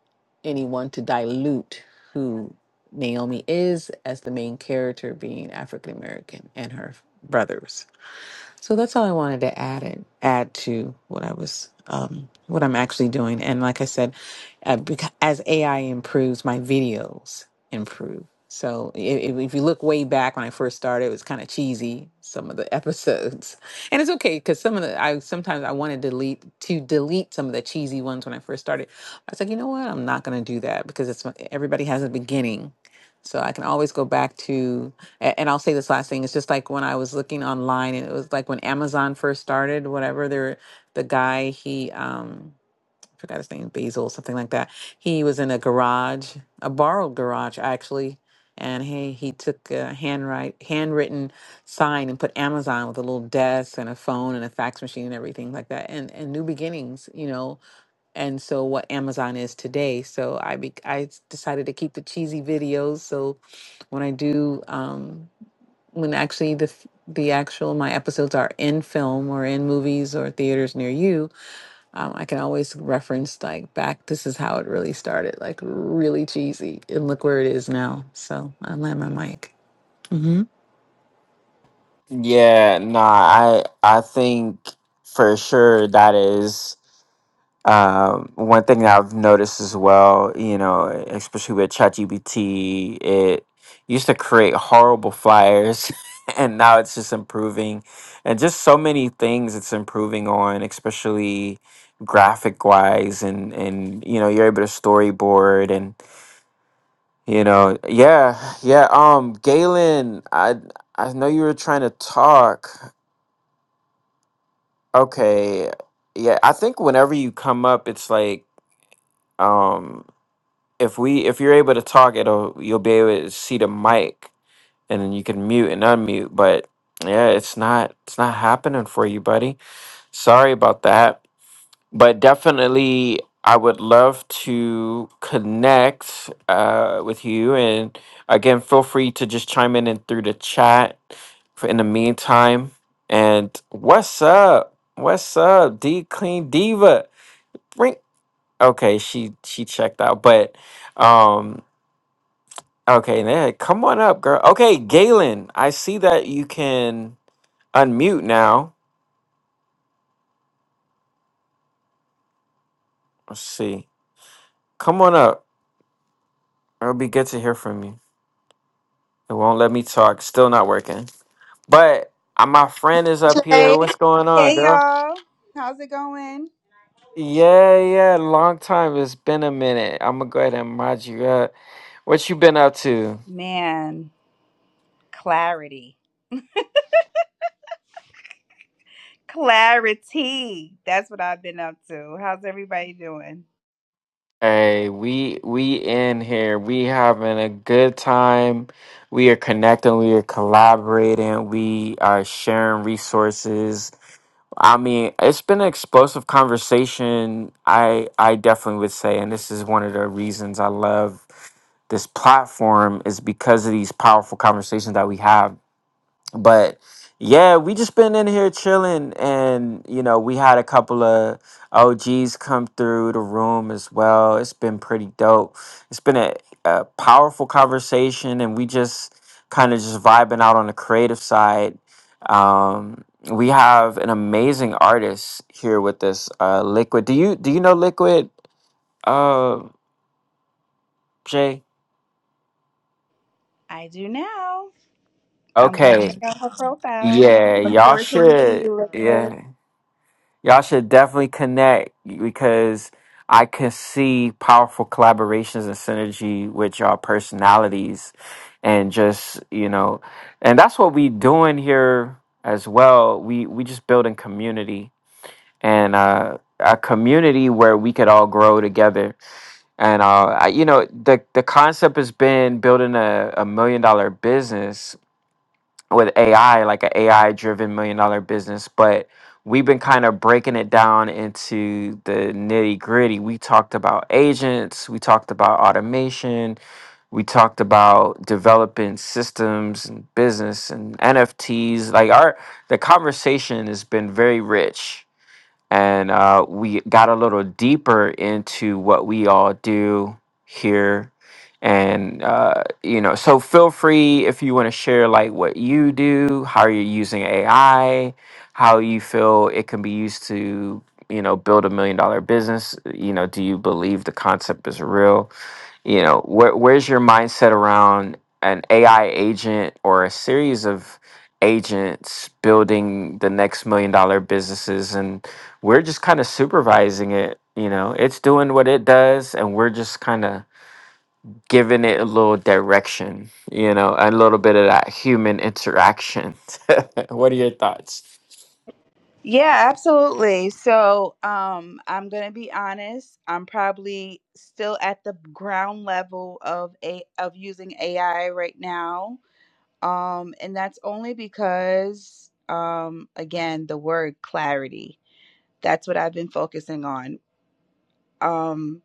S4: anyone to dilute who Naomi is as the main character being African American and her brothers. So that's all I wanted to add it, add to what I was, um, what I'm actually doing. And like I said, uh, because as AI improves, my videos improve. So if, if you look way back when I first started, it was kind of cheesy some of the episodes, and it's okay because some of the I sometimes I want to delete to delete some of the cheesy ones when I first started. I was like, you know what, I'm not going to do that because it's everybody has a beginning, so I can always go back to a- And I'll say this last thing. It's just like when I was looking online, and it was like when Amazon first started, whatever. There, the guy he um I forgot his name, Basil, something like that. He was in a garage, a borrowed garage actually, and he he took a handwrite handwritten sign and put Amazon with a little desk and a phone and a fax machine and everything like that, and and new beginnings, you know and so what Amazon is today. So I be, I s- decided to keep the cheesy videos. So when I do, Um, when actually the f- the actual my episodes are in film or in movies or theaters near you, um, I can always reference like back. This is how it really started, like really cheesy, and look where it is now. So I land my mic. Mm-hmm.
S1: yeah nah i i think for sure that is Um, one thing that I've noticed as well, you know, especially with ChatGPT, it used to create horrible flyers, and now it's just improving, and just so many things it's improving on, especially graphic wise, and and you know, you're able to storyboard, and you know, yeah, yeah. Um, Galen, I I know you were trying to talk. Okay, yeah, I think whenever you come up, it's like. Um, if we if you're able to talk it'll you'll be able to see the mic and then you can mute and unmute but yeah it's not it's not happening for you buddy sorry about that but definitely i would love to connect uh, with you and again feel free to just chime in and through the chat for in the meantime and what's up what's up d clean diva Ring. okay she she checked out but um Okay, man, come on up, girl. Okay, Galen, I see that you can unmute now. Let's see. Come on up. It'll be good to hear from you. It won't let me talk. Still not working. But uh, my friend is up here.
S7: Hey,
S1: What's going on,
S7: hey
S1: girl?
S7: y'all. How's it going?
S1: Yeah, yeah, long time. It's been a minute. I'm gonna go ahead and mod you up. What you been up to?
S7: Man, clarity. Clarity. That's what I've been up to. How's everybody doing?
S1: Hey, we we in here. We having a good time. We are connecting. We are collaborating. We are sharing resources. I mean, it's been an explosive conversation. I I definitely would say, and this is one of the reasons I love this platform is because of these powerful conversations that we have but yeah, we just been in here chilling, and you know, we had a couple of OGs come through the room as well. It's been pretty dope. It's been a, a powerful conversation, and we just kind of just vibing out on the creative side. Um, we have an amazing artist here with us, uh, Liquid. Do you do you know Liquid, uh, Jay?
S7: I do now. I'm going to check
S1: Okay,
S7: out her profile.
S1: yeah,
S7: Look
S1: y'all
S7: forward to meeting
S1: should,
S7: you real quick.
S1: yeah. Y'all should definitely connect because I can see powerful collaborations and synergy with y'all personalities and just, you know, and that's what we doing here as well. We we just building community and uh a community where we could all grow together. And uh I, you know, the the concept has been building a, a million dollar business with AI, like an AI driven million dollar business, but we've been kind of breaking it down into the nitty gritty. We talked about agents, we talked about automation, we talked about developing systems and business and NFTs. Like our the conversation has been very rich and uh, we got a little deeper into what we all do here and uh, you know so feel free if you want to share like what you do how you're using ai how you feel it can be used to you know build a million dollar business you know do you believe the concept is real you know where, where's your mindset around an ai agent or a series of agents building the next million dollar businesses and we're just kind of supervising it you know it's doing what it does and we're just kind of giving it a little direction you know a little bit of that human interaction what are your thoughts
S7: Yeah, absolutely. So, um, I'm going to be honest. I'm probably still at the ground level of a of using AI right now Um, and that's only because, um, again, the word clarity. That's what I've been focusing on. Um,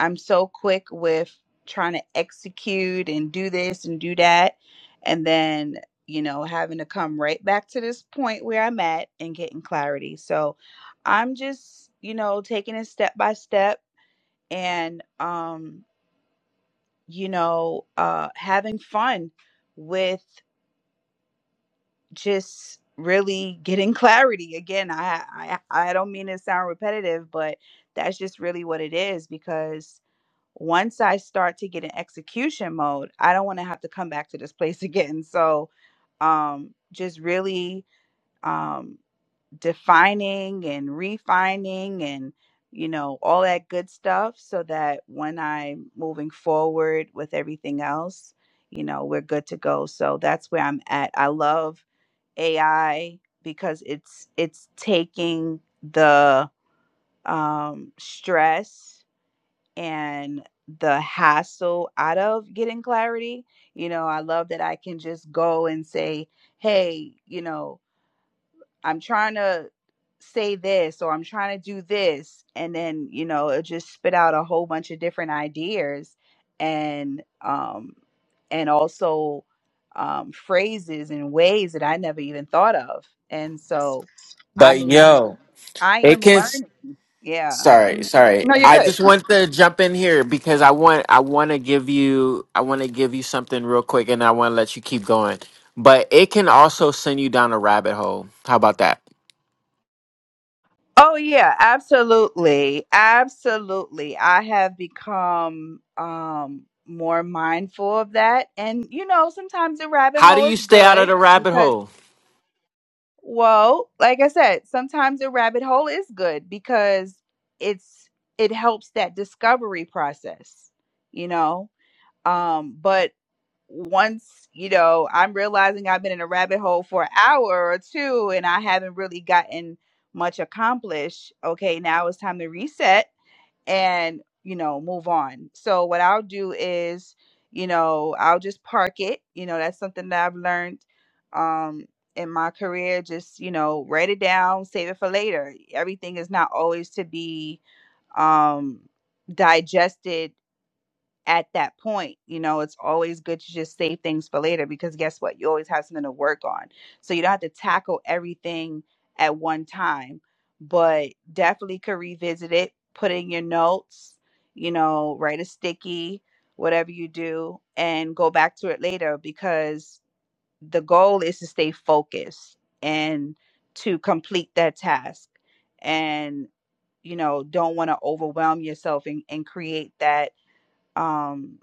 S7: I'm so quick with trying to execute and do this and do that. And then, you know, having to come right back to this point where I'm at and getting clarity. So I'm just, you know, taking it step by step and, um, you know, uh, having fun with just really getting clarity again I, I i don't mean to sound repetitive but that's just really what it is because once i start to get in execution mode i don't want to have to come back to this place again so um just really um defining and refining and you know all that good stuff so that when i'm moving forward with everything else you know we're good to go so that's where i'm at i love AI because it's it's taking the um, stress and the hassle out of getting clarity. You know, I love that I can just go and say, "Hey, you know, I'm trying to say this or I'm trying to do this. And then, you know, it just spit out a whole bunch of different ideas and, um, and also, um, phrases and ways that I never even thought of. And so I'm
S1: but
S7: learning.
S1: yo
S7: I am
S1: it can.
S7: learning. Yeah.
S1: Sorry,
S7: Mhm.
S1: sorry.
S7: No, you're
S1: I
S7: good.
S1: just want to jump in here because I want I want to give you I want to give you something real quick and I want to let you keep going. But it can also send you down a rabbit hole. How about that?
S7: Oh yeah, absolutely. Absolutely. I have become um more mindful of that. And you know, sometimes the rabbit
S1: How do
S7: hole
S1: you
S7: is
S1: stay out of
S7: good
S1: the rabbit
S7: because
S1: hole?
S7: well, like I said, sometimes the rabbit hole is good because it's it helps that discovery process, you know. Um but once you know i'm realizing i've been in a rabbit hole for an hour or two and i haven't really gotten much accomplished okay now it's time to reset and you know move on so what i'll do is you know i'll just park it you know that's something that i've learned um in my career just you know write it down save it for later everything is not always to be um digested at that point, you know, it's always good to just save things for later because guess what? You always have something to work on. So you don't have to tackle everything at one time, but definitely could revisit it, put in your notes, you know, write a sticky, whatever you do, and go back to it later because the goal is to stay focused and to complete that task. And, you know, don't want to overwhelm yourself and, and create that. Um,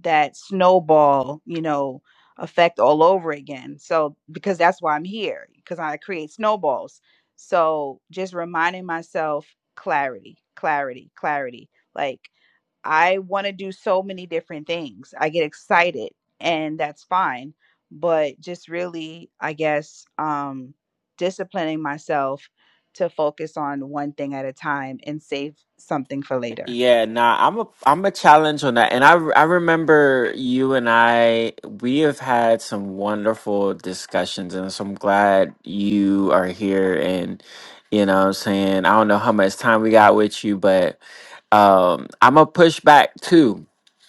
S7: that snowball, you know, effect all over again. So because that's why I'm here because I create snowballs. So just reminding myself clarity, clarity, clarity. Like I want to do so many different things. I get excited and that's fine. But just really, I guess, um, disciplining myself to focus on one thing at a time and save something for later.
S1: Yeah, nah, I'm a I'm a challenge on that. And I I remember you and I we have had some wonderful discussions and so I'm glad you are here and you know what I'm saying I don't know how much time we got with you, but um i'm gonna push back too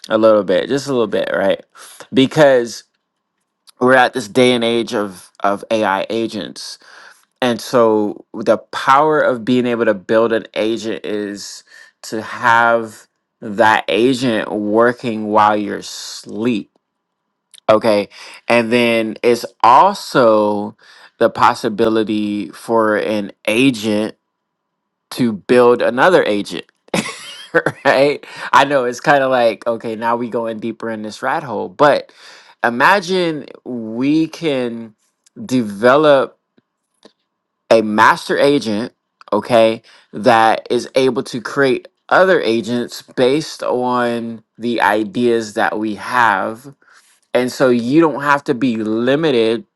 S1: a little bit just a little bit right because we're at this day and age of of ai agents and so the power of being able to build an agent is to have that agent working while you're asleep okay and then it's also the possibility for an agent to build another agent. right? I know it's kind of like, okay, now we going deeper in this rat hole, but imagine we can develop a master agent, okay, that is able to create other agents based on the ideas that we have. And so you don't have to be limited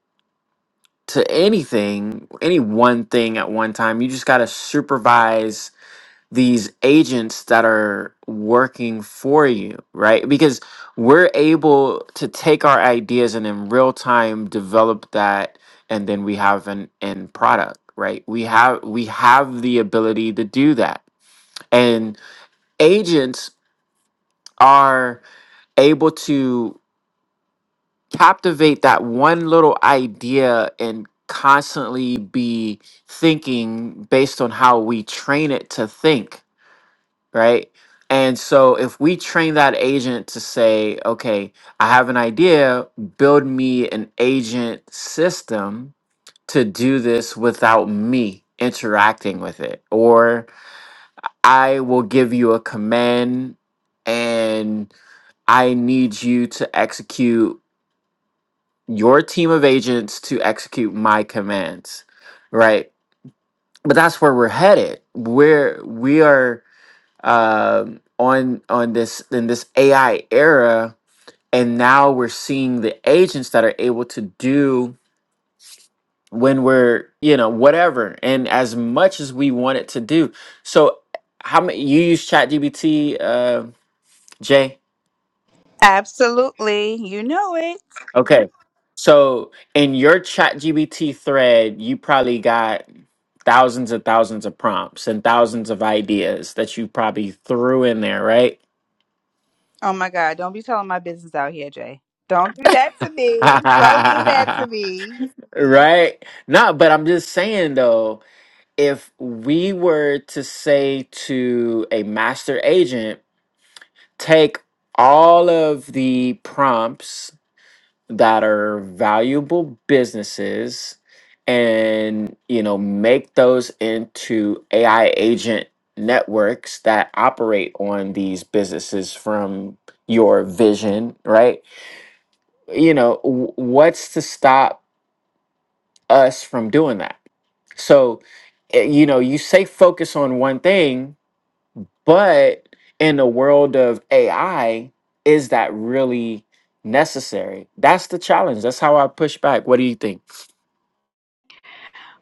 S1: to anything, any one thing at one time. You just got to supervise these agents that are working for you, right? Because we're able to take our ideas and in real time develop that and then we have an end product, right? We have we have the ability to do that. And agents are able to captivate that one little idea and constantly be thinking based on how we train it to think right? And so if we train that agent to say, okay, I have an idea, build me an agent system to do this without me interacting with it, or I will give you a command and I need you to execute your team of agents to execute my commands, right? But that's where we're headed. We're we are um, on on this in this AI era, and now we're seeing the agents that are able to do when we're you know whatever and as much as we want it to do. So how many you use ChatGPT, uh, Jay?
S7: Absolutely. You know it.
S1: Okay, so in your ChatGPT thread, you probably got thousands and thousands of prompts and thousands of ideas that you probably threw in there, right?
S7: Oh my God, don't be telling my business out here, Jay. Don't do that to me. Don't do that to me.
S1: Right? No, but I'm just saying though, if we were to say to a master agent, take all of the prompts that are valuable businesses and, you know, make those into AI agent networks that operate on these businesses from your vision, right? You know, w- what's to stop us from doing that? So, eh, you know, you say focus on one thing, but in the world of AI, is that really necessary? That's the challenge. That's how I push back. What do you think?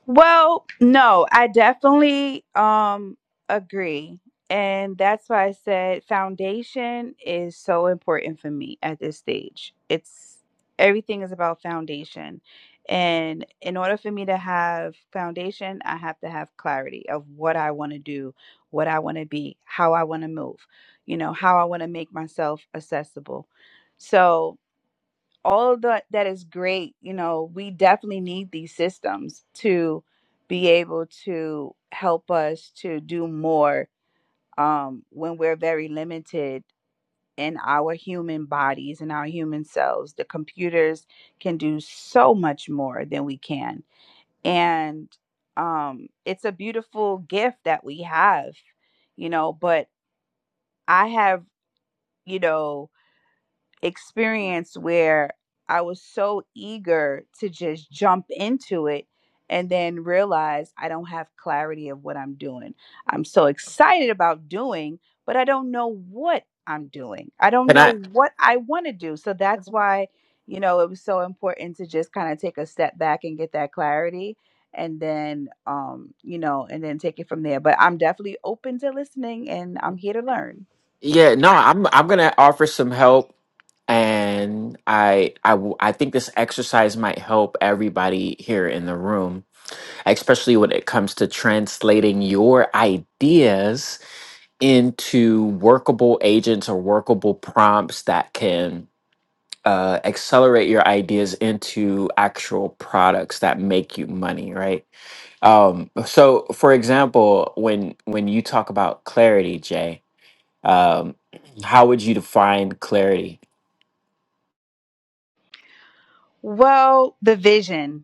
S7: Well, no, I definitely um agree. And that's why I said foundation is so important for me at this stage. It's everything is about foundation. And in order for me to have foundation, I have to have clarity of what I want to do, what I want to be, how I want to move, you know, how I want to make myself accessible. So all of that that is great you know we definitely need these systems to be able to help us to do more um, when we're very limited in our human bodies and our human selves the computers can do so much more than we can and um, it's a beautiful gift that we have you know but i have you know experience where I was so eager to just jump into it and then realize I don't have clarity of what I'm doing. I'm so excited about doing, but I don't know what I'm doing. I don't
S1: Can I?
S7: know what I want to do. So that's why, you know, it was so important to just kind of take a step back and get that clarity and then um you know and then take it from there but i'm definitely open to listening and i'm here to learn
S1: Yeah, no, I'm I'm gonna offer some help, and I I w- I think this exercise might help everybody here in the room, especially when it comes to translating your ideas into workable agents or workable prompts that can uh, accelerate your ideas into actual products that make you money right um, so for example when when you talk about clarity jay um, how would you define clarity
S7: well the vision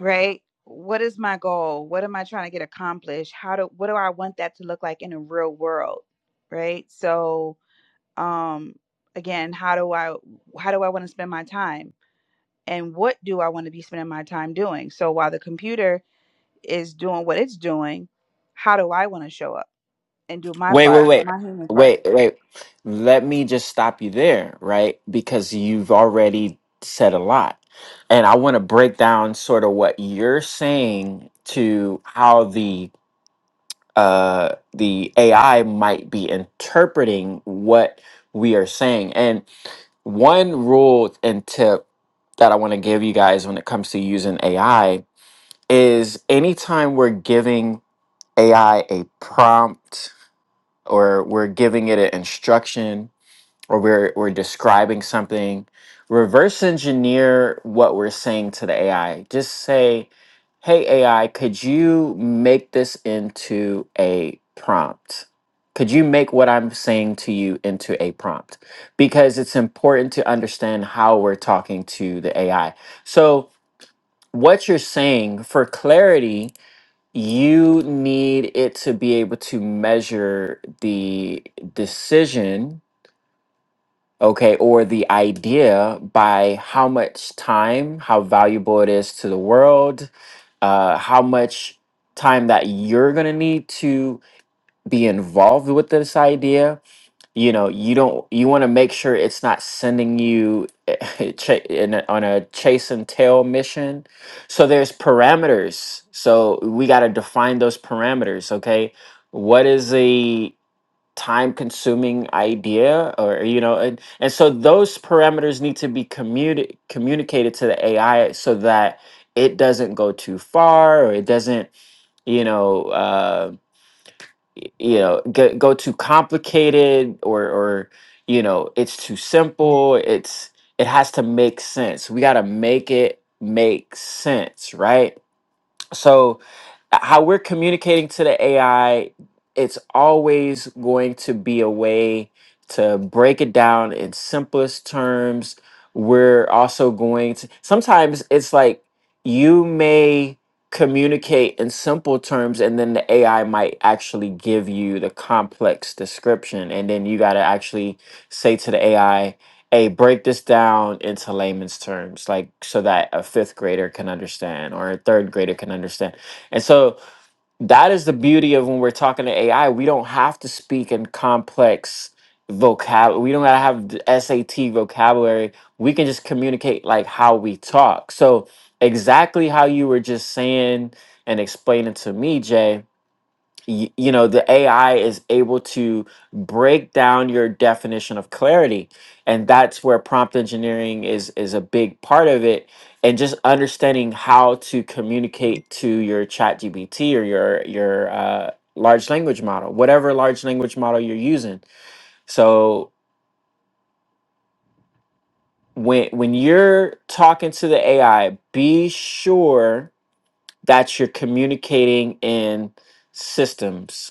S7: right? What is my goal? What am I trying to get accomplished? How do what do I want that to look like in the real world? Right? So, um again, how do I how do I want to spend my time? And what do I want to be spending my time doing? So while the computer is doing what it's doing, how do I want to show up and do my
S1: wait wait
S7: part,
S1: wait
S7: my human part?
S1: wait wait let me just stop you there right because you've already said a lot and i want to break down sort of what you're saying to how the uh, the AI might be interpreting what we are saying. And one rule and tip that I want to give you guys when it comes to using AI is anytime we're giving AI a prompt or we're giving it an instruction or we're we're describing something, reverse engineer what we're saying to the AI. Just say, "Hey AI, could you make this into a prompt? Could you make what I'm saying to you into a prompt?" Because it's important to understand how we're talking to the AI. So, what you're saying for clarity, you need it to be able to measure the decision okay, or the idea by how much time, how valuable it is to the world, uh, how much time that you're going to need to be involved with this idea. You know, you don't, you want to make sure it's not sending you cha- in a, on a chase and tail mission. So there's parameters. So we got to define those parameters, okay? What is a time consuming idea or you know and, and so those parameters need to be communi- communicated to the ai so that it doesn't go too far or it doesn't you know uh, y- you know go, go too complicated or or you know it's too simple it's it has to make sense we got to make it make sense right so how we're communicating to the AI, it's always going to be a way to break it down in simplest terms. We're also going to sometimes it's like you may communicate in simple terms and then the AI might actually give you the complex description and then you got to actually say to the AI hey, break this down into layman's terms, like so that a fifth grader can understand or a third grader can understand. And so that is the beauty of when we're talking to AI, we don't have to speak in complex vocab. We don't gotta have the SAT vocabulary. We can just communicate like how we talk. So exactly how you were just saying and explaining to me, Jay y- you know the ai is able to break down your definition of clarity and that's where prompt engineering is is a big part of it and just understanding how to communicate to your chat gbt or your your uh, large language model whatever large language model you're using so when when you're talking to the ai be sure that you're communicating in systems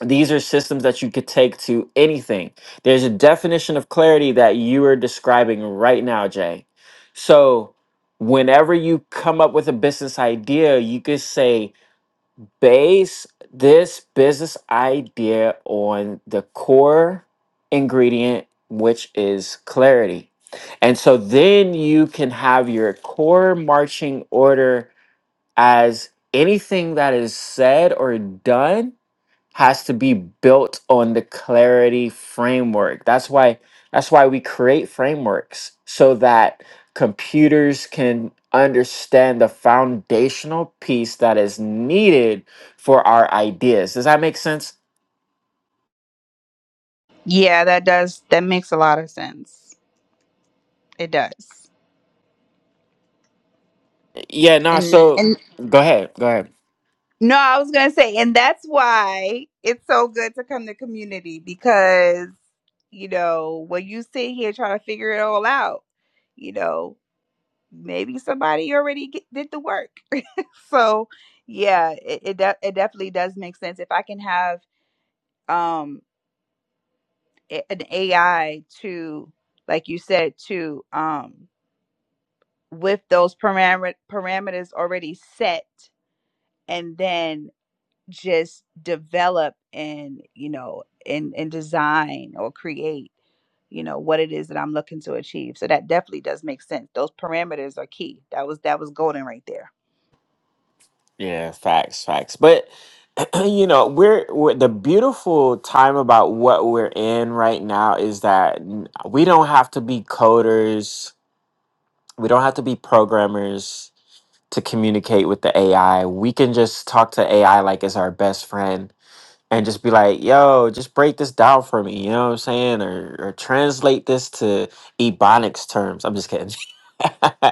S1: these are systems that you could take to anything. There's a definition of clarity that you are describing right now, Jay. So, whenever you come up with a business idea, you could say, base this business idea on the core ingredient, which is clarity. And so then you can have your core marching order as anything that is said or done has to be built on the clarity framework. That's why that's why we create frameworks so that computers can understand the foundational piece that is needed for our ideas. Does that make sense?
S7: Yeah, that does that makes a lot of sense. It does.
S1: Yeah, no,
S7: And
S1: so
S7: and
S1: go ahead. Go ahead.
S7: No, I was gonna say, and that's why it's so good to come to community because you know when you sit here trying to figure it all out, you know maybe somebody already get, did the work. so yeah, it it, de- it definitely does make sense if I can have um a- an AI to like you said to um with those paramet- parameters already set, and then just develop and you know and and design or create you know what it is that i'm looking to achieve so that definitely does make sense those parameters are key that was that was golden right there
S1: Yeah, facts, facts. But you know, we're, we're the beautiful time about what we're in right now is that n- we don't have to be coders. We don't have to be programmers to communicate with the AI. We can just talk to AI like it's our best friend and just be like, yo, just break this down for me, you know what I'm saying? Or, or translate this to Ebonics terms. I'm just kidding.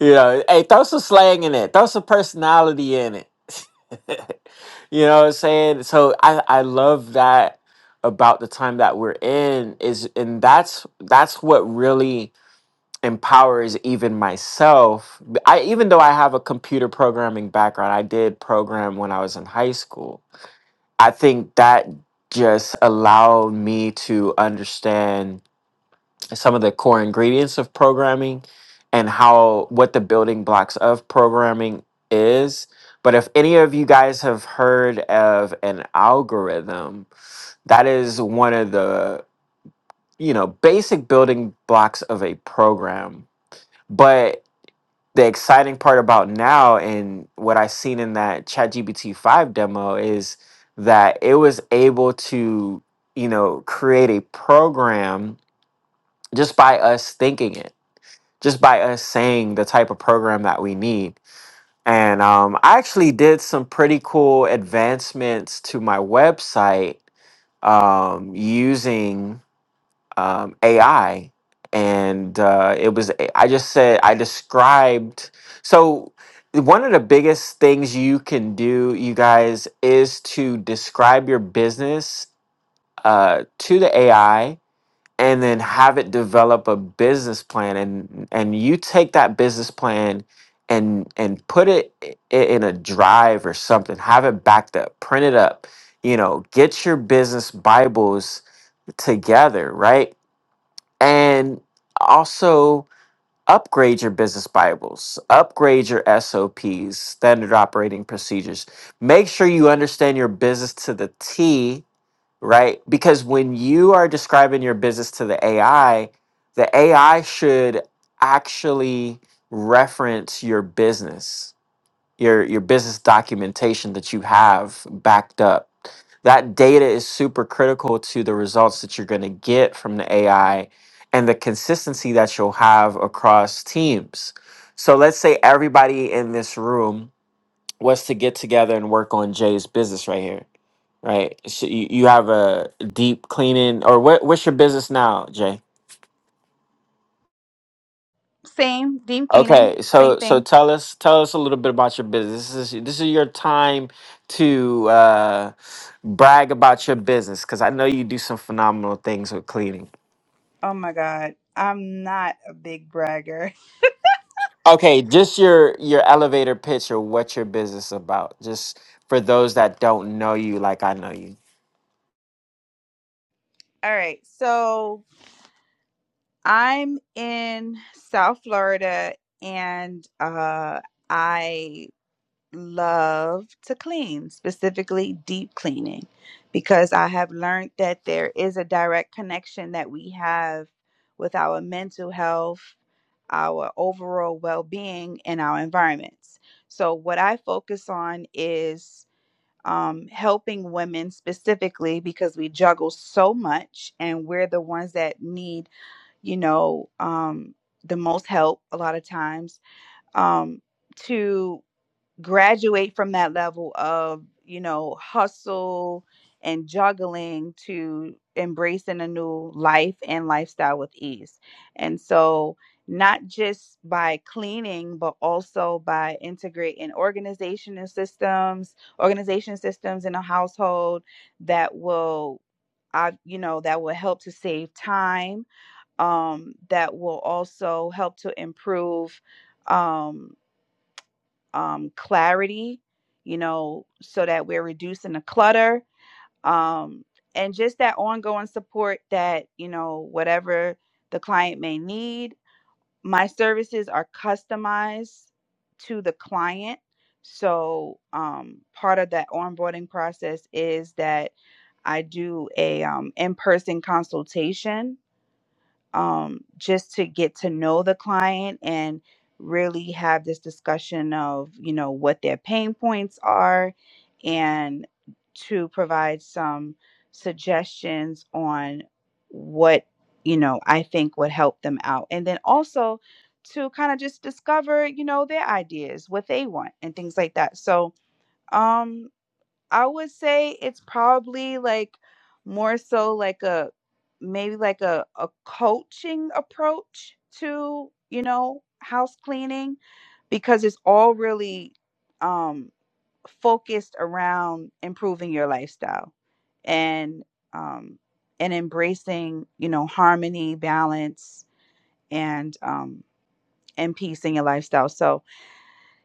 S1: you know, hey, throw some slang in it, throw some personality in it. you know what I'm saying? So I, I love that about the time that we're in is and that's that's what really empowers even myself. I even though I have a computer programming background, I did program when I was in high school. I think that just allowed me to understand some of the core ingredients of programming and how what the building blocks of programming is. But if any of you guys have heard of an algorithm, that is one of the, you know, basic building blocks of a program. But the exciting part about now and what I seen in that ChatGPT 5 demo is that it was able to, you know, create a program just by us thinking it, just by us saying the type of program that we need. And um, I actually did some pretty cool advancements to my website um, using um, AI, and uh, it was I just said I described so one of the biggest things you can do, you guys, is to describe your business uh, to the AI and then have it develop a business plan and and you take that business plan and and put it i- in a drive or something have it backed up print it up you know get your business bibles together, right? and also upgrade your business bibles upgrade your sops standard operating procedures make sure you understand your business to the t right because when you are describing your business to the ai the ai should actually reference your business your your business documentation that you have backed up. That data is super critical to the results that you're going to get from the AI and the consistency that you'll have across teams. So let's say everybody in this room was to get together and work on Jay's business right here, right? So you, you have a deep cleaning or what, what's your business now, Jay?
S7: same deep cleaning
S1: Okay,
S7: same
S1: so so
S7: thing
S1: tell us tell us a little bit about your business. This is this is your time to uh, brag about your business because I know you do some phenomenal things with cleaning.
S7: oh my god i'm not a big bragger
S1: Okay, just your your elevator pitch or what your business about, just for those that don't know you like I know you.
S7: all right so i'm in south florida and uh i love to clean, specifically deep cleaning, because I have learned that there is a direct connection that we have with our mental health, our overall well being, and our environments. So, what I focus on is um, helping women specifically because we juggle so much and we're the ones that need, you know, um, the most help a lot of times um, to graduate from that level of you know hustle and juggling to embracing a new life and lifestyle with ease and so not just by cleaning but also by integrating organization and systems organization systems in a household that will I, you know that will help to save time um, that will also help to improve um um, clarity, you know, so that we're reducing the clutter. Um, and just that ongoing support that, you know, whatever the client may need. My services are customized to the client. So um, part of that onboarding process is that I do a um, in-person consultation um, just to get to know the client and really have this discussion of you know what their pain points are and to provide some suggestions on what you know i think would help them out and then also to kind of just discover you know their ideas what they want and things like that so um I would say it's probably like more so like a maybe like a, a coaching approach to, you know, house cleaning because it's all really um focused around improving your lifestyle and um and embracing, you know, harmony, balance and um and peace in your lifestyle. So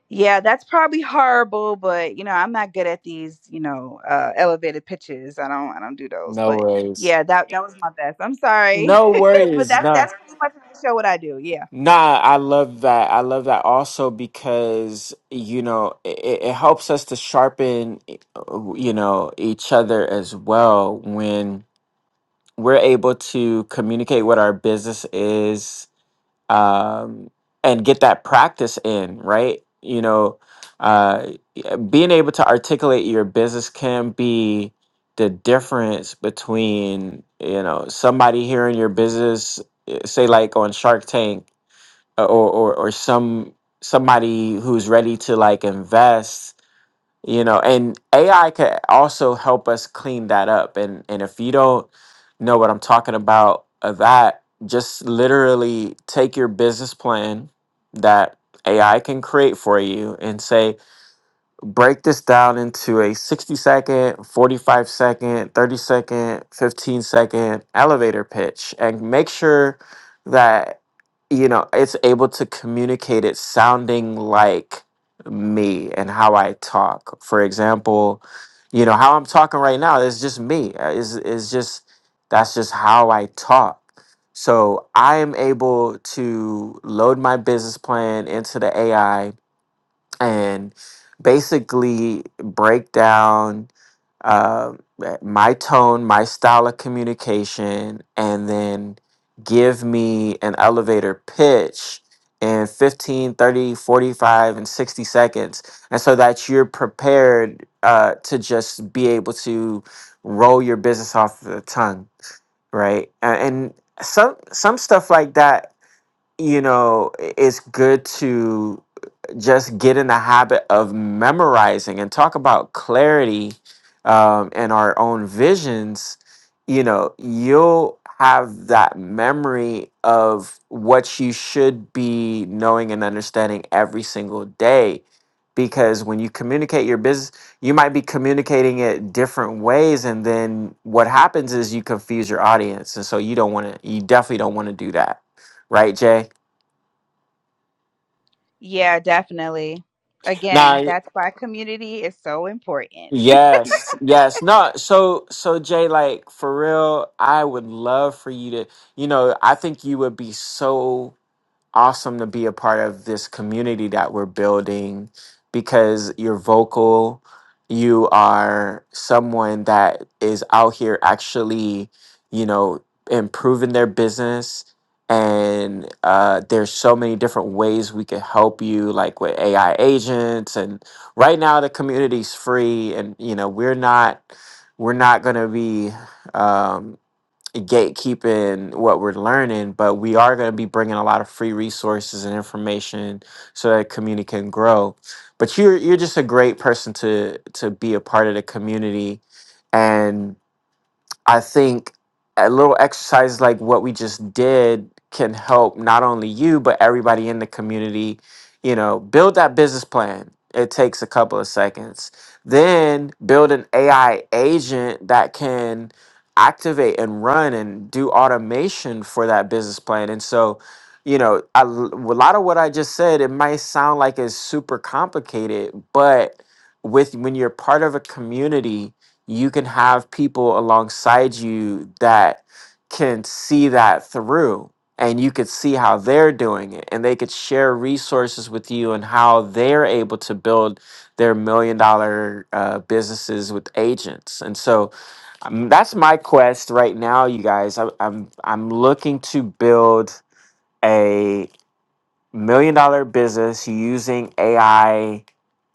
S7: yeah, that's probably horrible, but you know, I'm not good at these, you know, uh elevated pitches. I don't I don't do those.
S1: No
S7: But
S1: worries.
S7: yeah, that that was my best. I'm sorry.
S1: No
S7: but
S1: worries.
S7: that's
S1: No.
S7: that's pretty much the show what I do. Yeah.
S1: Nah, I love that. I love that also because, you know, it, it helps us to sharpen, uh, you know, each other as well when we're able to communicate what our business is um, and get that practice in, right? You know, uh, being able to articulate your business can be the difference between, you know, somebody hearing your business, eh, say, like on Shark Tank or or, or some somebody who's ready to like invest you know and ai could also help us clean that up and and if you don't know what i'm talking about of that just literally take your business plan that ai can create for you and say break this down into a 60 second, 45 second, 30 second, 15 second elevator pitch and make sure that you know it's able to communicate it sounding like me and how I talk. For example, you know how I'm talking right now is just me. Uh, Is is just that's just how I talk. So I am able to load my business plan into the AI and basically break down uh, my tone, my style of communication, and then give me an elevator pitch in 15, 30, 45, and 60 seconds. And so that you're prepared uh, to just be able to roll your business off the tongue, right? A- And some some stuff like that, you know, i- is good to just get in the habit of memorizing and talk about clarity um, and our own visions, you know, you'll have that memory of what you should be knowing and understanding every single day. Because when you communicate your business, you might be communicating it different ways. And then what happens is you confuse your audience. And so you don't want to, you definitely don't want to do that. Right, Jay?
S7: Yeah, definitely. Again,
S1: Nah,
S7: that's why community is so important.
S1: Yes, yes. No, so so Jay, like for real, I would love for you to, you know, I think you would be so awesome to be a part of this community that we're building because you're vocal. You are someone that is out here actually, you know, improving their business. And uh, there's so many different ways we can help you, like with AI agents. And right now, the community's free, and you know, we're not, we're not going to be. um, gatekeeping what we're learning, but we are going to be bringing a lot of free resources and information so that community can grow. But you're you're just a great person to to be a part of the community, and. I think a little exercise like what we just did can help not only you but everybody in the community, you know, build that business plan. It takes a couple of seconds. Then build an AI agent that can activate and run and do automation for that business plan. And so, you know, I, a lot of what I just said, it might sound like it's super complicated, but with when you're part of a community, you can have people alongside you that can see that through and you could see how they're doing it and they could share resources with you and how they're able to build their million dollar uh, businesses with agents and so um, that's my quest right now you guys I, i'm i'm looking to build a million dollar business using ai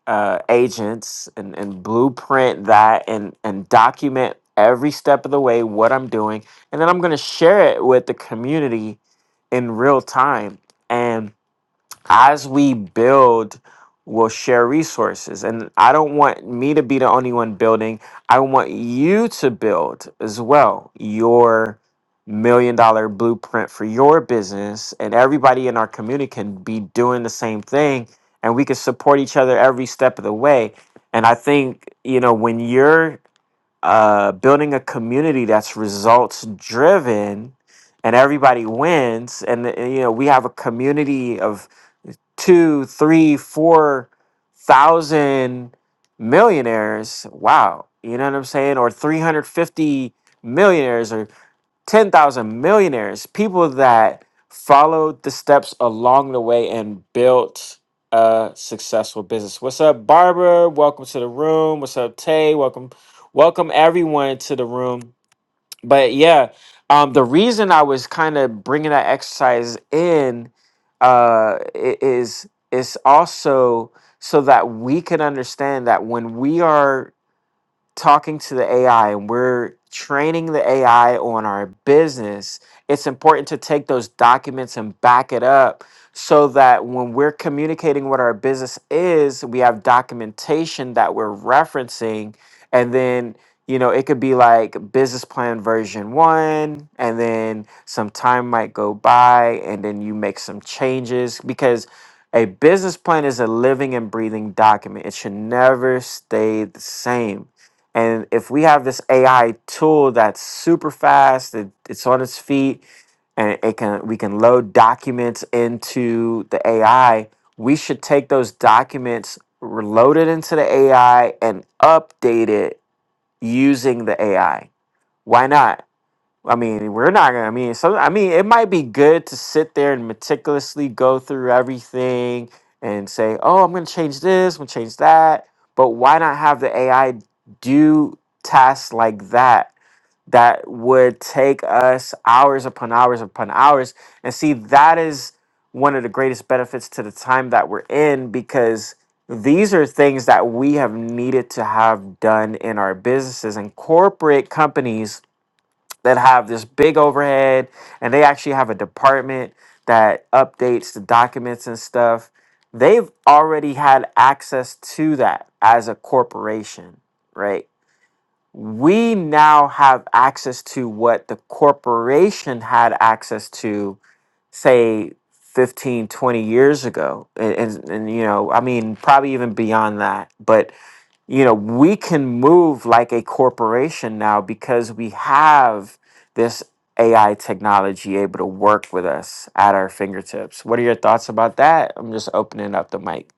S1: uh, agents and, and blueprint that and, and document every step of the way what I'm doing. And then I'm going to share it with the community in real time. And as we build we'll share resources and i don't want me to be the only one building i want you to build as well your million dollar blueprint for your business and everybody in our community can be doing the same thing and we can support each other every step of the way and i think you know when you're uh, building a community that's results driven and everybody wins and uh, you know we have a community of two, three, four thousand millionaires. Wow. You know what I'm saying? Or 350 millionaires or 10,000 millionaires. People that followed the steps along the way and built a successful business. What's up, Barbara? Welcome to the room. What's up, Tay? Welcome. Welcome everyone to the room but yeah um the reason i was kind of bringing that exercise in uh i- is is also so that we can understand that when we are talking to the AI and we're training the AI on our business, it's important to take those documents and back it up so that when we're communicating what our business is, we have documentation that we're referencing. And then, you know, it could be like business plan version one, and then some time might go by, and then you make some changes because a business plan is a living and breathing document. It should never stay the same. And if we have this AI tool that's super fast, it, it's on its feet, and it can we can load documents into the AI, we should take those documents, load it into the AI, and update it using the AI. Why not? I mean, we're not gonna. I mean, some. I mean, it might be good to sit there and meticulously go through everything and say, "Oh, I'm gonna change this. I'm gonna change that." But why not have the AI do tasks like that that would take us hours upon hours upon hours? And see, that is one of the greatest benefits to the time that we're in because these are things that we have needed to have done in our businesses and corporate companies that have this big overhead and they actually have a department that updates the documents and stuff they've already had access to that as a corporation right we now have access to what the corporation had access to say 15, 20 years ago and, and, and you know i mean probably even beyond that but you know, we can move like a corporation now because we have this AI technology able to work with us at our fingertips. What are your thoughts about that? I'm just opening up the mic.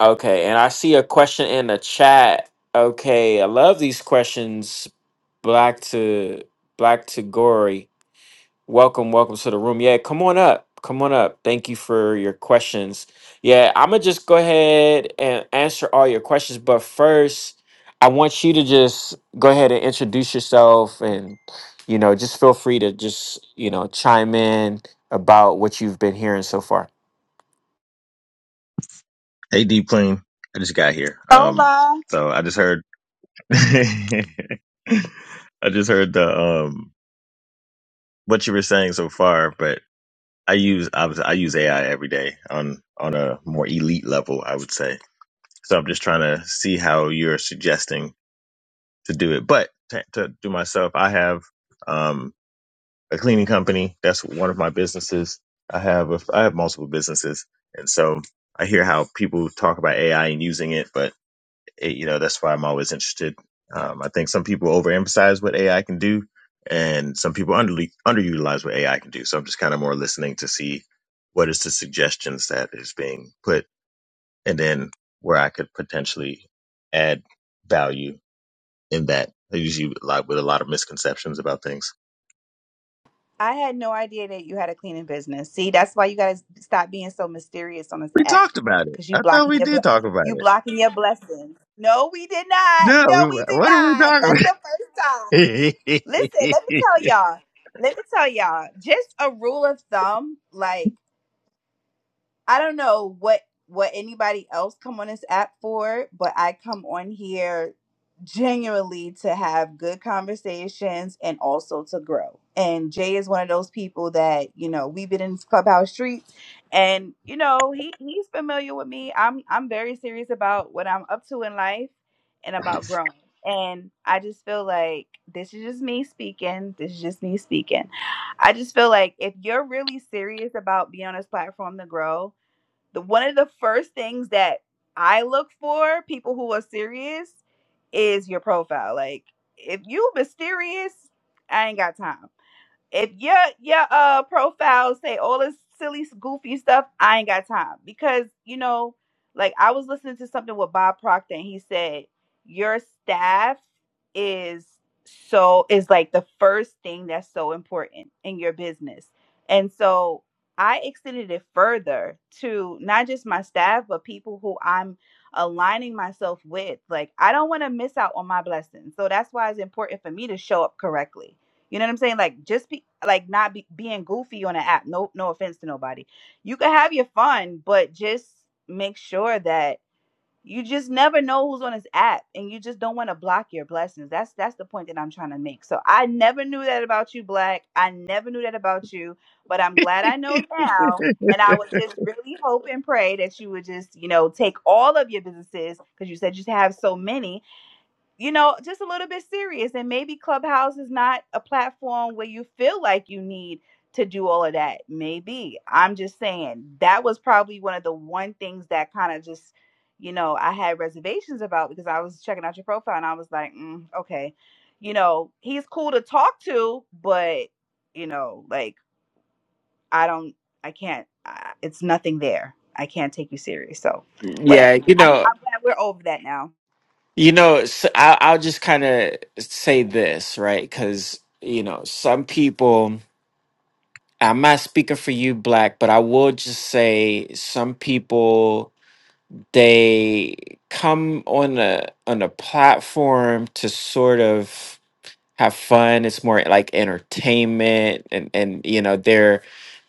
S1: Okay, and I see a question in the chat. Okay, I love these questions. Black to Black to Gory. Welcome, welcome to the room. Yeah, come on up. Come on up. Thank you for your questions. Yeah, I'm going to just go ahead and answer all your questions. But first, I want you to just go ahead and introduce yourself and, you know, just feel free to just, you know, chime in about what you've been hearing so far.
S8: Hey, Deep Clean. I just got here. Um,
S7: Hola.
S8: so I just heard, I just heard the um what you were saying so far. But I use obviously I use AI every day on on a more elite level, I would say. So I'm just trying to see how you're suggesting to do it. But to, to do myself, I have um a cleaning company. That's one of my businesses. I have a, I have multiple businesses, and so I hear how people talk about AI and using it, but it, you know that's why I'm always interested. Um, I think some people overemphasize what AI can do, and some people under underutilize what AI can do. So I'm just kind of more listening to see what is the suggestions that is being put, and then where I could potentially add value in that. I usually like with a lot of misconceptions about things.
S7: I had no idea that you had a cleaning business. See, that's why you guys stop being so mysterious on this
S8: We
S7: app.
S8: talked about it.
S7: Cause you
S8: I thought
S7: blocking
S8: we
S7: your
S8: did
S7: ble-
S8: talk about
S7: you
S8: it.
S7: blocking your blessings. No, we did not.
S8: No,
S7: No,
S8: we,
S7: we did
S8: what are we
S7: not. That's the
S8: talking
S7: first time.
S8: about?
S7: Listen, let me tell y'all. Let me tell y'all. Just a rule of thumb, like I don't know what what anybody else come on this app for, but I come on here genuinely to have good conversations and also to grow. And Jay is one of those people that, you know, we've been in clubhouse streets and you know, he he's familiar with me. I'm I'm very serious about what I'm up to in life and about growing. And I just feel like this is just me speaking. This is just me speaking. I just feel like if you're really serious about being on this platform to grow, the one of the first things that I look for people who are serious is your profile. Like if you mysterious, I ain't got time if your your uh profile say all this silly goofy stuff, I ain't got time because you know, like I was listening to something with Bob Proctor and he said your staff is so is like the first thing that's so important in your business, and so I extended it further to not just my staff but people who I'm aligning myself with. Like I don't want to miss out on my blessings, so that's why it's important for me to show up correctly you know what I'm saying? Like just be like not be, being goofy on an app. No, no offense to nobody. You can have your fun, but just make sure that you just never know who's on this app, and you just don't want to block your blessings. That's that's the point that I'm trying to make. So I never knew that about you, Black. I never knew that about you, but I'm glad I know now. And I would just really hope and pray that you would just, you know, take all of your businesses because you said you have so many you know, just a little bit serious. And maybe Clubhouse is not a platform where you feel like you need to do all of that. Maybe. I'm just saying that was probably one of the one things that kind of just, you know, I had reservations about because I was checking out your profile and I was like, mm, okay, you know, he's cool to talk to, but, you know, like, I don't, I can't, uh, it's nothing there. I can't take you serious. So, whatever.
S1: Yeah, you know,
S7: Yeah, We're over that now.
S1: you know, s I, I'll just kind of say this, right? Because, you know, some people. I'm not speaking for you, Black, but I will just say some people they come on a on a platform to sort of have fun. It's more like entertainment, and and you know they're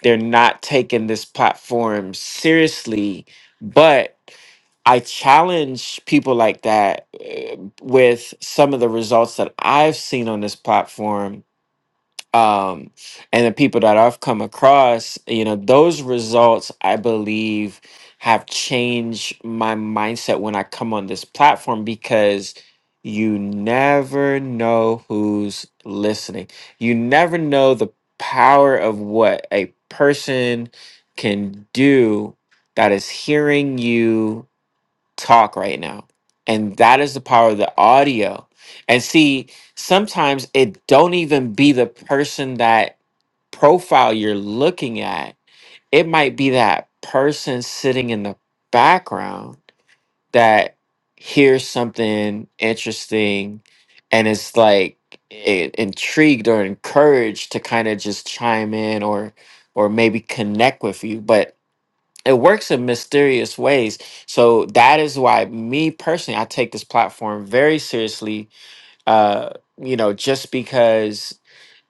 S1: they're not taking this platform seriously. But I challenge people like that uh, with some of the results that I've seen on this platform um, and the people that I've come across, you know, those results I believe have changed my mindset when I come on this platform because you never know who's listening. You never know the power of what a person can do that is hearing you talk right now. And that is the power of the audio. And see, sometimes it don't even be the person that profile you're looking at. It might be that person sitting in the background that hears something interesting and is like i- intrigued or encouraged to kind of just chime in or or maybe connect with you. But it works in mysterious ways so that is why me personally i take this platform very seriously uh you know just because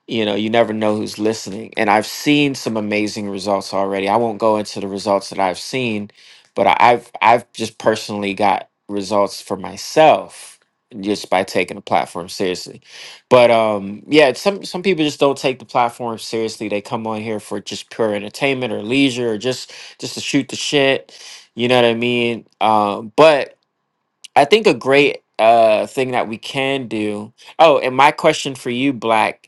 S1: you know you never know who's listening and i've seen some amazing results already i won't go into the results that i've seen but I- i've i've just personally got results for myself just by taking the platform seriously but um yeah it's some some people just don't take the platform seriously they come on here for just pure entertainment or leisure or just just to shoot the shit you know what i mean um but i think a great uh thing that we can do oh and my question for you black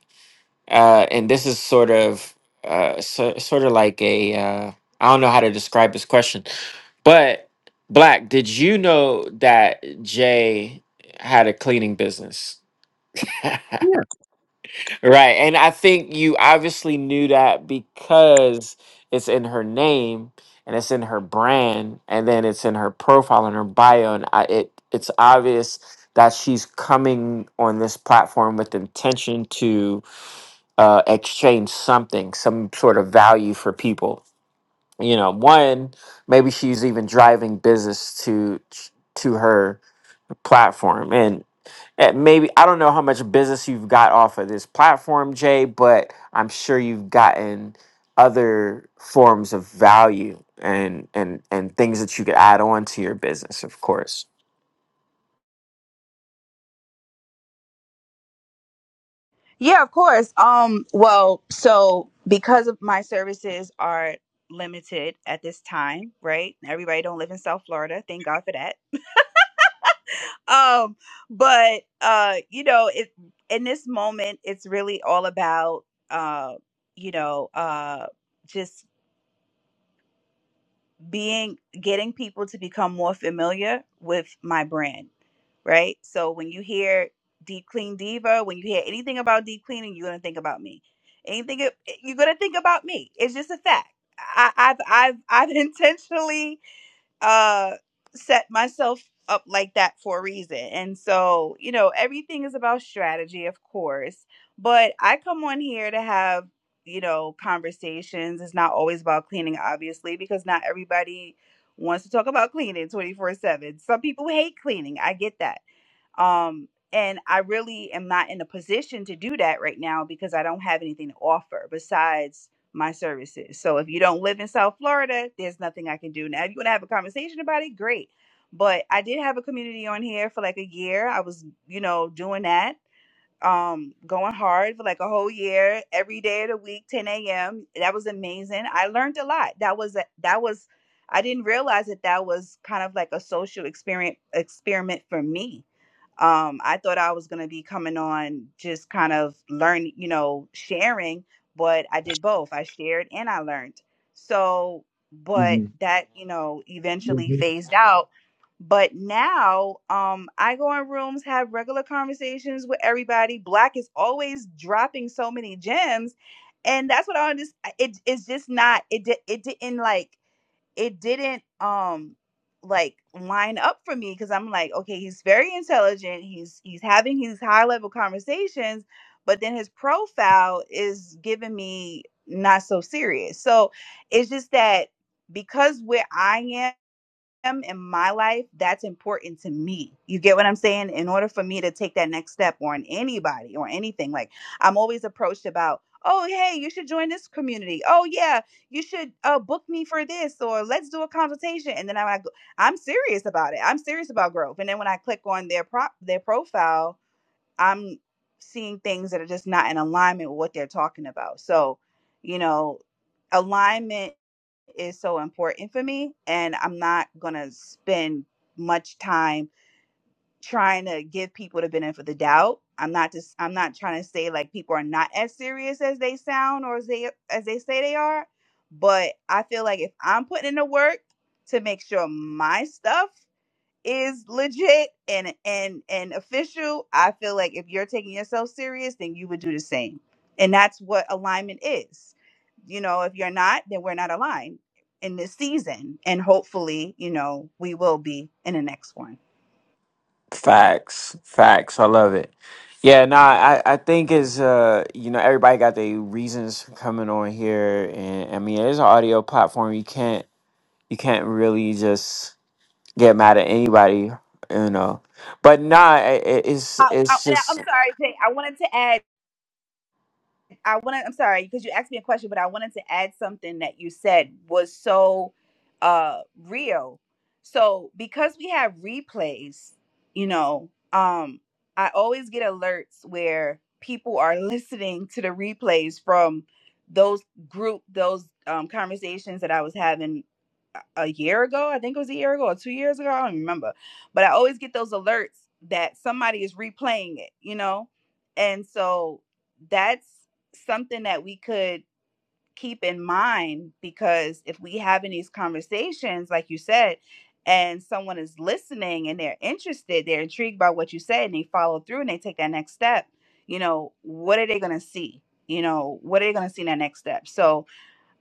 S1: uh, and this is sort of uh, so, sort of like a uh, I don't know how to describe this question, but Black, did you know that Jay had a cleaning business? Right, and I think you obviously knew that because it's in her name and it's in her brand, and then it's in her profile and her bio, and I, it it's obvious that she's coming on this platform with intention to. uh, exchange something, some sort of value for people. You know, one maybe she's even driving business to to her platform, and and maybe I don't know how much business you've got off of this platform, Jay, but I'm sure you've gotten other forms of value and and and things that you could add on to your business, of course.
S7: Yeah, of course. Um, well, so because of my services are limited at this time, right? Everybody don't live in South Florida. Thank God for that. Um, but uh, you know, it in this moment, it's really all about uh, you know, uh, just being getting people to become more familiar with my brand, right? So when you hear Deep Clean Diva, when you hear anything about deep cleaning, you're gonna think about me. Anything you're gonna think about me. It's just a fact. I, I've I've I've intentionally uh set myself up like that for a reason. And so, you know, everything is about strategy, of course, but I come on here to have, you know, conversations. It's not always about cleaning, obviously, because not everybody wants to talk about cleaning 24 7. Some people hate cleaning. I get that. Um, and I really am not in a position to do that right now because I don't have anything to offer besides my services. So if you don't live in South Florida, there's nothing I can do. Now, if you want to have a conversation about it, great. But I did have a community on here for like a year. I was, you know, doing that, um, going hard for like a whole year, every day of the week, 10 a.m. That was amazing. I learned a lot. That was a, that was I didn't realize that that was kind of like a social experiment experiment for me um i thought i was going to be coming on just kind of learn you know sharing but i did both i shared and i learned so but that you know eventually
S8: Mhm.
S7: phased out but now um i go in rooms have regular conversations with everybody black is always dropping so many gems and that's what i understand it, it's just not it, di- it didn't like it didn't um like line up for me because I'm like, okay, he's very intelligent. He's he's having these high level conversations, but then his profile is giving me not so serious. So it's just that because where I am am in my life, that's important to me. You get what I'm saying? In order for me to take that next step on anybody or anything, like I'm always approached about, oh, hey, you should join this community. Oh, yeah, you should uh, book me for this or let's do a consultation. And then I, I go, I'm serious about it. I'm serious about growth. And then when I click on their prop, their profile, I'm seeing things that are just not in alignment with what they're talking about. So, you know, alignment is so important for me and i'm not gonna spend much time trying to give people the benefit of the doubt i'm not just i'm not trying to say like people are not as serious as they sound or as they as they say they are but i feel like if i'm putting in the work to make sure my stuff is legit and and and official, I feel like if you're taking yourself serious, then you would do the same. And that's what alignment is. You know, if you're not, then we're not aligned in this season. And hopefully, you know, we will be in the next one.
S1: Facts, facts. I love it. Yeah, no, I, I think is uh, you know, everybody got their reasons for coming on here, and I mean, it's an audio platform. You can't, you can't really just get mad at anybody, you know. But nah, it, it- it's
S7: Uh, uh,
S1: it's
S7: and I- I'm
S1: just
S7: sorry, Jay. I wanted to add I want to. I'm sorry because you asked me a question, but I wanted to add something that you said was so uh real. So because we have replays, you know, um, I always get alerts where people are listening to the replays from those group those um, conversations that I was having a a year ago. I think it was a year ago or two years ago. I don't remember, but I always get those alerts that somebody is replaying it. You know, and so that's something that we could keep in mind because if we having these conversations like you said and someone is listening and they're interested they're intrigued by what you said and they follow through and they take that next step you know what are they going to see you know what are they going to see in that next step so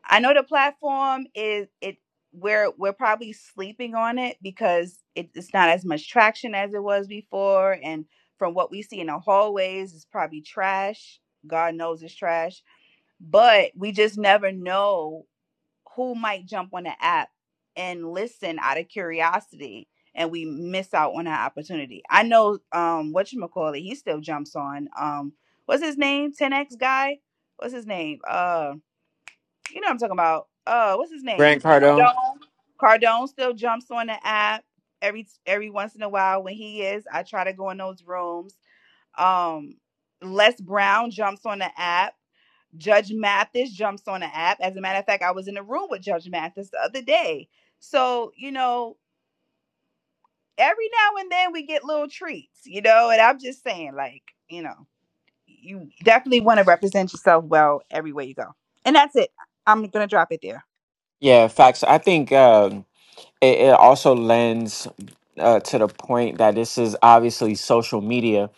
S7: i know the platform is it we're we're probably sleeping on it because it, it's not as much traction as it was before and from what we see in the hallways it's probably trash god knows it's trash but we just never know who might jump on the app and listen out of curiosity and we miss out on our opportunity. I know um whatchamacallit, he still jumps on. Um what's his name? 10X guy? What's his name? Uh you know what I'm talking about. Uh what's his name?
S1: Grant Cardone.
S7: Cardone. Cardone still jumps on the app every every once in a while when he is. I try to go in those rooms. Um Les Brown jumps on the app Judge Mathis jumps on the app. As a matter of fact, I was in the room with Judge Mathis the other day. So, you know, every now and then we get little treats, you know, and I'm just saying, like, you know, you definitely want to represent yourself well everywhere you go. And that's it. I'm gonna drop it there.
S1: Yeah, facts. I think um, it, it also lends uh, to the point that this is obviously social media,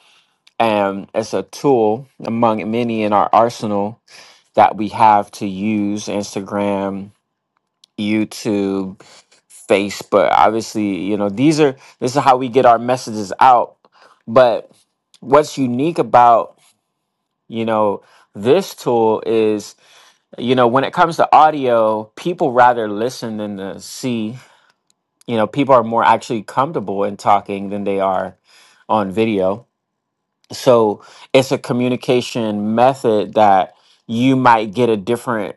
S1: and it's a tool among many in our arsenal that we have to use Instagram, YouTube, Facebook. Obviously, you know, these are this is how we get our messages out. But what's unique about, you know, this tool is, you know, when it comes to audio, people rather listen than to see. You know, people are more actually comfortable in talking than they are on video so it's a communication method that you might get a different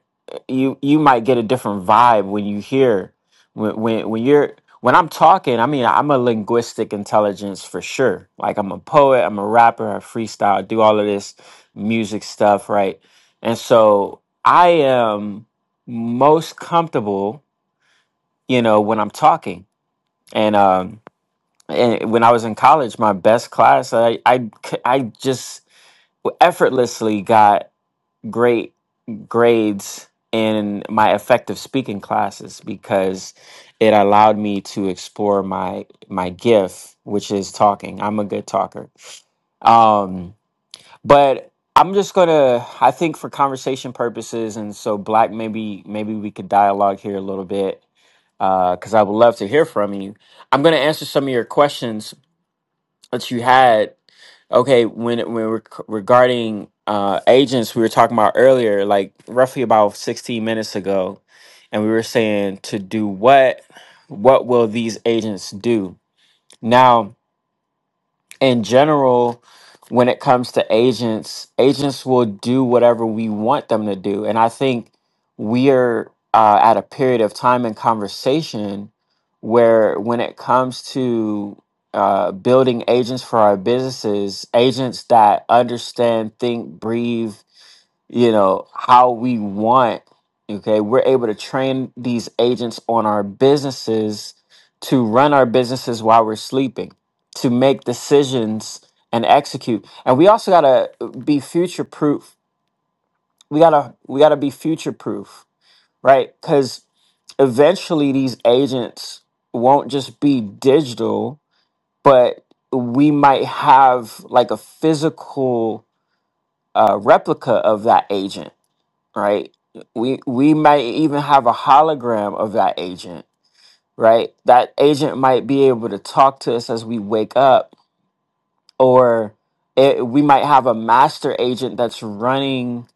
S1: you you might get a different vibe when you hear when when when you're when I'm talking, I mean, I'm a linguistic intelligence for sure. Like I'm a poet, I'm a rapper, I freestyle, I do all of this music stuff, right? And so I am most comfortable, you know, when I'm talking. And um and when I was in college, my best class, I I c- I just effortlessly got great grades in my effective speaking classes because it allowed me to explore my my gift which is talking i'm a good talker um but i'm just gonna i think for conversation purposes and so black maybe maybe we could dialogue here a little bit because i would love to hear from you i'm gonna answer some of your questions that you had okay when when we're c- regarding uh agents we were talking about earlier like roughly about 16 minutes ago and we were saying to do what what will these agents do now in general, when it comes to agents, agents will do whatever we want them to do. And I think we are uh, at a period of time in conversation where, when it comes to uh, building agents for our businesses, agents that understand, think, breathe, you know how we want okay we're able to train these agents on our businesses to run our businesses while we're sleeping to make decisions and execute and we also got to be future proof we got to we got to be future proof right cuz eventually these agents won't just be digital but we might have like a physical uh, replica of that agent right? We we might even have a hologram of that agent, right? That agent might be able to talk to us as we wake up, or it, we might have a master agent that's running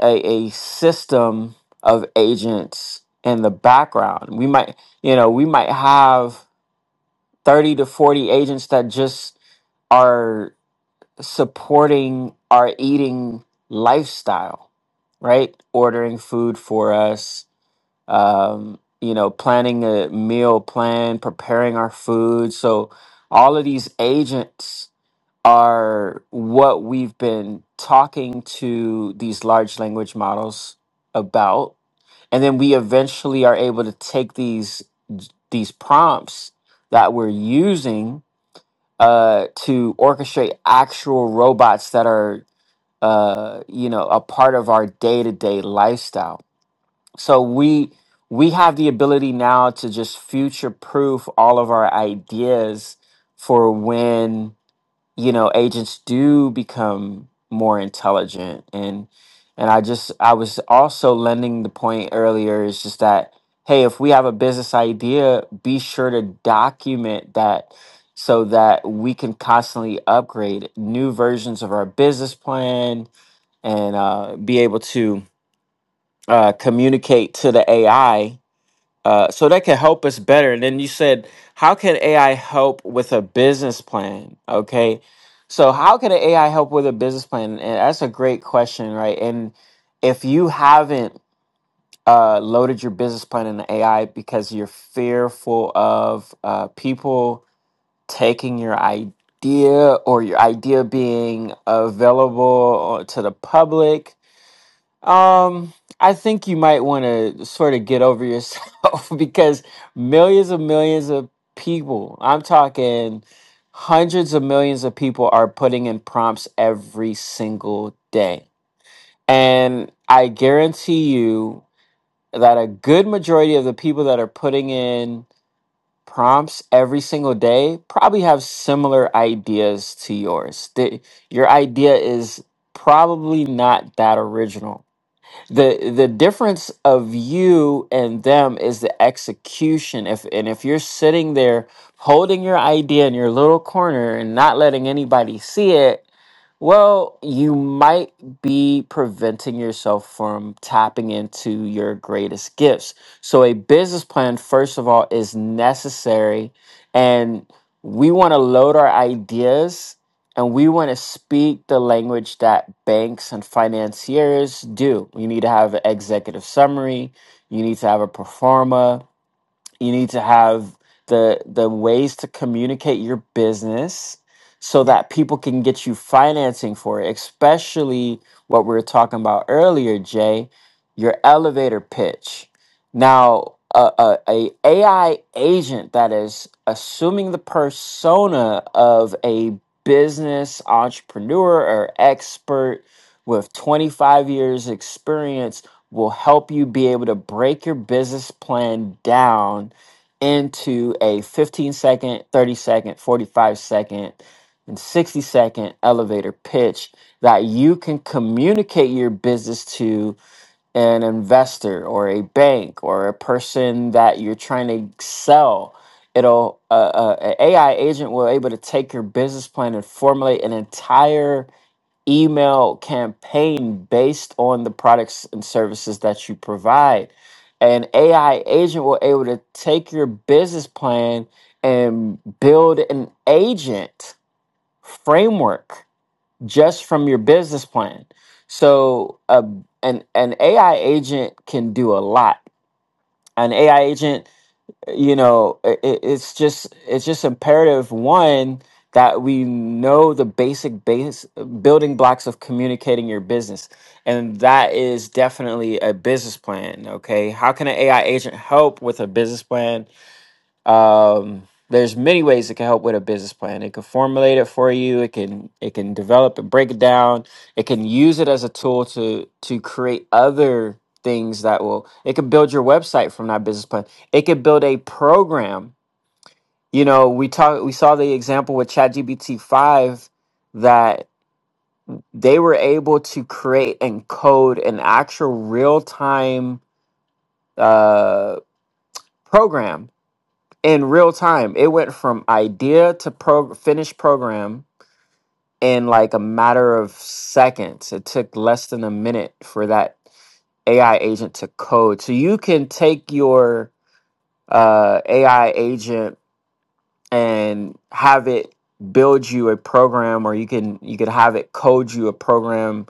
S1: a, a system of agents in the background. We might, you know, we might have thirty to forty agents that just are supporting our eating lifestyle, right? Ordering food for us, um, you know, planning a meal plan, preparing our food. So all of these agents are what we've been talking to these large language models about. And then we eventually are able to take these these prompts that we're using uh, to orchestrate actual robots that are uh, you know a part of our day-to-day lifestyle so we we have the ability now to just future proof all of our ideas for when you know agents do become more intelligent and and i just i was also lending the point earlier is just that hey if we have a business idea be sure to document that so that we can constantly upgrade new versions of our business plan and uh, be able to uh, communicate to the ai uh, so that can help us better. And then you said, how can AI help with a business plan? Okay. So how can an AI help with a business plan? And that's a great question, right? And if you haven't uh, loaded your business plan in the AI because you're fearful of uh, people taking your idea or your idea being available uh, to the public, um, I think you might want to sort of get over yourself because millions of millions of people, I'm talking hundreds of millions of people, are putting in prompts every single day. And I guarantee you that a good majority of the people that are putting in prompts every single day probably have similar ideas to yours. The, your idea is probably not that original the the difference of you and them is the execution if and if you're sitting there holding your idea in your little corner and not letting anybody see it well you might be preventing yourself from tapping into your greatest gifts so a business plan first of all is necessary and we want to load our ideas and we want to speak the language that banks and financiers do. You need to have an executive summary, you need to have a performa, you need to have the the ways to communicate your business so that people can get you financing for it especially what we were talking about earlier jay your elevator pitch now a, a, a ai agent that is assuming the persona of a business entrepreneur or expert with 25 years experience will help you be able to break your business plan down into a 15 second, 30 second, 45 second, and 60 second elevator pitch that you can communicate your business to an investor or a bank or a person that you're trying to sell. It'll uh, uh, an AI agent will able to take your business plan and formulate an entire email campaign based on the products and services that you provide. An AI agent will able to take your business plan and build an agent framework just from your business plan. So, uh, an an AI agent can do a lot. An AI agent you know it, it's just it's just imperative one that we know the basic base building blocks of communicating your business and that is definitely a business plan okay how can an ai agent help with a business plan um, there's many ways it can help with a business plan it can formulate it for you it can it can develop and break it down it can use it as a tool to to create other things that will it can build your website from that business plan it could build a program you know we talk we saw the example with chatgpt 5 that they were able to create and code an actual real-time uh, program in real time. It went from idea to pro- finished program in like a matter of seconds. It took less than a minute for that AI agent to code. So you can take your uh, AI agent and have it build you a program, or you can you could have it code you a program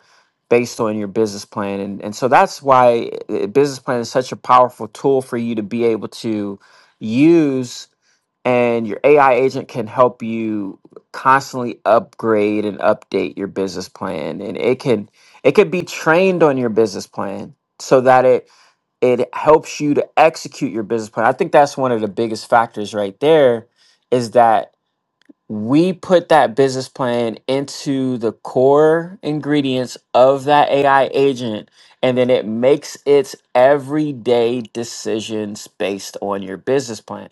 S1: based on your business plan. And and so that's why a business plan is such a powerful tool for you to be able to use and your AI agent can help you constantly upgrade and update your business plan and it can it can be trained on your business plan so that it it helps you to execute your business plan. I think that's one of the biggest factors right there is that we put that business plan into the core ingredients of that AI agent, and then it makes its everyday decisions based on your business plan.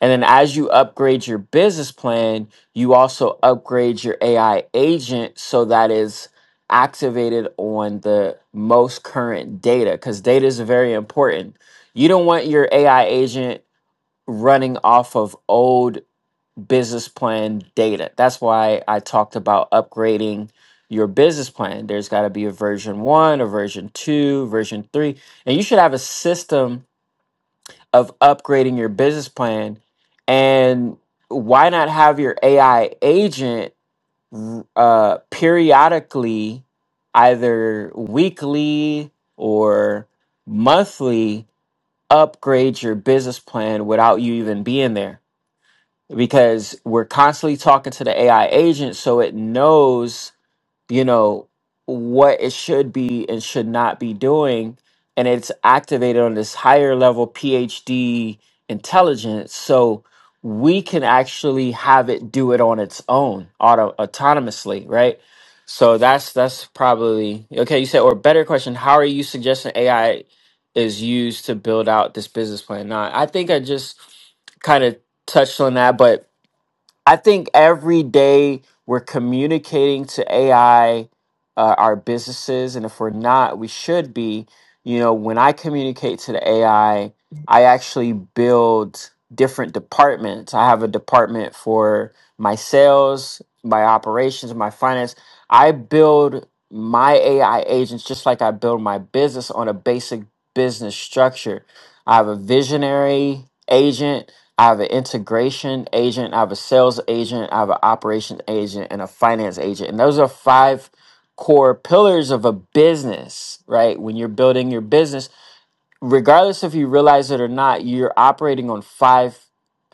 S1: And then as you upgrade your business plan, you also upgrade your AI agent so that is activated on the most current data because data is very important. You don't want your AI agent running off of old business plan data. That's why I talked about upgrading your business plan. There's got to be a version one, a version two, version three, and you should have a system of upgrading your business plan. And why not have your AI agent uh, periodically, either weekly or monthly, upgrade your business plan without you even being there? because we're constantly talking to the AI agent so it knows, you know, what it should be and should not be doing and it's activated on this higher level PhD intelligence so we can actually have it do it on its own auto autonomously, right? So that's that's probably okay, you said or better question, how are you suggesting AI is used to build out this business plan? Now, I think I just kind of touched on that, but I think every day we're communicating to AI uh, our businesses, and if we're not, we should be. You know, when I communicate to the AI, I I actually build different departments. I have a department for my sales, my operations, my finance. I build my AI agents just like I build my business on a basic business structure. I have a visionary agent I have an integration agent, I have a sales agent, I have an operations agent, and a finance agent. And those are five core pillars of a business, right? When you're building your business, regardless if you realize it or not, you're operating on five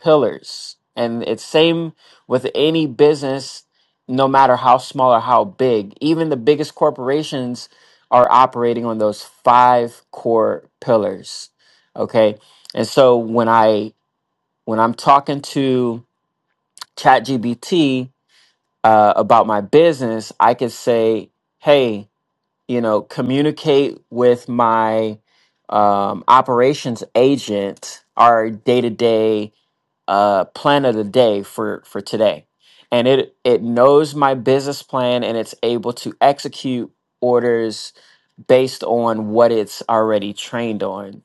S1: pillars. And it's same with any business, no matter how small or how big. Even the biggest corporations are operating on those five core pillars. Okay. And so when I when I'm talking to ChatGPT uh, about my business, I could say, "Hey, you know, communicate with my um, operations agent, our day to day plan of the day for for today," and it it knows my business plan and it's able to execute orders based on what it's already trained on.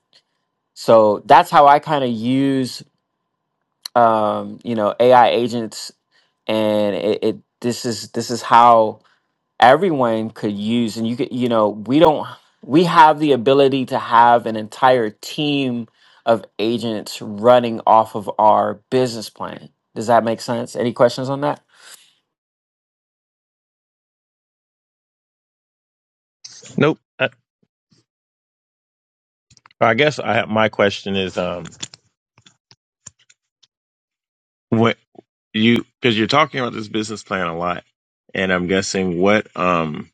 S1: So that's how I kind of use um, you know AI agents and it, it this is this is how everyone could use and you could you know we don't we have the ability to have an entire team of agents running off of our business plan does that make sense any questions on that
S8: nope. I, I guess I, my question is. Um, What you because you're talking about this business plan a lot, and I'm guessing what um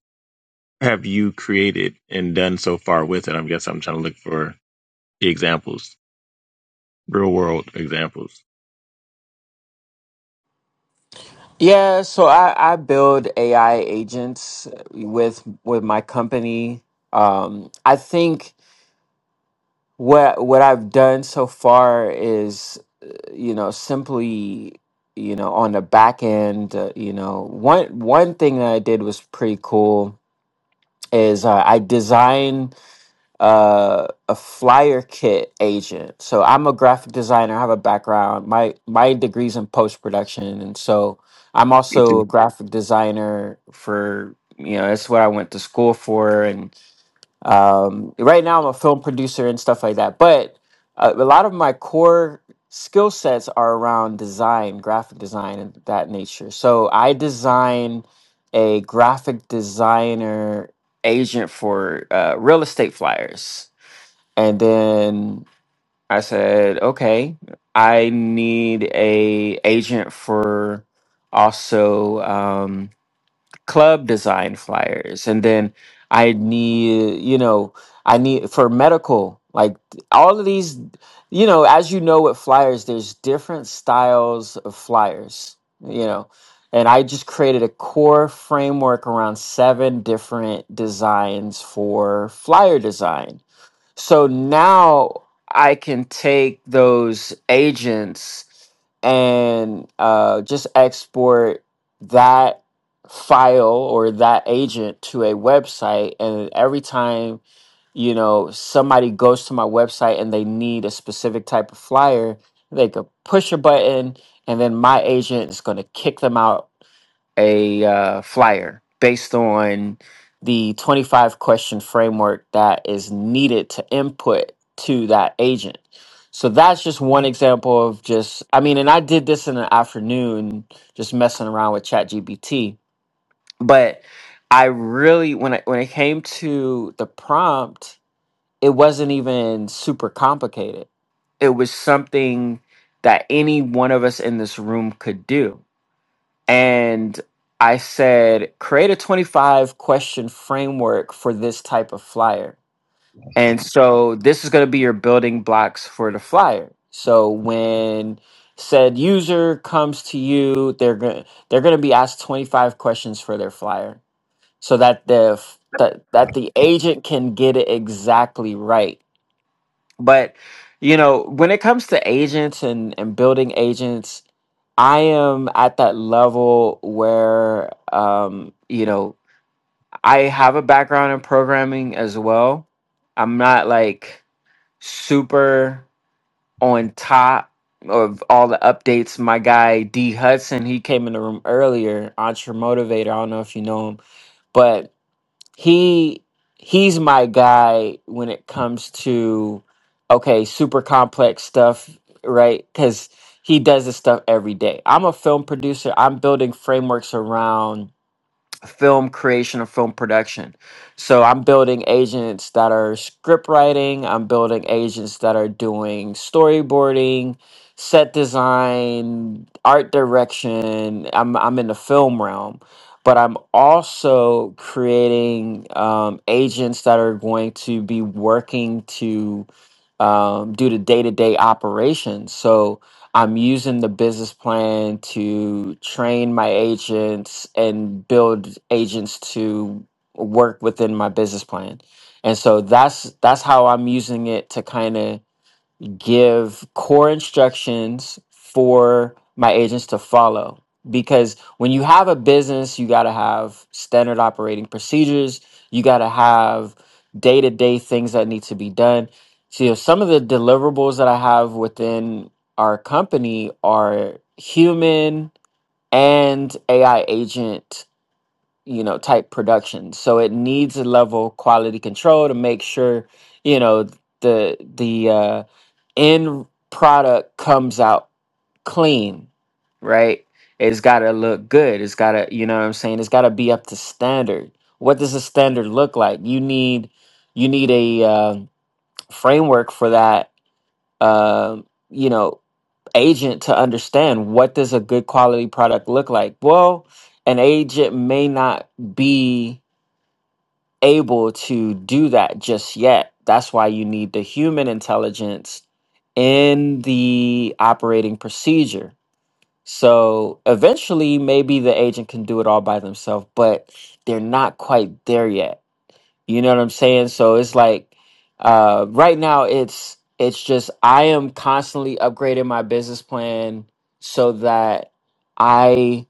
S8: have you created and done so far with it? I'm guessing I'm trying to look for the examples, real world examples.
S1: yeah so i i build ai agents with with my company um i think what what I've done so far is, uh, you know, simply, you know, on the back end, uh, you know, one one thing that I did was pretty cool is uh, I designed uh, a flyer kit agent. So I'm a graphic designer. I have a background. My my degrees in post production, and so I'm
S8: Me
S1: also
S8: too.
S1: a graphic designer for you know that's what I went to school for, and um, right now i'm a film producer and stuff like that but uh, a lot of my core skill sets are around design graphic design and that nature so i design a graphic designer agent for uh, real estate flyers and then i said okay i need a agent for also Um, club design flyers and then i need you know i need for medical like all of these you know as you know with flyers there's different styles of flyers you know and i just created a core framework around seven different designs for flyer design so now I can take those agents and uh, just export that file or that agent to a website. And every time, you know, somebody goes to my website and they need a specific type of flyer, they could push a button and then my agent is going to kick them out a uh, flyer based on the 25 question framework that is needed to input to that agent. So that's just one example of just, I mean, and I did this in the afternoon, just messing around with ChatGPT. But I really, when I, when it came to the prompt, it wasn't even super complicated. It was something that any one of us in this room could do and I said, create a 25 question framework for this type of flyer. And so this is going to be your building blocks for the flyer. So when said user comes to you, they're going they're going to be asked 25 questions for their flyer so that the f- that, that the agent can get it exactly right but you know, when it comes to agents and and building agents, I am at that level where um, you know, I have a background in programming as well. I'm not like super on top of all the updates. My guy D Hudson, he came in the room earlier, Entre Motivator. I don't know if you know him, but he he's my guy when it comes to okay super complex stuff right because he does this stuff every day i'm a film producer i'm building frameworks around film creation and film production. So I'm building agents that are script writing, I'm building agents that are doing storyboarding, set design, art direction. I'm I'm in the film realm, but I'm also creating um, agents that are going to be working to um, do the day to day operations. So I'm using the business plan to train my agents and build agents to work within my business plan. And so that's that's how I'm using it to kind of give core instructions for my agents to follow because when you have a business you got to have standard operating procedures you got to have day-to-day things that need to be done so you know, some of the deliverables that i have within our company are human and ai agent you know type production so it needs a level of quality control to make sure you know the the uh, end product comes out clean, right? It's got to look good. It's got to, you know what I'm saying? It's got to be up to standard. What does a standard look like? You need you need a um framework for that, um, you know, agent to understand what does a good quality product look like. Well, an agent may not be able to do that just yet. That's why you need the human intelligence in the operating procedure. So eventually, maybe the agent can do it all by themselves, but they're not quite there yet. You know what I'm saying? So it's like uh, right now, it's it's just I am constantly upgrading my business plan so that I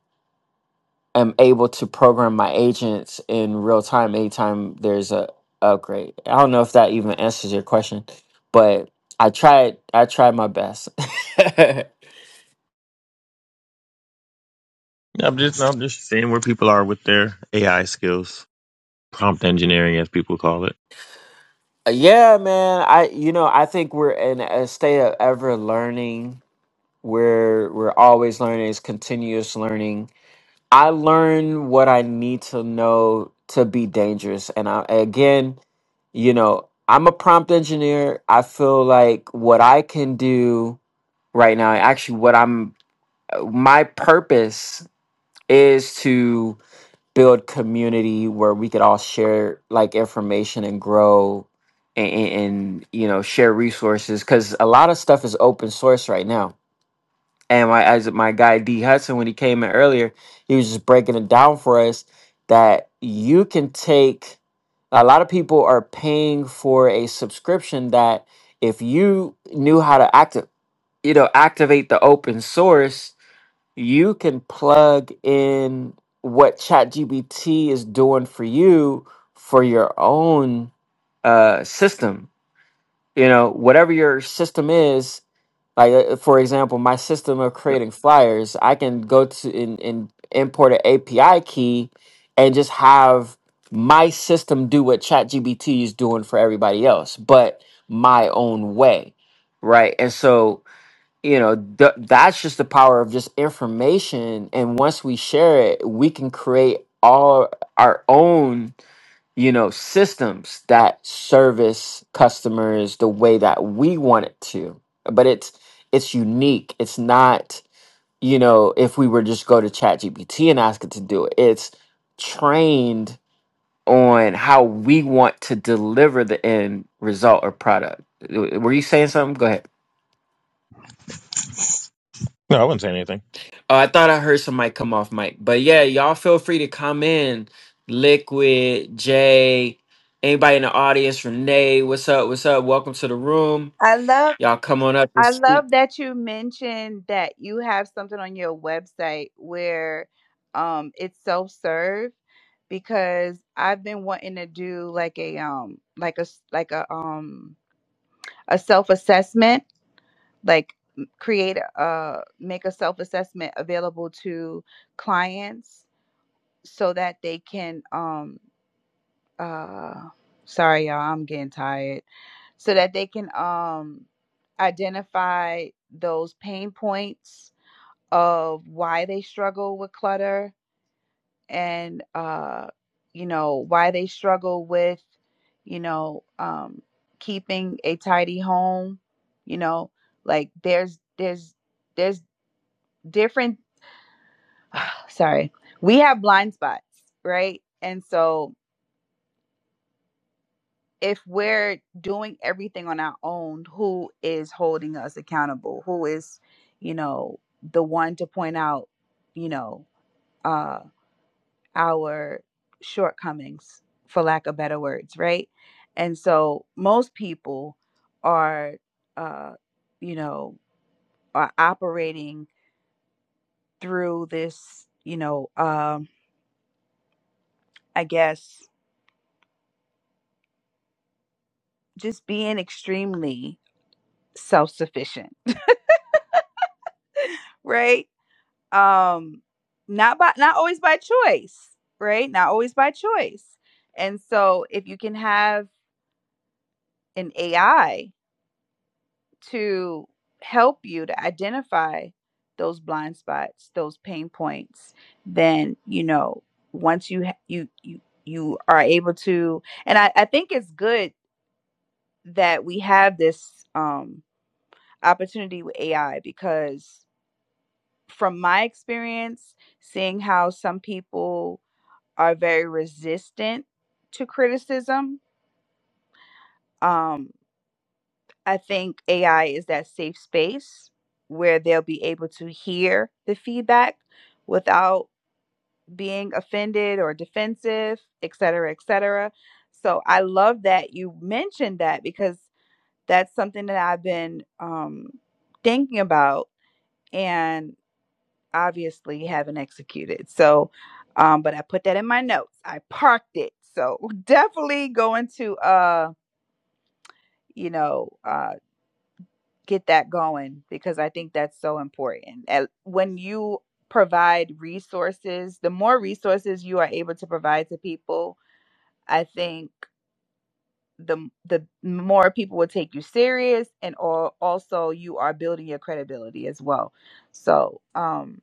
S1: am able to program my agents in real time anytime there's a upgrade. I don't know if that even answers your question, but I tried I tried my best.
S8: I'm just I'm just seeing where people are with their AI skills, prompt engineering as people call it.
S1: yeah, man. I you know, I think we're in a state of ever learning. We're we're always learning, it's continuous learning. I learn what I need to know to be dangerous. And I again, you know, I'm a prompt engineer. I feel like what I can do right now. Actually, what I'm my purpose is to build community where we could all share like information and grow and, and, and you know share resources because a lot of stuff is open source right now. And my as my guy D Hudson when he came in earlier, he was just breaking it down for us that you can take a lot of people are paying for a subscription that if you knew how to act you know activate the open source you can plug in what ChatGPT is doing for you for your own uh system you know whatever your system is like uh, for example my system of
S8: Yeah.
S1: creating flyers i can go to and, and import an api key and just have my system do what ChatGPT is doing for everybody else but my own way right and so you know th- that's just the power of just information and once we share it we can create all our own you know systems that service customers the way that we want it to but it's it's unique it's not you know if we were just go to ChatGPT and ask it to do it it's trained on how we want to deliver the end result or product were you saying something go ahead
S8: No, I wouldn't say anything.
S1: Oh, I thought I heard somebody come off mic. But yeah, y'all feel free to come in. Liquid, Jay, anybody in the audience, Renee, what's up? What's up? Welcome to the room.
S7: I love
S1: Y'all come on up and
S7: I love
S1: speak.
S7: that you mentioned that you have something on your website where um it's self-serve because I've been wanting to do like a um like a s- like a um a self assessment, like create a uh, make a self assessment available to clients so that they can um uh sorry y'all I'm getting tired so that they can um identify those pain points of why they struggle with clutter and uh you know why they struggle with you know um keeping a tidy home you know like there's there's there's different sorry we have blind spots right and so if we're doing everything on our own who is holding us accountable who is you know the one to point out you know uh, our shortcomings, for lack of better words, right? And so most people are, uh, you know, are operating through this, you know, um, I guess just being extremely self sufficient, right? Um, not by not always by choice, right? Not always by choice. And so if you can have an AI to help you to identify those blind spots, those pain points, then you know once you ha- you you you are able to, and I, I think it's good that we have this um, opportunity with AI because from my experience, seeing how some people are very resistant to criticism, um, I think AI is that safe space where they'll be able to hear the feedback without being offended or defensive, et cetera, et cetera. So I love that you mentioned that because that's something that I've been um, thinking about and obviously haven't executed. So, um, but I put that in my notes. I parked it. So definitely going to, uh, you know, uh, get that going because I think that's so important. And when you provide resources, the more resources you are able to provide to people, I think the the more people will take you serious and or also you are building your credibility as well. So, um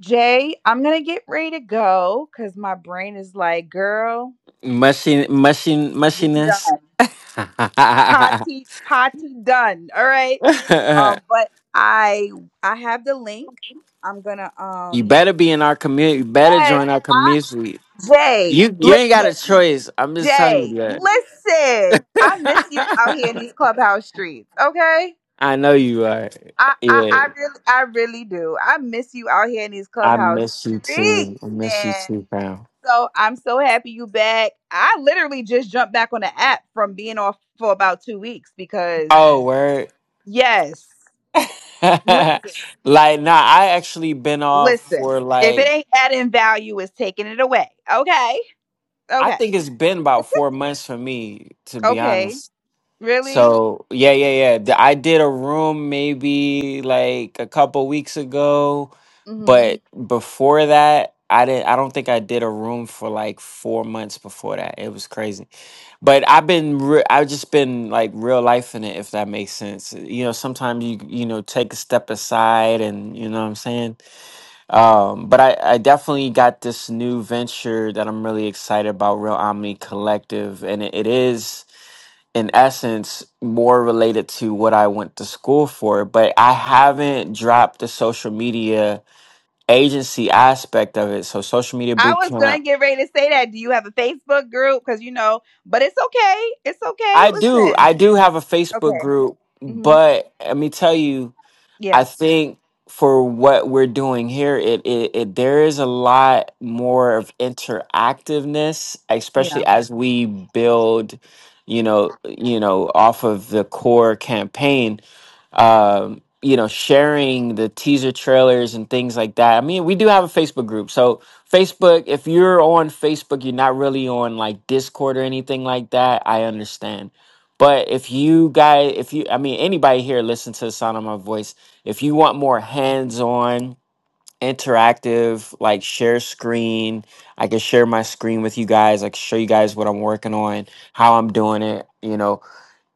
S7: Jay, I'm going to get ready to go cuz my brain is like, girl,
S1: Mushy, mushy,
S7: we done.
S1: mushiness.
S7: Party party done. All right. Um, but I I have the link. I'm gonna
S1: you
S7: um
S1: better be in our community. You better
S7: Yes.
S1: join our
S7: I,
S1: community.
S7: Jay,
S1: You you ain't got a
S7: listen.
S1: choice. I'm just telling
S7: Jay,
S1: you
S7: listen. I miss you
S1: that.
S7: out here in these clubhouse streets, okay?
S1: I know you are.
S7: I, I,
S1: Yeah.
S7: I really I really do. I miss you out here in these
S1: I
S7: clubhouse
S1: miss you
S7: streets,
S1: too. I miss you
S7: man.
S1: too, pal.
S7: So I'm so happy you back. I literally just jumped back on the app from being off for about two weeks because
S1: Oh, word.
S7: yes.
S1: like nah, I actually been off for
S7: Listen, if it
S1: like
S7: ain't adding value, it's taking it away. Okay.
S1: I
S7: Okay.
S1: think it's been about four months for me, to be
S7: Okay.
S1: honest.
S7: Really?
S1: So yeah, yeah, yeah. D- I did a room maybe like a couple weeks ago,
S7: hmm
S1: but before that, I didn't. I don't think I did a room for like four months before that. It was crazy. But I've been. Re- I've just been like real life in it, if that makes sense. You know, sometimes you you know take a step aside, and you know what I'm saying Um, but I, I definitely got this new venture that I'm really excited about, Real Omni Collective, and it, it is in essence more related to what I went to school for. But I haven't dropped the social media agency aspect of it. So social media
S7: I was going
S1: bootcamp.
S7: to get ready to say that. Do you have a Facebook group? Because, you know, but it's okay. It's okay.
S1: I do,
S7: Listen.
S1: I do have a Facebook
S7: Okay.
S1: group,
S7: hmm
S1: but let me tell you. I
S7: Yeah.
S1: think for what we're doing here, it, it, it there is a lot more of interactiveness,
S7: Yeah.
S1: especially as we build, you know, you know, off of the core campaign um, you know, sharing the teaser trailers and things like that. I mean, we do have a Facebook group. So, Facebook, if you're on Facebook, you're not really on like Discord or anything like that. I understand. But if you guys, if you, I mean, anybody here listen to the sound of my voice, if you want more hands on, interactive, like share screen, I can share my screen with you guys. I can show you guys what I'm working on, how I'm doing it, you know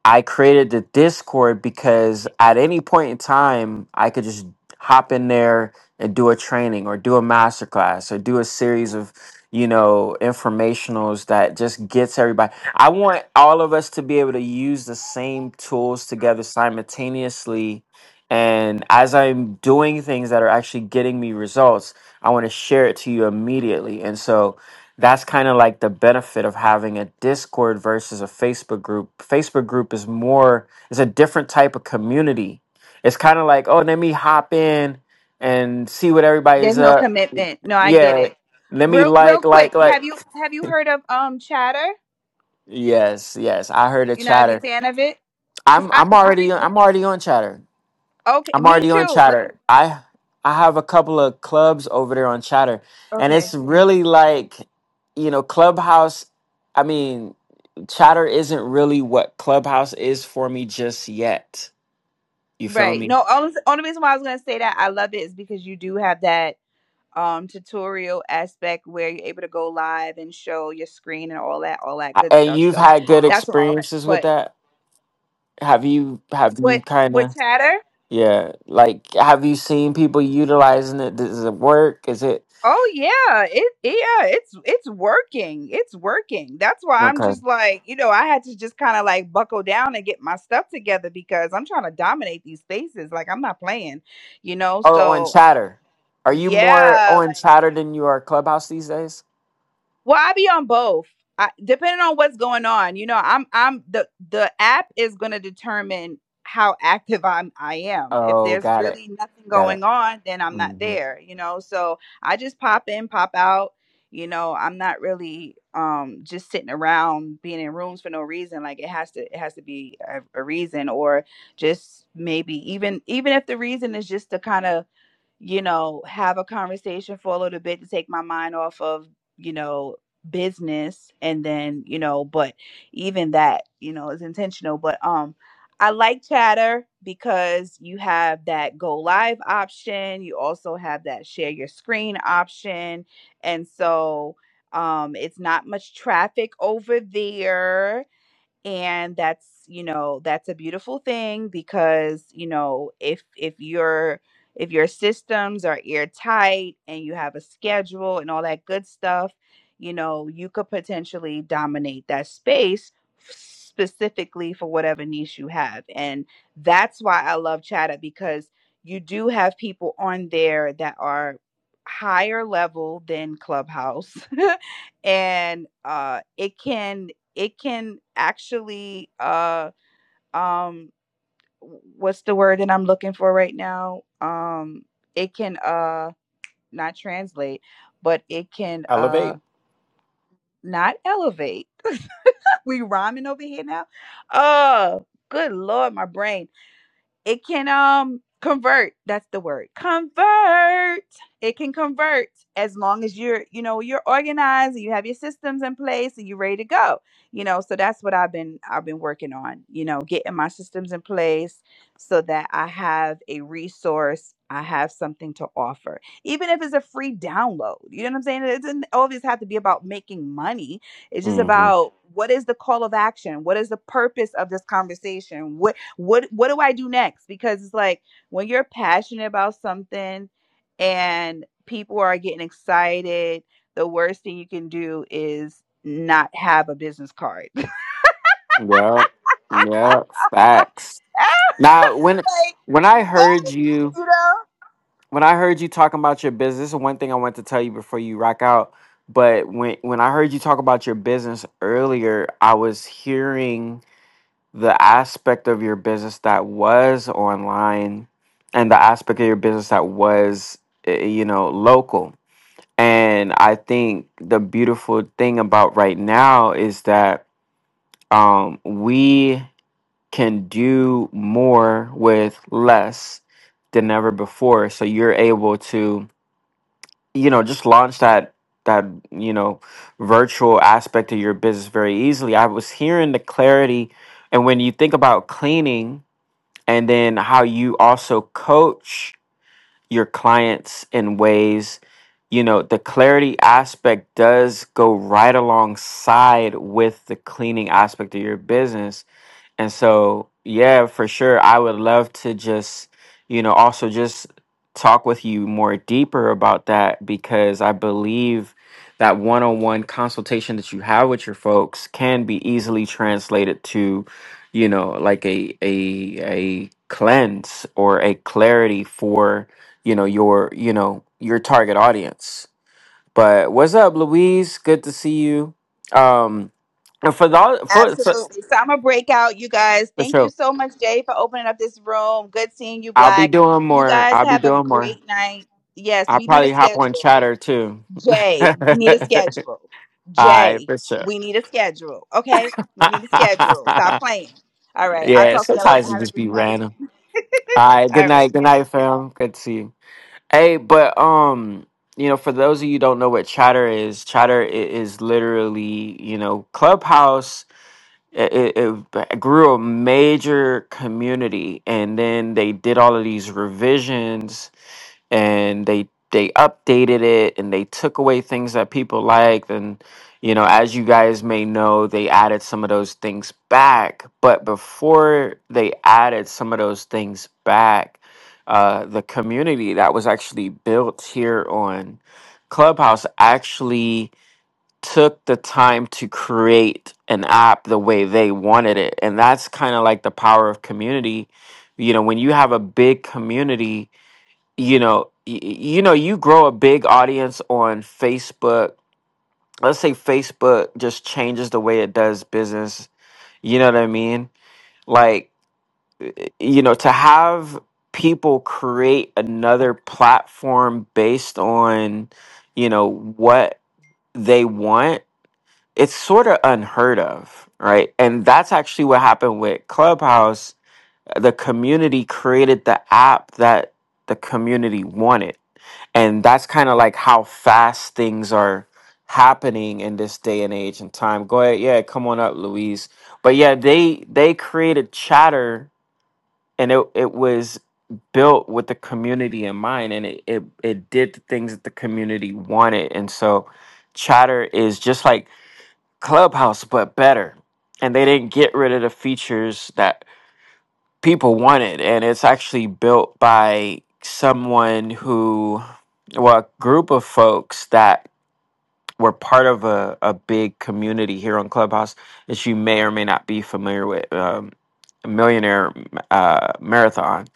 S1: I created the Discord because at any point in time, I could just hop in there and do a training or do a masterclass or do a series of, you know, informationals that just gets everybody. I want all of us to be able to use the same tools together simultaneously. And as I'm doing things that are actually getting me results, I want to share it to you immediately. And so, that's kind of like the benefit of having a discord versus a facebook group facebook group is more it's a different type of community it's kind of like oh let me hop in and see what
S7: There's
S1: everybody's
S7: no
S1: up
S7: commitment. No, I get
S1: yeah
S7: it.
S1: let me
S7: Real, real
S1: like
S7: quick.
S1: like like
S7: Have you, have you heard of, um, chatter?
S1: yes yes i heard a
S7: You're not a big
S1: chatter
S7: fan of it? Cause
S1: i'm
S7: I,
S1: i'm
S7: the
S1: already
S7: re-
S1: i'm already on chatter
S7: okay,
S1: I'm
S7: me
S1: already on
S7: too. But
S1: Chatter. I I have a couple of clubs over there on Chatter, and
S7: okay,
S1: it's really like, you know, Clubhouse. I mean, Chatter isn't really what Clubhouse is for me just yet. You feel
S7: right.
S1: me?
S7: No, only only reason why I was gonna say that I love it is because you do have that. um, tutorial aspect where you're able to go live and show your screen and all that, all that
S1: I-
S7: good
S1: And
S7: stuff.
S1: you've
S7: So
S1: had good
S7: that's all.
S1: experiences with
S7: But
S1: that. Have you? Have you
S7: what
S1: kind
S7: what
S1: of?
S7: chatter?
S1: Yeah. Like, have you seen people utilizing it? Does it work? Is it
S7: Oh yeah, it yeah, it's it's working. It's working. That's why I'm
S1: okay?
S7: just like, you know, I had to just kind of like buckle down and get my stuff together because I'm trying to dominate these spaces. Like I'm not playing, you know.
S1: Oh, on
S7: So
S1: Chatter. Are you more
S7: yeah,
S1: on
S7: like
S1: Chatter than you are Clubhouse these days?
S7: Well, I be on both. I, depending on what's going on, you know, I'm I'm the the app is going to determine how active I'm I am. If
S1: Oh,
S7: there's
S1: got it.
S7: really nothing
S1: Got it.
S7: going on, then I'm not
S1: hmm
S7: there, you know. So I just pop in, pop out. You know, I'm not really um just sitting around being in rooms for no reason. Like it has to it has to be a, a reason or just maybe even even if the reason is just to kind of you know, have a conversation for a little bit to take my mind off of, you know, business and then, you know, but even that, you know, is intentional. But um I like chatter because you have that go live option. You also have that share your screen option. And so um it's not much traffic over there and that's you know that's a beautiful thing because you know if if your if your systems are airtight and you have a schedule and all that good stuff you know you could potentially dominate that space specifically for whatever niche you have and that's why i love chatter because you do have people on there that are higher level than clubhouse and uh it can it can actually uh um what's the word that I'm looking for right now? Um it can uh not translate, but it can uh
S1: Elevate.
S7: not elevate. we rhyming over here now. Oh, good lord, my brain. It can um convert. That's the word. Convert. It can convert as long as you're, you know, you're organized and you have your systems in place and you're ready to go. You know, so that's what I've been I've been working on, you know, getting my systems in place so that I have a resource, I have something to offer. Even if it's a free download. You know what I'm saying? It doesn't always have to be about making money. It's just
S1: hmm
S7: about what is the call of action? What is the purpose of this conversation? What what what do I do next? Because it's like when you're passionate about something and people are getting excited, the worst thing you can do is not have a business card. like
S1: Yeah. Yeah. Facts. Now, when when I
S7: what
S1: heard you
S7: you know
S1: when I heard you talking about your business, this is one thing I want to tell you before you rock out. But when when I heard you talk about your business earlier, I was hearing the aspect of your business that was online and the aspect of your business that was eh, you know local And I think the beautiful thing about right now is that um, we can do more with less than ever before. So you're able to, you know, just launch that that you know virtual aspect of your business very easily. I was hearing the clarity, and when you think about cleaning and then how you also coach your clients in ways you know the clarity aspect does go right alongside with the cleaning aspect of your business and so, yeah, for sure. I would love to just, you know, also just talk with you more deeper about that because I believe that one on one consultation that you have with your folks can be easily translated to, you know, like a a a cleanse or a clarity for, you know, your, you know, your target audience. But what's up, Louise? Good to see you. Um and for the for, for,
S7: absolutely so i'm gonna break out you guys
S1: for
S7: thank
S1: sure.
S7: you so much jay for opening up this room good seeing you
S1: I'll be
S7: black
S1: doing
S7: you
S1: more.
S7: guys
S1: I'll be
S7: have a
S1: doing more.
S7: great night yes
S1: I'll
S7: we need a
S1: probably hop on
S7: schedule
S1: chatter too.
S7: Jay, we need a schedule.
S1: Alright,
S7: Jay,
S1: for sure.
S7: we need a schedule. Okay? We need a schedule. Stop playing. All right. I'll
S1: yeah,
S7: talk to y'all later.
S1: sometimes it
S7: Have a
S1: just
S7: great
S1: be
S7: night.
S1: random. Alright, good
S7: All right.
S1: night, good night, fam. Good to see you. Hey, but um, you know, for those of you who don't know what chatter is, chatter i- is literally, you know, Clubhouse it, it it b- grew a major community and then they did all of these revisions and they they updated it and they took away things that people liked and you know as you guys may know they added some of those things back but before they added some of those things back uh, the community that was actually built here on clubhouse actually took the time to create an app the way they wanted it and that's kind of like the power of community you know when you have a big community you know y- y- you know you grow a big audience on facebook let's say facebook just changes the way it does business you know what i mean like you know to have people create another platform based on you know what they want it's sort of unheard of right and that's actually what happened with clubhouse the community created the app that the community wanted and that's kind of like how fast things are happening in this day and age and time go ahead yeah come on up louise but yeah they they created chatter and it, it was built with the community in mind and it, it it did the things that the community wanted and so chatter is just like clubhouse but better and they didn't get rid of the features that people wanted and it's actually built by someone who well a group of folks that were part of a, a big community here on clubhouse that you may or may not be familiar with um, millionaire uh, marathon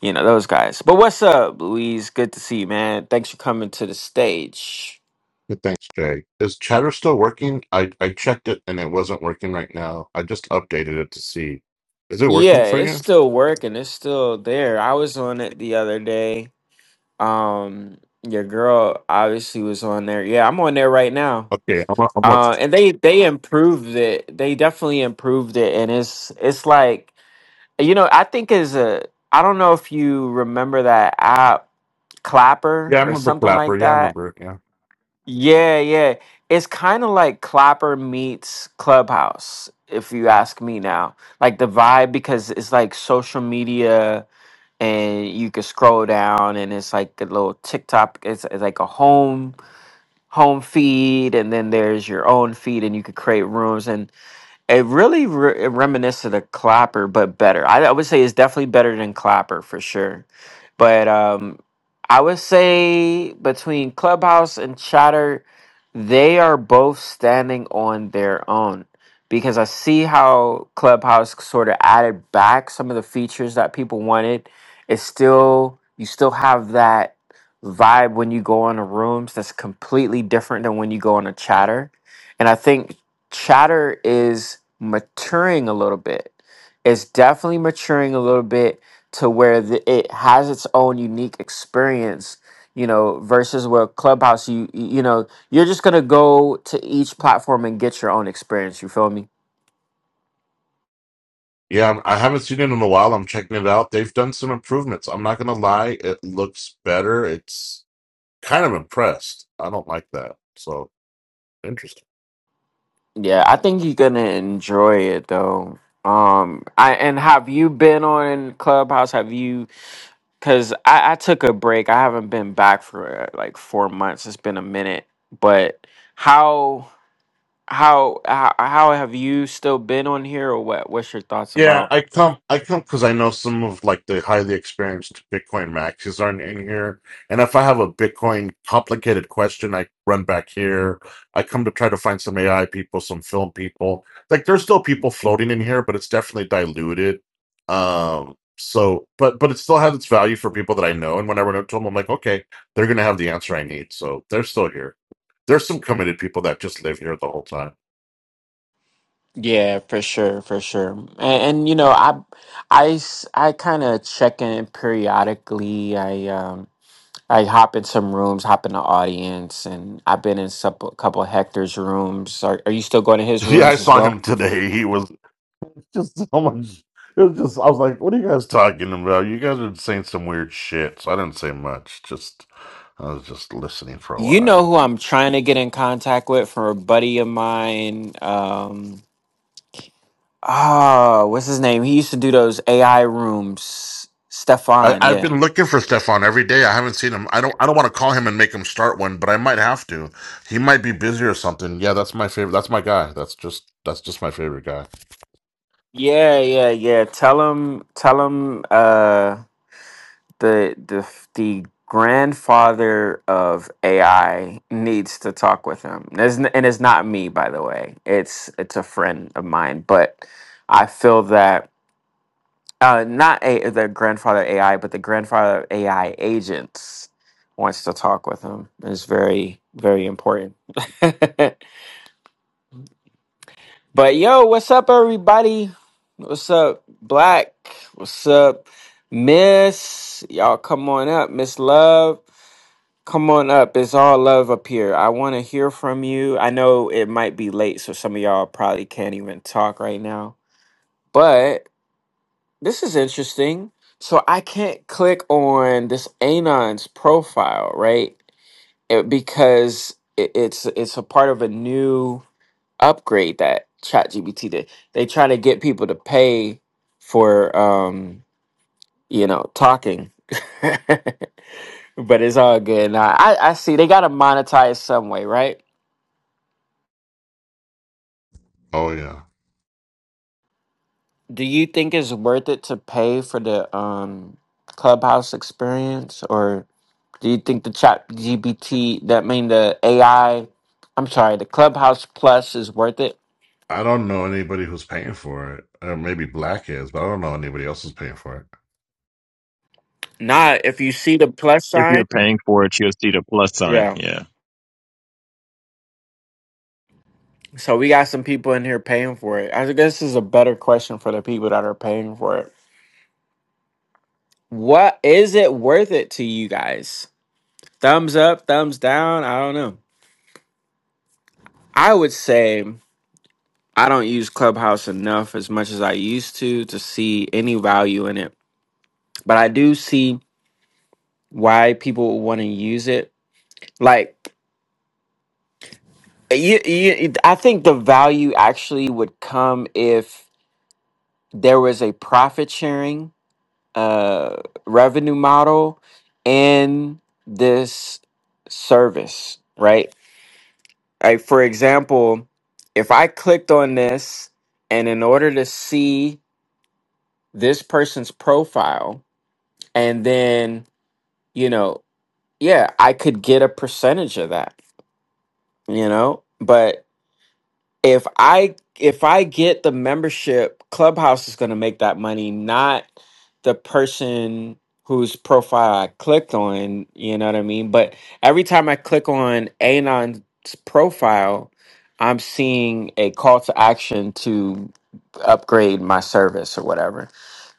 S1: you know those guys but what's up louise good to see you man thanks for coming to the stage
S9: Good, thanks, Jay. Is Chatter still working? I, I checked it and it wasn't working right now. I just updated it to see. Is it working
S1: yeah
S9: for
S1: it's
S9: you?
S1: still working it's still there i was on it the other day Um, your girl obviously was on there. Yeah, I'm on there right now.
S9: Okay, I'm a, I'm a,
S1: Uh, and they they improved it. They definitely improved it, and it's it's like you know I think is a I don't know if you remember that app Clapper
S9: yeah, I
S1: or
S9: remember
S1: something
S9: Clapper.
S1: like
S9: Yeah, I
S1: that.
S9: remember it. Yeah.
S1: Yeah, yeah. It's kind of like Clapper meets Clubhouse, if you ask me now. Like the vibe because it's like social media and you can scroll down and it's like a little TikTok. It's, it's like a home home feed, and then there's your own feed, and you could create rooms. And it really re- reminiscent of Clapper, but better. I, I would say it's definitely better than Clapper for sure. But um, I would say between Clubhouse and Chatter, they are both standing on their own because I see how Clubhouse sort of added back some of the features that people wanted. It's still you still have that vibe when you go on the rooms that's completely different than when you go on a chatter. And I think chatter is maturing a little bit. It's definitely maturing a little bit to where the, it has its own unique experience, you know, versus where Clubhouse, you you know, you're just gonna go to each platform and get your own experience. You feel me?
S9: Yeah, I'm- I haven't seen it in a while. I'm checking it out. They've done some improvements. I'm not gonna lie, it looks better. It's kind of impressed. I don't like that. So interesting.
S1: Yeah, I think you're gonna enjoy it though. Um, I and have you been on Clubhouse? Have you? Cause I, I took a break. I haven't been back for uh, like four months. It's been a minute, but how? how how how have you still been on here or what what's your thoughts
S9: Yeah,
S1: about
S9: I come I come because I know some of like the highly experienced Bitcoin maxis aren't in here. And if I have a Bitcoin complicated question, I run back here. I come to try to find some AI people, some film people. Like there's still people floating in here, but it's definitely diluted. Um so but but it still has its value for people that I know. And when I run up to them, I'm like, okay, they're gonna have the answer I need. So they're still here. There's some committed people that just live here the whole time.
S1: Yeah, for sure, for sure. And, and you know, I, I, s- I kind of check in periodically. I, um, I hop in some rooms, hop in the audience, and I've been in some, a couple of Hector's rooms. Are, are you still going to his
S9: Yeah, I
S1: rooms as
S9: saw
S1: well?
S9: him today. He was just so much. It was just, I was like, what are you guys talking about? You guys are saying some weird shit. So I didn't say much. Just, I was just listening for a
S1: You know
S9: while.
S1: who I'm trying to get in contact with for a buddy of mine. Um, oh, what's his name? He used to do those AI rooms.
S9: I,
S1: Stefan,
S9: I've
S1: yeah.
S9: been looking for Stefan every day. I haven't seen him. I don't. I don't want to call him and make him start one, but I might have to. He might be busy or something. Yeah, that's my favorite. That's my guy. That's just. That's just my favorite guy.
S1: Yeah, yeah, yeah. Tell him, tell him, uh, the the the grandfather of AI needs to talk with him. There's n- and it's not me, by the way. It's it's a friend of mine, but I feel that uh, not a, the grandfather of AI, but the grandfather of AI agents wants to talk with him. It's very very important. but yo, what's up, everybody? What's up, Black? What's up, Miss? Y'all come on up, Miss Love. Come on up. It's all love up here. I want to hear from you. I know it might be late, so some of y'all probably can't even talk right now. But this is interesting. So I can't click on this Anon's profile, right? It- because it, it's it's a part of a new upgrade that ChatGPT did. They try to get people to pay for. um you know, talking. but it's all good. Now, I, I see they gotta monetize some way, right?
S9: Oh yeah.
S1: Do you think it's worth it to pay for the um clubhouse experience or do you think the chat GBT that mean the AI I'm sorry, the clubhouse plus is worth it?
S9: I don't know anybody who's paying for it. Uh, maybe Black is, but I don't know anybody else who's paying for it.
S1: Nah, if you see the plus
S8: If
S1: sign,
S8: you're paying for it, you'll see the plus sign.
S1: yeah.
S8: Yeah.
S1: So we got some people in here paying for it. I guess this is a better question for the people that are paying for it. What is it worth it to you guys? thumbs up, thumbs down. I don't know. I would say I don't use Clubhouse enough as much as I used to to see any value in it. But I do see why people want to use it. Like, you, you, I think the value actually would come if there was a profit sharing uh, revenue model in this service, right? Like for example, if I clicked on this and in order to see this person's profile and then, you know, yeah, I could get a percentage of that, you know? But if I if I get the membership, Clubhouse is going to make that money, not the person whose profile I clicked on. You know what I mean? But every time I click on Anon's profile, I'm seeing a call to action to upgrade my service or whatever.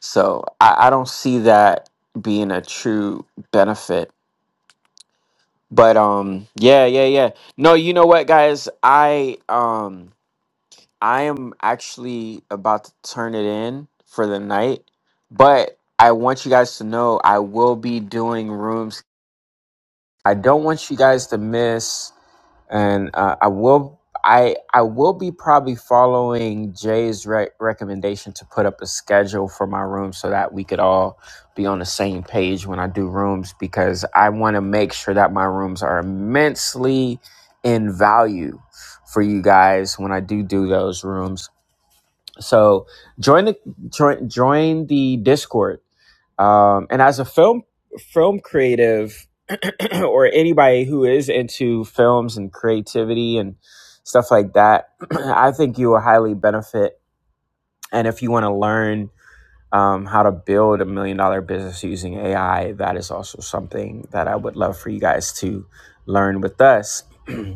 S1: So I, I don't see that being a true benefit. But um, yeah, yeah, yeah. No, you know what, guys? I um. I am actually about to turn it in for the night, but I want you guys to know I will be doing rooms. I don't want you guys to miss, and uh, I will. I I will be probably following Jay's re- recommendation to put up a schedule for my room so that we could all be on the same page when I do rooms because I want to make sure that my rooms are immensely in value for you guys when I do do those rooms so join the join, join the Discord. Um, and as a film film creative or anybody who is into films and creativity and stuff like that, I think you will highly benefit. And if you want to learn um, how to build a million dollar business using AI, that is also something that I would love for you guys to learn with us.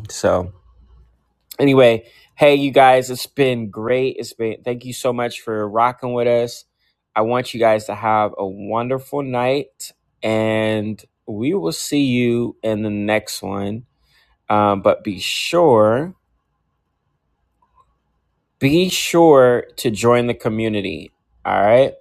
S1: So anyway, hey you guys, it's been great. It's been thank you so much for rocking with us. I want you guys to have a wonderful night, and we will see you in the next one. Um, but be sure, be sure to join the community. All right.